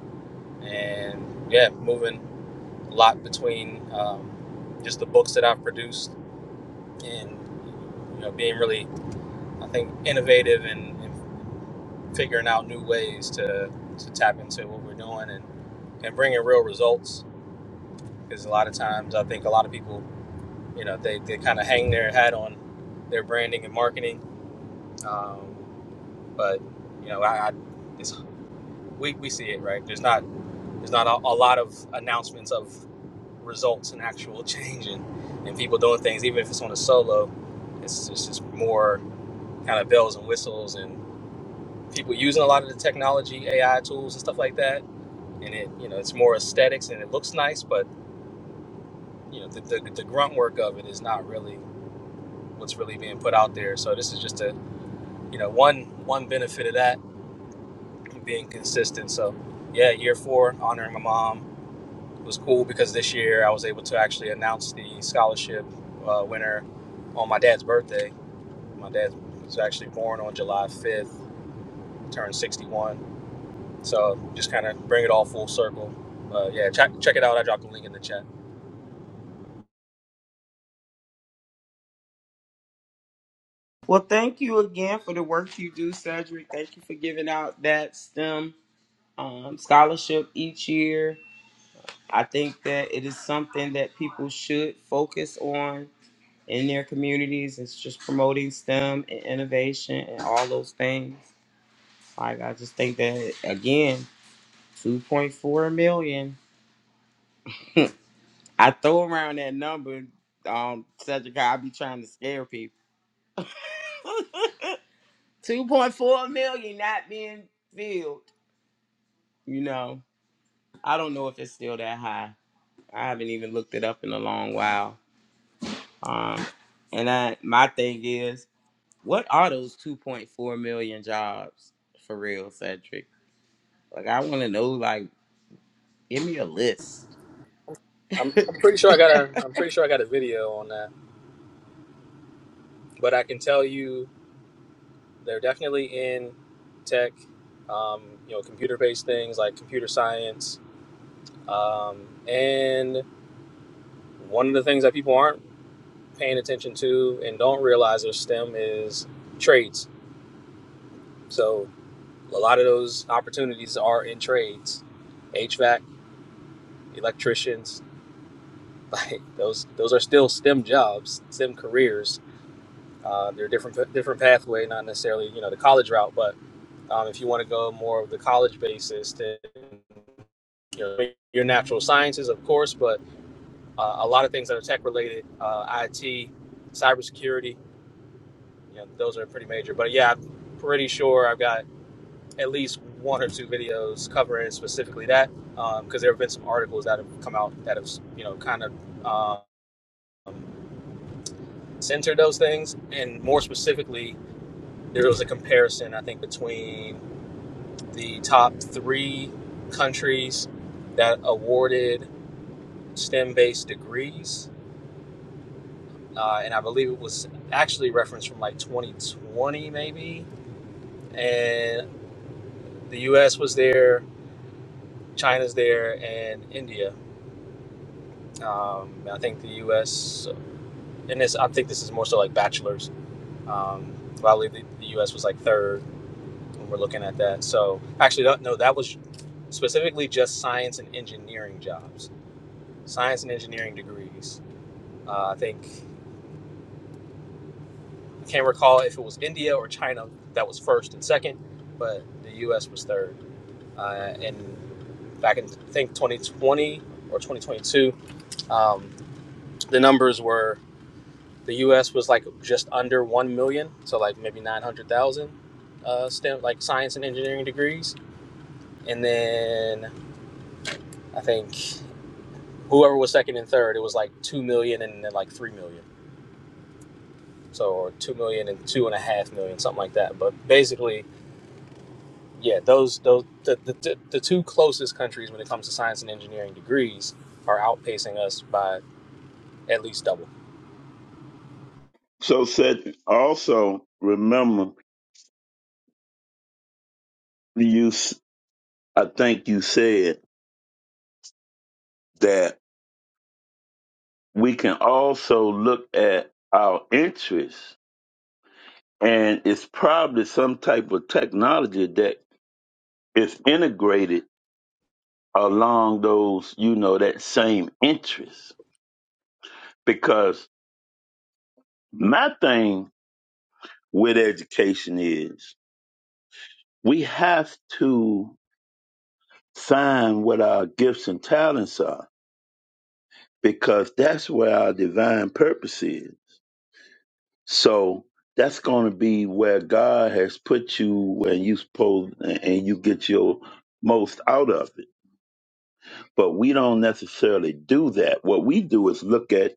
[SPEAKER 8] and yeah, moving a lot between um, just the books that I've produced and, you know, being really, I think, innovative and, and figuring out new ways to, to tap into what we're doing and, and bringing real results because a lot of times I think a lot of people, you know, they, they kind of hang their hat on their branding and marketing. Um, but you know, I, I it's, we, we see it right. There's not there's not a, a lot of announcements of results and actual [LAUGHS] change and, and people doing things, even if it's on a solo. It's, it's just more kind of bells and whistles and people using a lot of the technology, AI tools and stuff like that. And it you know it's more aesthetics and it looks nice, but you know the, the, the grunt work of it is not really what's really being put out there. So this is just a you know one one benefit of that being consistent. So yeah, year four honoring my mom It was cool because this year I was able to actually announce the scholarship uh, winner on my dad's birthday. My dad was actually born on July fifth, turned sixty one. So just kind of bring it all full circle. Uh, yeah, check check it out. I dropped the link in the chat.
[SPEAKER 3] Well, thank you again for the work you do, Cedric. Thank you for giving out that STEM um, scholarship each year. I think that it is something that people should focus on in their communities. It's just promoting STEM and innovation and all those things. Like I just think that again. 2.4 million. [LAUGHS] I throw around that number, um, Cedric. I be trying to scare people. [LAUGHS] 2.4 million not being filled. You know, I don't know if it's still that high. I haven't even looked it up in a long while. Um, and I, my thing is, what are those 2.4 million jobs for real, Cedric? Like, I want to know. Like, give me a list.
[SPEAKER 8] I'm,
[SPEAKER 3] [LAUGHS]
[SPEAKER 8] I'm pretty sure I got a I'm pretty sure I got a video on that, but I can tell you They're definitely in tech, um, you know, computer-based things like computer science. Um, and one of the things that people aren't paying attention to and don't realize are STEM is trades. So a lot of those opportunities are in trades, HVAC, electricians. [LAUGHS] Like those, those are still STEM jobs, STEM careers. Uh, they're a different, different pathway, not necessarily you know the college route, but um, if you want to go more of the college basis, then your, your natural sciences, of course, but uh, a lot of things that are tech related, uh, IT, cybersecurity, you know, those are pretty major. But yeah, I'm pretty sure I've got at least one or two videos covering specifically that because um, there have been some articles that have come out that have you know kind of um, centered those things, and more specifically, there was a comparison I think between the top three countries that awarded STEM-based degrees uh, and I believe it was actually referenced from like 2020 maybe. And the U.S. was there, China's there, and India. Um, I think the U.S. and this I think this is more so like bachelors. Um, but I believe the, the U.S. was like third when we're looking at that. So actually, no, no, that was specifically just science and engineering jobs, science and engineering degrees. Uh, I think I can't recall if it was India or China that was first and second, but the U.S. was third. uh, in back in I think 2020 or 2022, um, the numbers were the U.S. was like just under one million, so like maybe 900,000 uh, STEM like science and engineering degrees, and then I think whoever was second and third, it was like two million and then like three million, so or two million and two and a half million, something like that. But basically, yeah, those those the the, the the two closest countries when it comes to science and engineering degrees are outpacing us by at least double.
[SPEAKER 1] So said, also remember you, s- I think you said that we can also look at our interests and it's probably some type of technology that is integrated along those you know that same interest because my thing with education is we have to find what our gifts and talents are because that's where our divine purpose is So that's going to be where God has put you, where you supposed, and you get your most out of it. But we don't necessarily do that. What we do is look at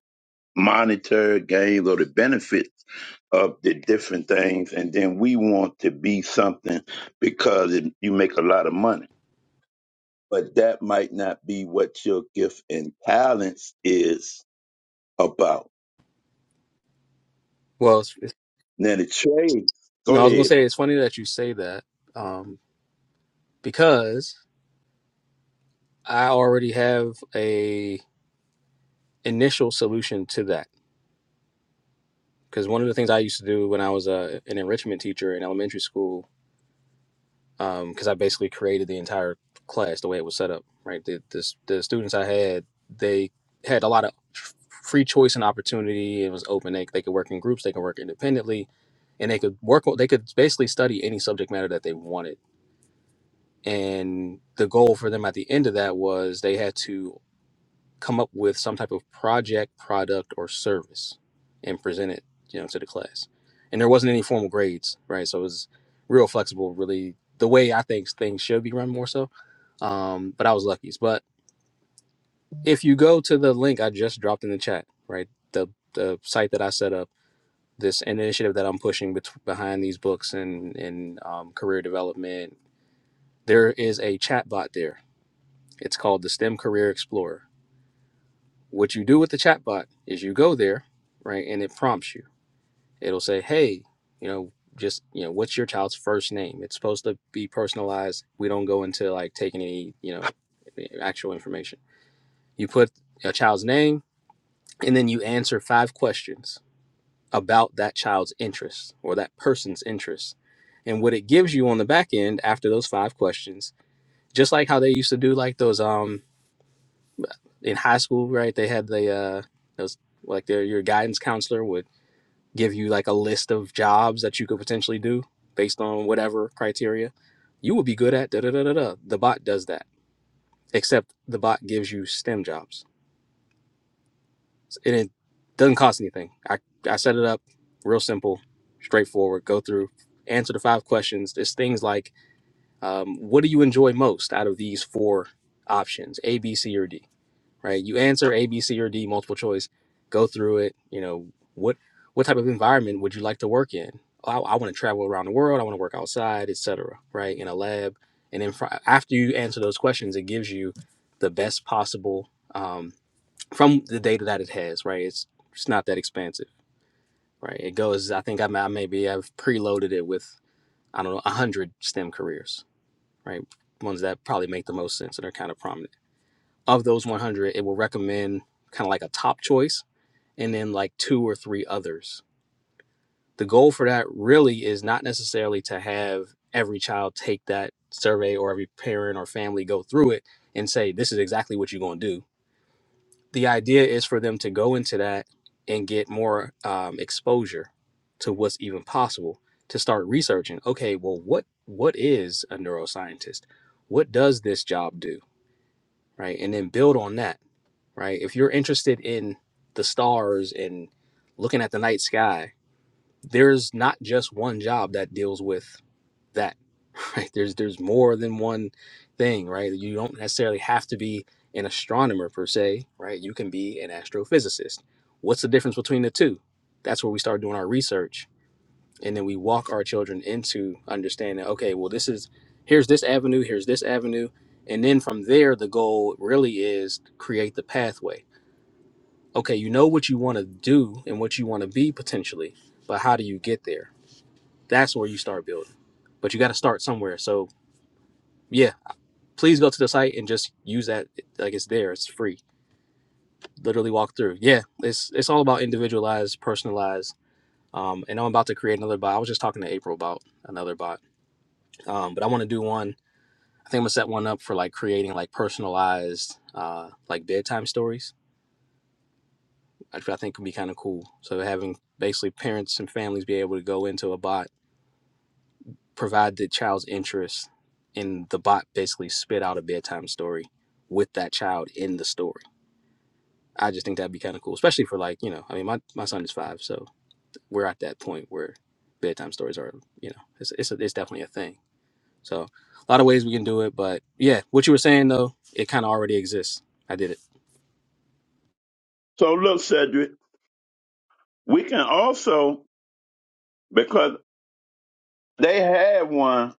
[SPEAKER 1] monetary gains or the benefits of the different things, and then we want to be something because it, you make a lot of money. But that might not be what your gift and talents is about.
[SPEAKER 8] Well, it's, it's,
[SPEAKER 1] Now the trade. Go
[SPEAKER 8] no, I was gonna
[SPEAKER 1] ahead.
[SPEAKER 8] say it's funny that you say that um, because I already have a initial solution to that. Because one of the things I used to do when I was a, an enrichment teacher in elementary school, because I basically created the entire class the way it was set up. Right, the, the s- the students I had they had a lot of free choice and opportunity. It was open. They, they could work in groups. They could work independently, and they could work. They could basically study any subject matter that they wanted And the goal for them at the end of that was they had to come up with some type of project, product, or service and present it, you know, to the class. And there wasn't any formal grades, right? So it was real flexible, really the way I think things should be run more so. Um, but I was lucky. But if you go to the link I just dropped in the chat, right? The the site that I set up, this initiative that I'm pushing bet- behind these books and and um, career development, there is a chat bot there It's called the STEM Career Explorer. What you do with the chatbot is you go there, right, and it prompts you. It'll say, hey, you know, just, you know, what's your child's first name? It's supposed to be personalized. We don't go into like taking any, you know, actual information. You put a child's name and then you answer five questions about that child's interests or that person's interests. And what it gives you on the back end after those five questions, just like how they used to do like those um in high school, right? They had the uh, those like their your guidance counselor would give you like a list of jobs that you could potentially do based on whatever criteria you would be good at. Da da da da da. The bot does that, except the bot gives you STEM jobs, and it doesn't cost anything. I I set it up real simple, straightforward. Go through, answer the five questions. There's things like, um, what do you enjoy most out of these four options, A, B, C, or D? right? You answer A, B, C, or D multiple choice, go through it. You know, what what type of environment would you like to work in? I, I want to travel around the world. I want to work outside, etc. Right in a lab, and then fr- after you answer those questions, it gives you the best possible um, from the data that it has. Right, it's it's not that expansive. Right, it goes. I think I, may- I maybe I've preloaded it with I don't know one hundred STEM careers. Right, ones that probably make the most sense and are kind of prominent. Of those 100, it will recommend kind of like a top choice and then like two or three others. The goal for that really is not necessarily to have every child take that survey or every parent or family go through it and say, this is exactly what you're going to do. The idea is for them to go into that and get more um, exposure to what's even possible to start researching okay well what what is a neuroscientist what does this job do right and then build on that right? If you're interested in the stars and looking at the night sky, there's not just one job that deals with that, [LAUGHS] right? There's there's more than one thing, right? You don't necessarily have to be an astronomer per se, right? You can be an astrophysicist. What's the difference between the two? That's where we start doing our research and then we walk our children into understanding, okay, well this is here's this avenue, here's this avenue, and then from there the goal really is to create the pathway okay, you know what you want to do and what you want to be potentially, but how do you get there? That's where you start building. But you got to start somewhere. So, yeah, please go to the site and just use that like it's there. It's free. Literally walk through. Yeah, it's it's all about individualized, personalized. Um, and I'm about to create another bot. I was just talking to April about another bot. Um, but I want to do one. I think I'm gonna set one up for like creating like personalized uh like bedtime stories. Which I think would be kind of cool. So having basically parents and families be able to go into a bot provide the child's interest and the bot basically spit out a bedtime story with that child in the story i just think that'd be kind of cool especially for like you know i mean my, my son is five so we're at that point where bedtime stories are you know it's, it's, a, it's definitely a thing so a lot of ways we can do it but yeah what you were saying though it kind of already exists i did it
[SPEAKER 1] So look, Cedric, we can also because they had one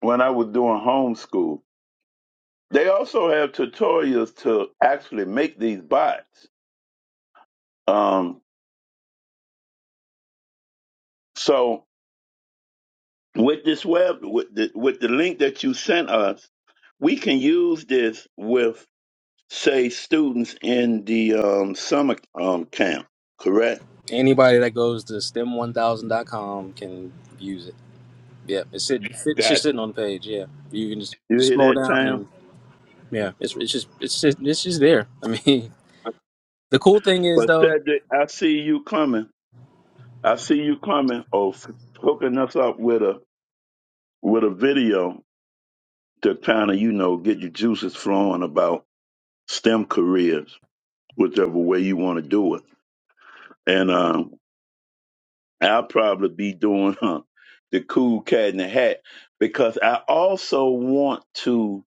[SPEAKER 1] when I was doing homeschool. They also have tutorials to actually make these bots. Um, so with this web, with the, with the link that you sent us, we can use this with say students in the um, summer um, camp. Correct?
[SPEAKER 8] anybody that goes to stem1000.com can use it yeah it's, sitting, it's
[SPEAKER 1] Got
[SPEAKER 8] just sitting on the page yeah you can just,
[SPEAKER 1] you
[SPEAKER 8] just
[SPEAKER 1] hear
[SPEAKER 8] scroll
[SPEAKER 1] that,
[SPEAKER 8] down and.
[SPEAKER 1] Tam?
[SPEAKER 8] Yeah, it's it's just it's just it's just there. I mean, [LAUGHS] the cool thing is
[SPEAKER 1] But
[SPEAKER 8] though,
[SPEAKER 1] Cedric, I see you coming. I see you coming. Of hooking us up with a with a video to kind of, you know, get your juices flowing about STEM careers, whichever way you want to do it. And um, I'll probably be doing uh, the cool cat in the hat because I also want to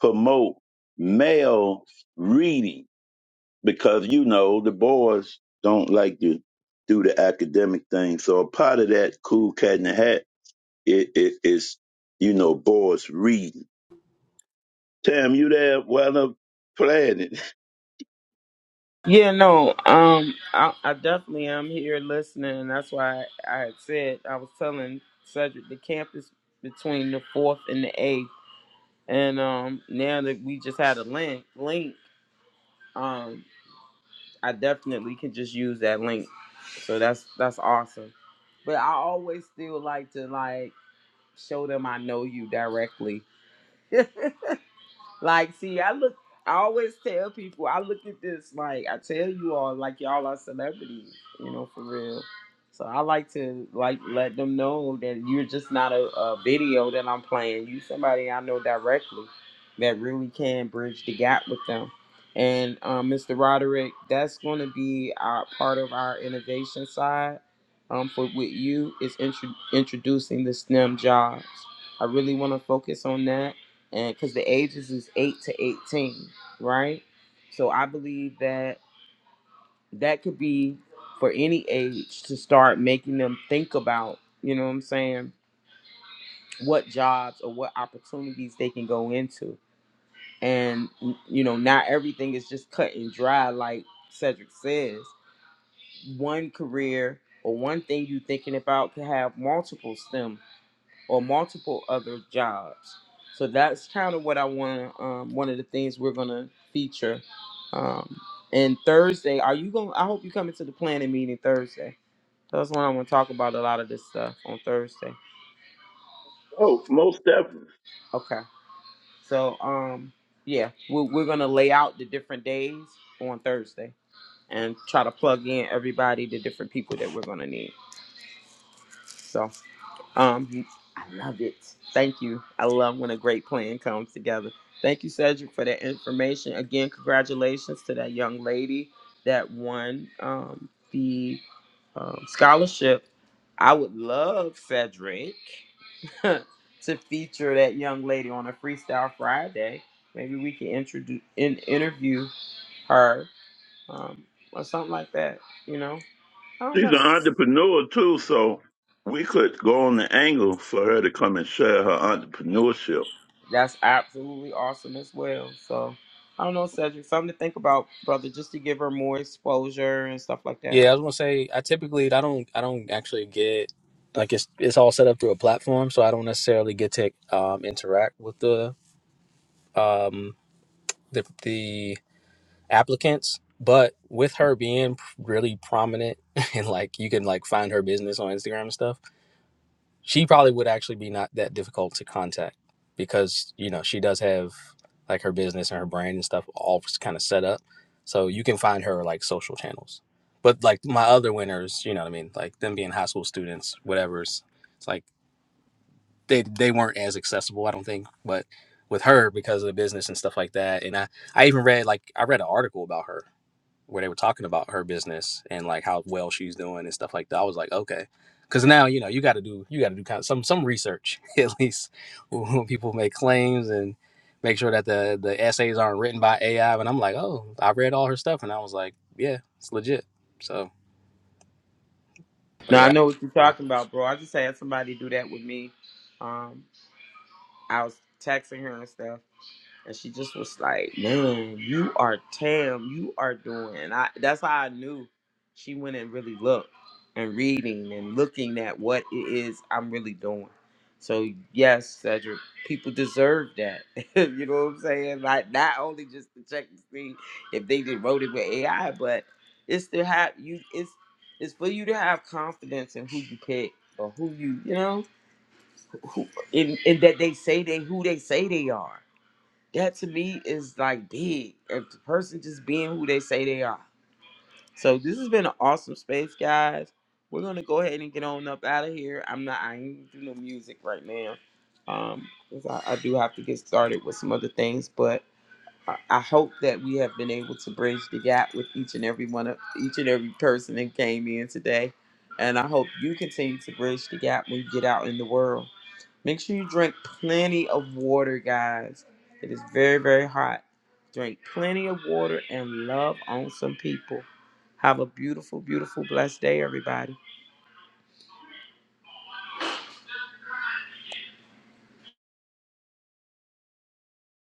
[SPEAKER 1] promote male reading because, you know, the boys don't like to do the academic thing. So a part of that cool cat in the hat it, it is, you know, boys reading. Tam, you there? Well, I'm playing it. [LAUGHS]
[SPEAKER 3] Yeah, no, um, I, I definitely am here listening, and that's why I, I had said I was telling Cedric the camp is between the fourth and the eighth, and um, now that we just had a link, link, um, I definitely can just use that link, so that's that's awesome. But I always still like to like show them I know you directly. [LAUGHS] Like, see, I look, I always tell people, I look at this like I tell you all, like y'all are celebrities, you know, for real. So I like to like let them know that you're just not a, a video that I'm playing. You somebody I know directly that really can bridge the gap with them. And um, Mr. Roderick, that's going to be our part of our innovation side. Um, for with you is intro- introducing the STEM jobs. I really want to focus on that and because the ages is 8 to 18 right so i believe that that could be for any age to start making them think about you know what i'm saying what jobs or what opportunities they can go into and you know not everything is just cut and dry like cedric says one career or one thing you're thinking about could have multiple STEM. or multiple other jobs. So that's kind of what I want to, um, one of the things we're going to feature. Um, and Thursday, are you going to, I hope you come into the planning meeting Thursday. That's when I want to talk about a lot of this stuff on Thursday.
[SPEAKER 1] Oh, most definitely.
[SPEAKER 3] Okay. So, um, yeah, we're, we're going to lay out the different days on Thursday and try to plug in everybody, the different people that we're going to need. So. Um, I love it. Thank you. I love when a great plan comes together. Thank you, Cedric, for that information. Again, congratulations to that young lady that won um, the um, scholarship. I would love Cedric [LAUGHS] to feature that young lady on a Freestyle Friday. Maybe we can introduce, in, interview her um, or something like that. You know, I don't
[SPEAKER 1] She's an
[SPEAKER 3] know.
[SPEAKER 1] entrepreneur too, so we could go on the angle for her to come and share her entrepreneurship.
[SPEAKER 3] That's absolutely awesome as well. So I don't know, Cedric, something to think about, brother, just to give her more exposure and stuff like that.
[SPEAKER 8] yeah, I was gonna say I typically I don't I don't actually get like it's it's all set up through a platform, so I don't necessarily get to um, interact with the um the the applicants. But with her being really prominent [LAUGHS] and like you can like find her business on Instagram and stuff, she probably would actually be not that difficult to contact because you know she does have like her business and her brand and stuff all kind of set up. So you can find her like social channels. But like my other winners, you know what I mean? Like them being high school students, whatever's it's like they they weren't as accessible, I don't think. But with her because of the business and stuff like that. And I, I even read like I read an article about her where they were talking about her business and like how well she's doing and stuff like that. I was like, okay, because now you know you got to do you got to do kind of some some research [LAUGHS] at least when people make claims and make sure that the the essays aren't written by AI. And I'm like, oh, I read all her stuff and I was like, yeah, it's legit. So, but
[SPEAKER 3] Now I
[SPEAKER 8] yeah,
[SPEAKER 3] know what you're
[SPEAKER 8] so
[SPEAKER 3] talking about, bro. I just had somebody do that with me. Um, I was texting her and stuff. And she just was like, "Man, you are Tam. You are doing." And I that's how I knew she went and really looked and reading and looking at what it is I'm really doing. So yes, Cedric, people deserve that. [LAUGHS] you know what I'm saying? Like not only just to check to see if they did wrote it with AI, but it's to have you. It's it's for you to have confidence in who you pick or who you you know who in, in that they say they who they say they are that to me is like big. If the person just being who they say they are. So this has been an awesome space, guys. We're gonna go ahead and get on up out of here. I'm not. I ain't do no music right now. Um, 'cause I, I do have to get started with some other things, but I I hope that we have been able to bridge the gap with each and every one of each and every person that came in today. And I hope you continue to bridge the gap when you get out in the world. Make sure you drink plenty of water, guys. It is very, very hot. Drink plenty of water and love on some people. Have a beautiful, beautiful, blessed day, everybody.